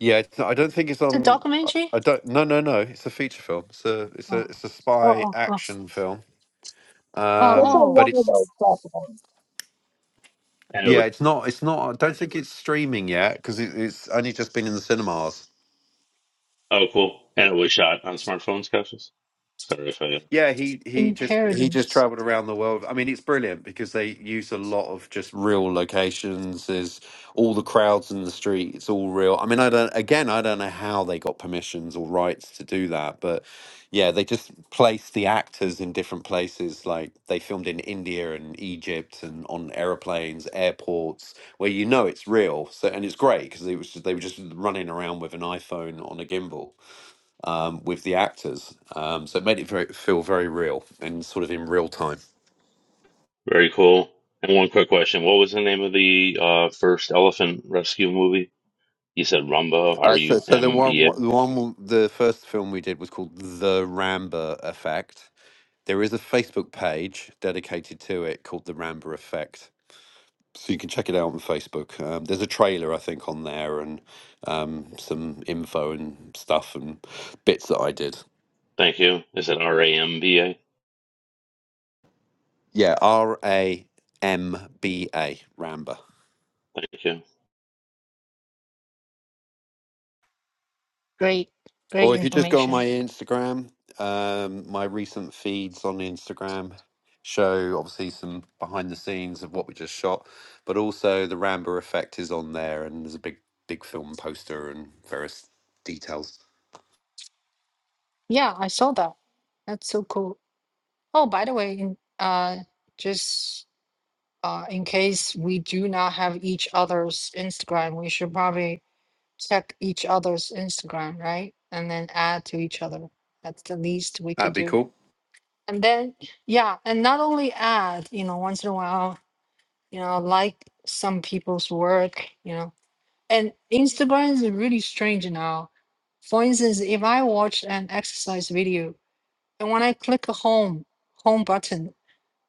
Yeah, it's not, I don't think it's
It's a
on.
documentary.
I don't. No, no, no. It's a feature film. It's a it's a
Oh.
it's a
Oh.
spy
Oh. Oh.
action film.
Oh.
It's
Um,
on
oh.
but
one of
it's
those platforms.
it
yeah,
was
it's not. It's not. I don't think it's streaming yet because it, it's only just been in the cinemas.
oh cool. And it was shot on smartphones, Cassius. Sorry if I. uh,
Yeah, he he just he just
Inheritance.
traveled around the world. I mean, it's brilliant because they use a lot of just real locations. There's all the crowds in the street. It's all real. I mean, I don't again, I don't know how they got permissions or rights to do that, but yeah, they just placed the actors in different places. Like they filmed in India and Egypt and on airplanes, airports where you know it's real. So and it's great because it was they were just running around with an iPhone on a gimbal um, with the actors. Um, so it made it very, feel very real and sort of in real time.
Very cool. And one quick question: What was the name of the uh, first elephant rescue movie? You said Rumba. R
Uh, so,
U
so the
M
one,
B A.
the one, the first film we did was called The Ramba Effect. There is a Facebook page dedicated to it called The Ramba Effect. So you can check it out on Facebook. Um, there's a trailer, I think, on there and um, some info and stuff and bits that I did.
Thank you. Is it R A M B A?
Yeah, R A M B A, Ramba. ramba
Thank you.
Great. Great
Or if you just go on my
information.
Instagram, um, my recent feeds on Instagram show obviously some behind the scenes of what we just shot, but also the Rambo effect is on there, and there's a big, big film poster and various details.
Yeah, I saw that. That's so cool. Oh, by the way, in, uh, just uh, in case we do not have each other's Instagram, we should probably check each other's Instagram, right? And then add to each other. That's the least we could
That'd be
do.
cool.
And then, yeah, and not only add, you know, once in a while you know, like some people's work, you know. And Instagram is really strange now. For instance, if I watch an exercise video and when I click a home home button,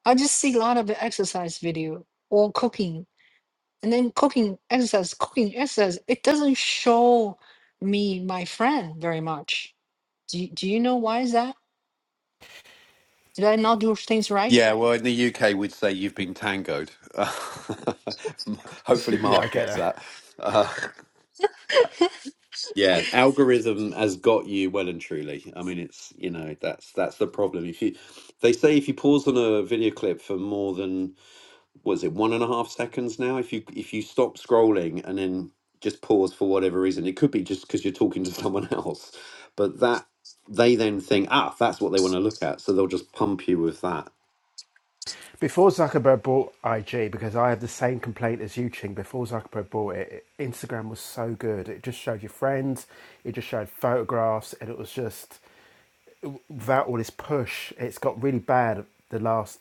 I just see a lot of exercise video or cooking, and then cooking, exercise, cooking, exercise. It doesn't show me my friend very much. Do you, do you know why is that? Did I not do things right?
Yeah, well, in the UK, we'd say you've been tangoed. Hopefully,
yeah, I
Mark
get
gets
it.
that. Uh, Yeah, algorithm has got you well and truly. I mean, it's you know that's that's the problem. If you, they say if you pause on a video clip for more than was it one and a half seconds now, if you if you stop scrolling and then just pause for whatever reason, it could be just because you're talking to someone else, but that they then think ah that's what they want to look at, so they'll just pump you with that.
Before Zuckerberg bought IG, because I had the same complaint as you, Ching. Before Zuckerberg bought it, Instagram was so good. It just showed your friends, it just showed photographs, and it was just without all this push, it's got really bad the last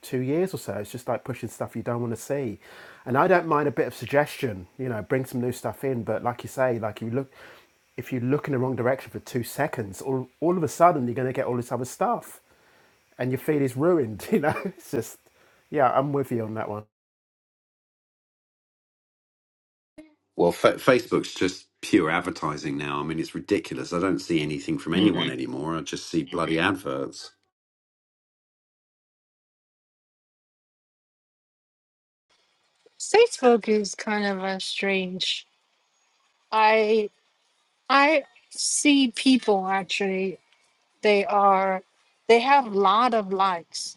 two years or so. It's just like pushing stuff you don't want to see. And I don't mind a bit of suggestion, you know, bring some new stuff in. But like you say, like you look, if you look in the wrong direction for two seconds, all, all of a sudden you're going to get all this other stuff and your feed is ruined, you know? It's just, yeah, I'm with you on that one.
Well, fa Facebook's just pure advertising now. I mean, it's ridiculous. I don't see anything from
Mhm.
anyone anymore. I just see bloody adverts.
Facebook is kind of a strange. I. I see people actually, they are, they have a lot of likes.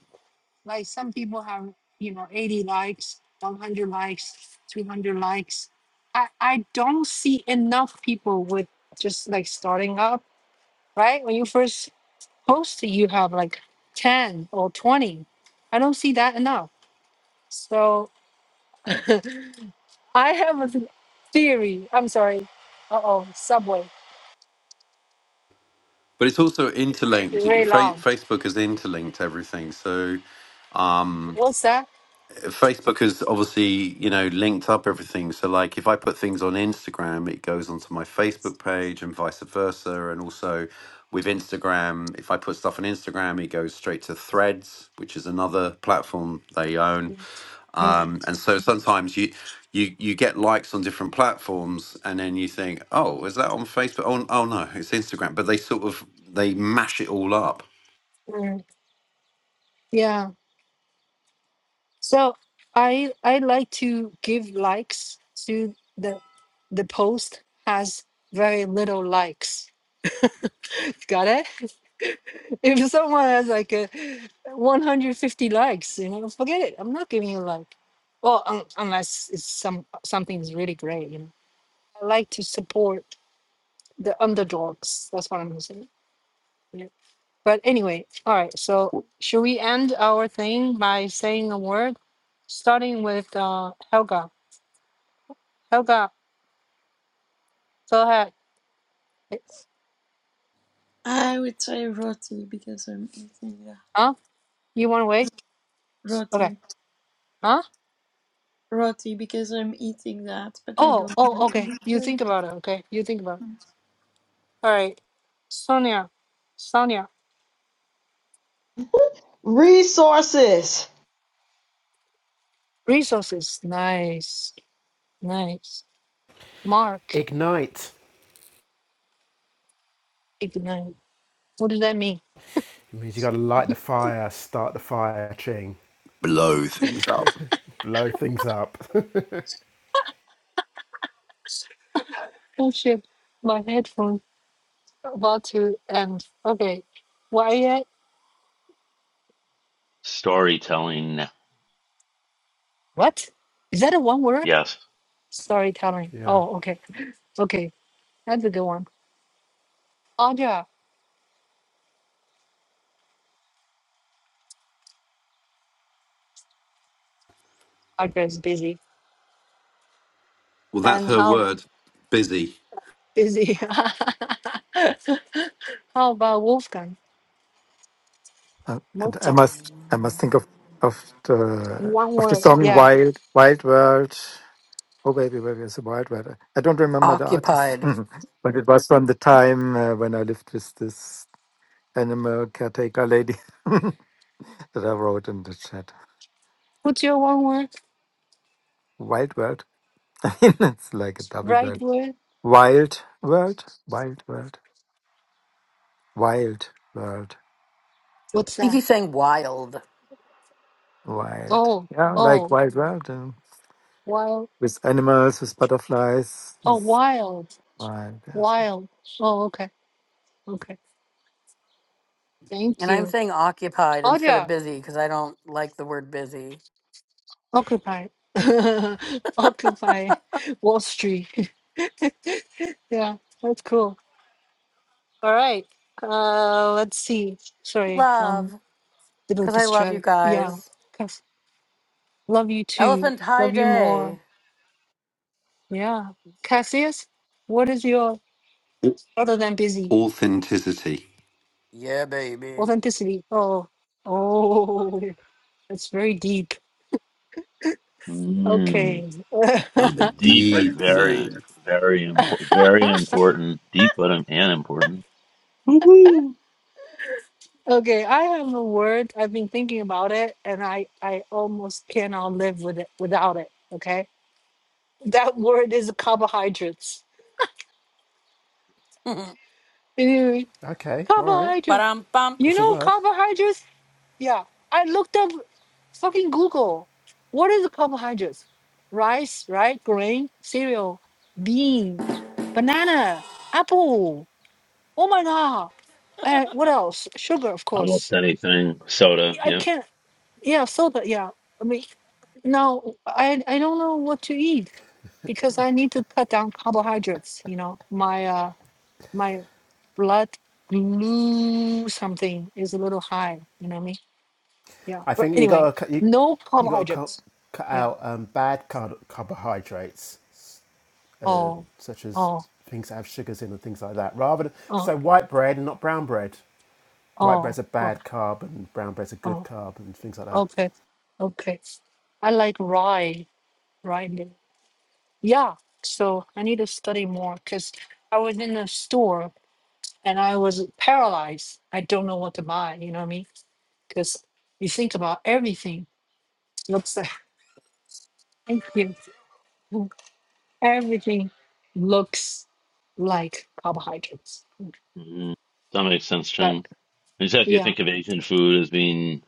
Like some people have, you know, 80 likes, 100 likes, 200 likes. I, I don't see enough people with just like starting up, right? When you first post, you have like 10 or 20. I don't see that enough. So I have a th- theory. I'm sorry. Uh oh, subway.
But it's also interlinked.
Very
Fa-
long.
Facebook has interlinked everything. So um,
What's that?
Facebook has obviously, you know, linked up everything. So, like, if I put things on Instagram, it goes onto my Facebook page and vice versa. And also with Instagram, if I put stuff on Instagram, it goes straight to Threads, which is another platform they own.
Mm,
Um, and so sometimes you, you you get likes on different platforms, and then you think, oh, is that on Facebook? Oh, oh no, it's Instagram. But they sort of they mash it all up,
mm. Yeah. So I I like to give likes to the the post has very little likes. Got it? If someone has like a 150 likes, you know, forget it. I'm not giving you a like. Well, un- unless it's some something is really great, you know. I like to support the underdogs. That's what I'm saying. But anyway, all right. So should we end our thing by saying a word, starting with uh, Helga? Helga, go ahead. Eh,
I would say roti because I'm eating that.
Huh? You want to wait? Okay.
Roti.
Huh?
Roti because I'm eating that, but I
Oh,
don't
oh,
really
okay.
eat
You
roti.
think about it. Okay. You think about it. All right. Sonia, Sonia,
Resources.
resources. Nice, nice. Mark,
Ignite.
ignite. What does that mean?
It means you got to light the fire, start the fire, ching,
blow things up.
blow things up.
Oh shit, my headphone about to end. Okay. Why?
Storytelling,
What? Is that a one word?
yes.
storytelling.
yeah.
Oh, okay. Okay. That's a good one. Audra. Audra is busy.
Well, that's
And
her
how
word, busy.
busy? how about Wolfgang?
Uh, and I
Mozart.
must, I must think of of the
One
of the
word.
song
Yeah.
"Wild Wild World." Oh, baby, baby, it's a wild ride. I don't remember the artist,
Occupied.
but it was from the time uh, when I lived with this animal caretaker lady that I wrote in the chat.
What's your one word?
Wild world. I mean, it's like a double
Right
bird.
word?
Wild world, wild world, wild world,
What's
I think
that?
he's saying wild.
wild.
Oh,
Yeah, like
oh,
wild world um,
wild.
with animals, with butterflies,
Oh,
with
wild.
wild. Yes.
Wild. Oh, okay. Okay. Thank
And I'm
you.
saying occupied instead of
Audra.
busy because I don't like the word busy.
Occupy. Occupy Wall Street. yeah, that's cool. All right. Uh, let's see. Sorry, um,
Love,
little
because I love you
distract. Yeah,
guys.
Cass- love you too.
Elephant High
Love you
Day.
more. Yeah, Cassius, what is your other than busy
authenticity.
Yeah, baby.
authenticity? Oh, oh, that's very deep.
Mm,
Okay.
I'm a
deep but
deep
very,
man.
very important. Very important. Deep but im- and important. Woohoo!
okay, I have a word. I've been thinking about it, and I I almost cannot live with it without it. Okay, that word is carbohydrates.
Okay, all right.
Carbohydrates.
Ba-dum-bum.
You
It's a
know
word.
carbohydrates? Yeah. I looked up fucking Google. What is carbohydrates? Rice, right? Grain, cereal, bean, banana, apple. Oh my god. And what else? Sugar, of
Almost
course.
anything. Soda.
I
Yep.
can't yeah, soda, yeah. I mean no, I I don't know what to eat because I need to cut down carbohydrates, you know. My uh my blood glue something is a little high, you know what I mean? Yeah.
I
But
think you
anyway,
got to you,
no
you got to cut,
carbohydrates.
cut
Yeah.
out um, bad car- carbohydrates, uh,
Oh,
such as
oh,
things that have sugars in and things like that. Rather than
oh,
so white bread and not brown bread. White bread's
oh,
a
oh,
bad carb and brown bread's a good
oh.
carb and things like that.
Okay. Okay. I like rye, rye meal. Yeah. So I need to study more because I was in a store and I was paralyzed. I don't know what to buy. You know what I mean? Because you think about everything looks like thank you. Mm, Everything looks like carbohydrates.
hmm That makes sense,
But
Chen. Except you
yeah,
think of Asian food as being,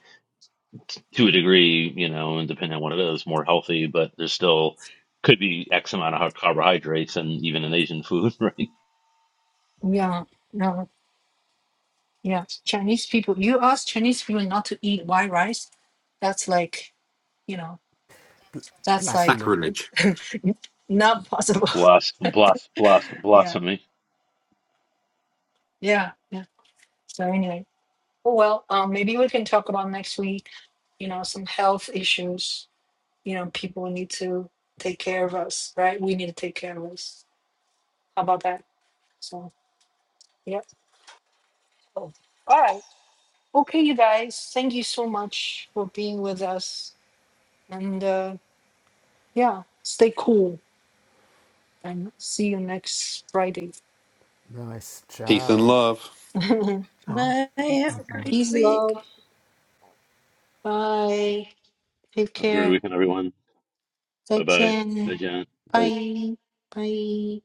t- to a degree, you know, and depending on what it is, more healthy, but there's still could be X amount of carbohydrates, and even in Asian food, right?
yeah, yeah. Yeah, Chinese people. You ask Chinese people not to eat white rice, that's like, you know,
Bl-
that's like
blasphemy.
Sacrilege.
not possible.
Blast, blast, blast,
yeah,
blasphemy.
yeah, yeah. So anyway, oh well, um, maybe we can talk about next week. You know, some health issues. You know, people need to take care of us, right? We need to take care of us. How about that? So yeah. Oh, All right. Okay, you guys. Thank you so much for being with us. And uh, yeah, stay cool. And see you next Friday.
Nice.
Peace and
Ciao.
love.
Oh.
Bye, have a
Mm-hmm.
great
Peace,
week.
love. Bye. Take
Agree
care.
with everyone. Bye bye.
再见.
Zaijian.
Bye. Bye.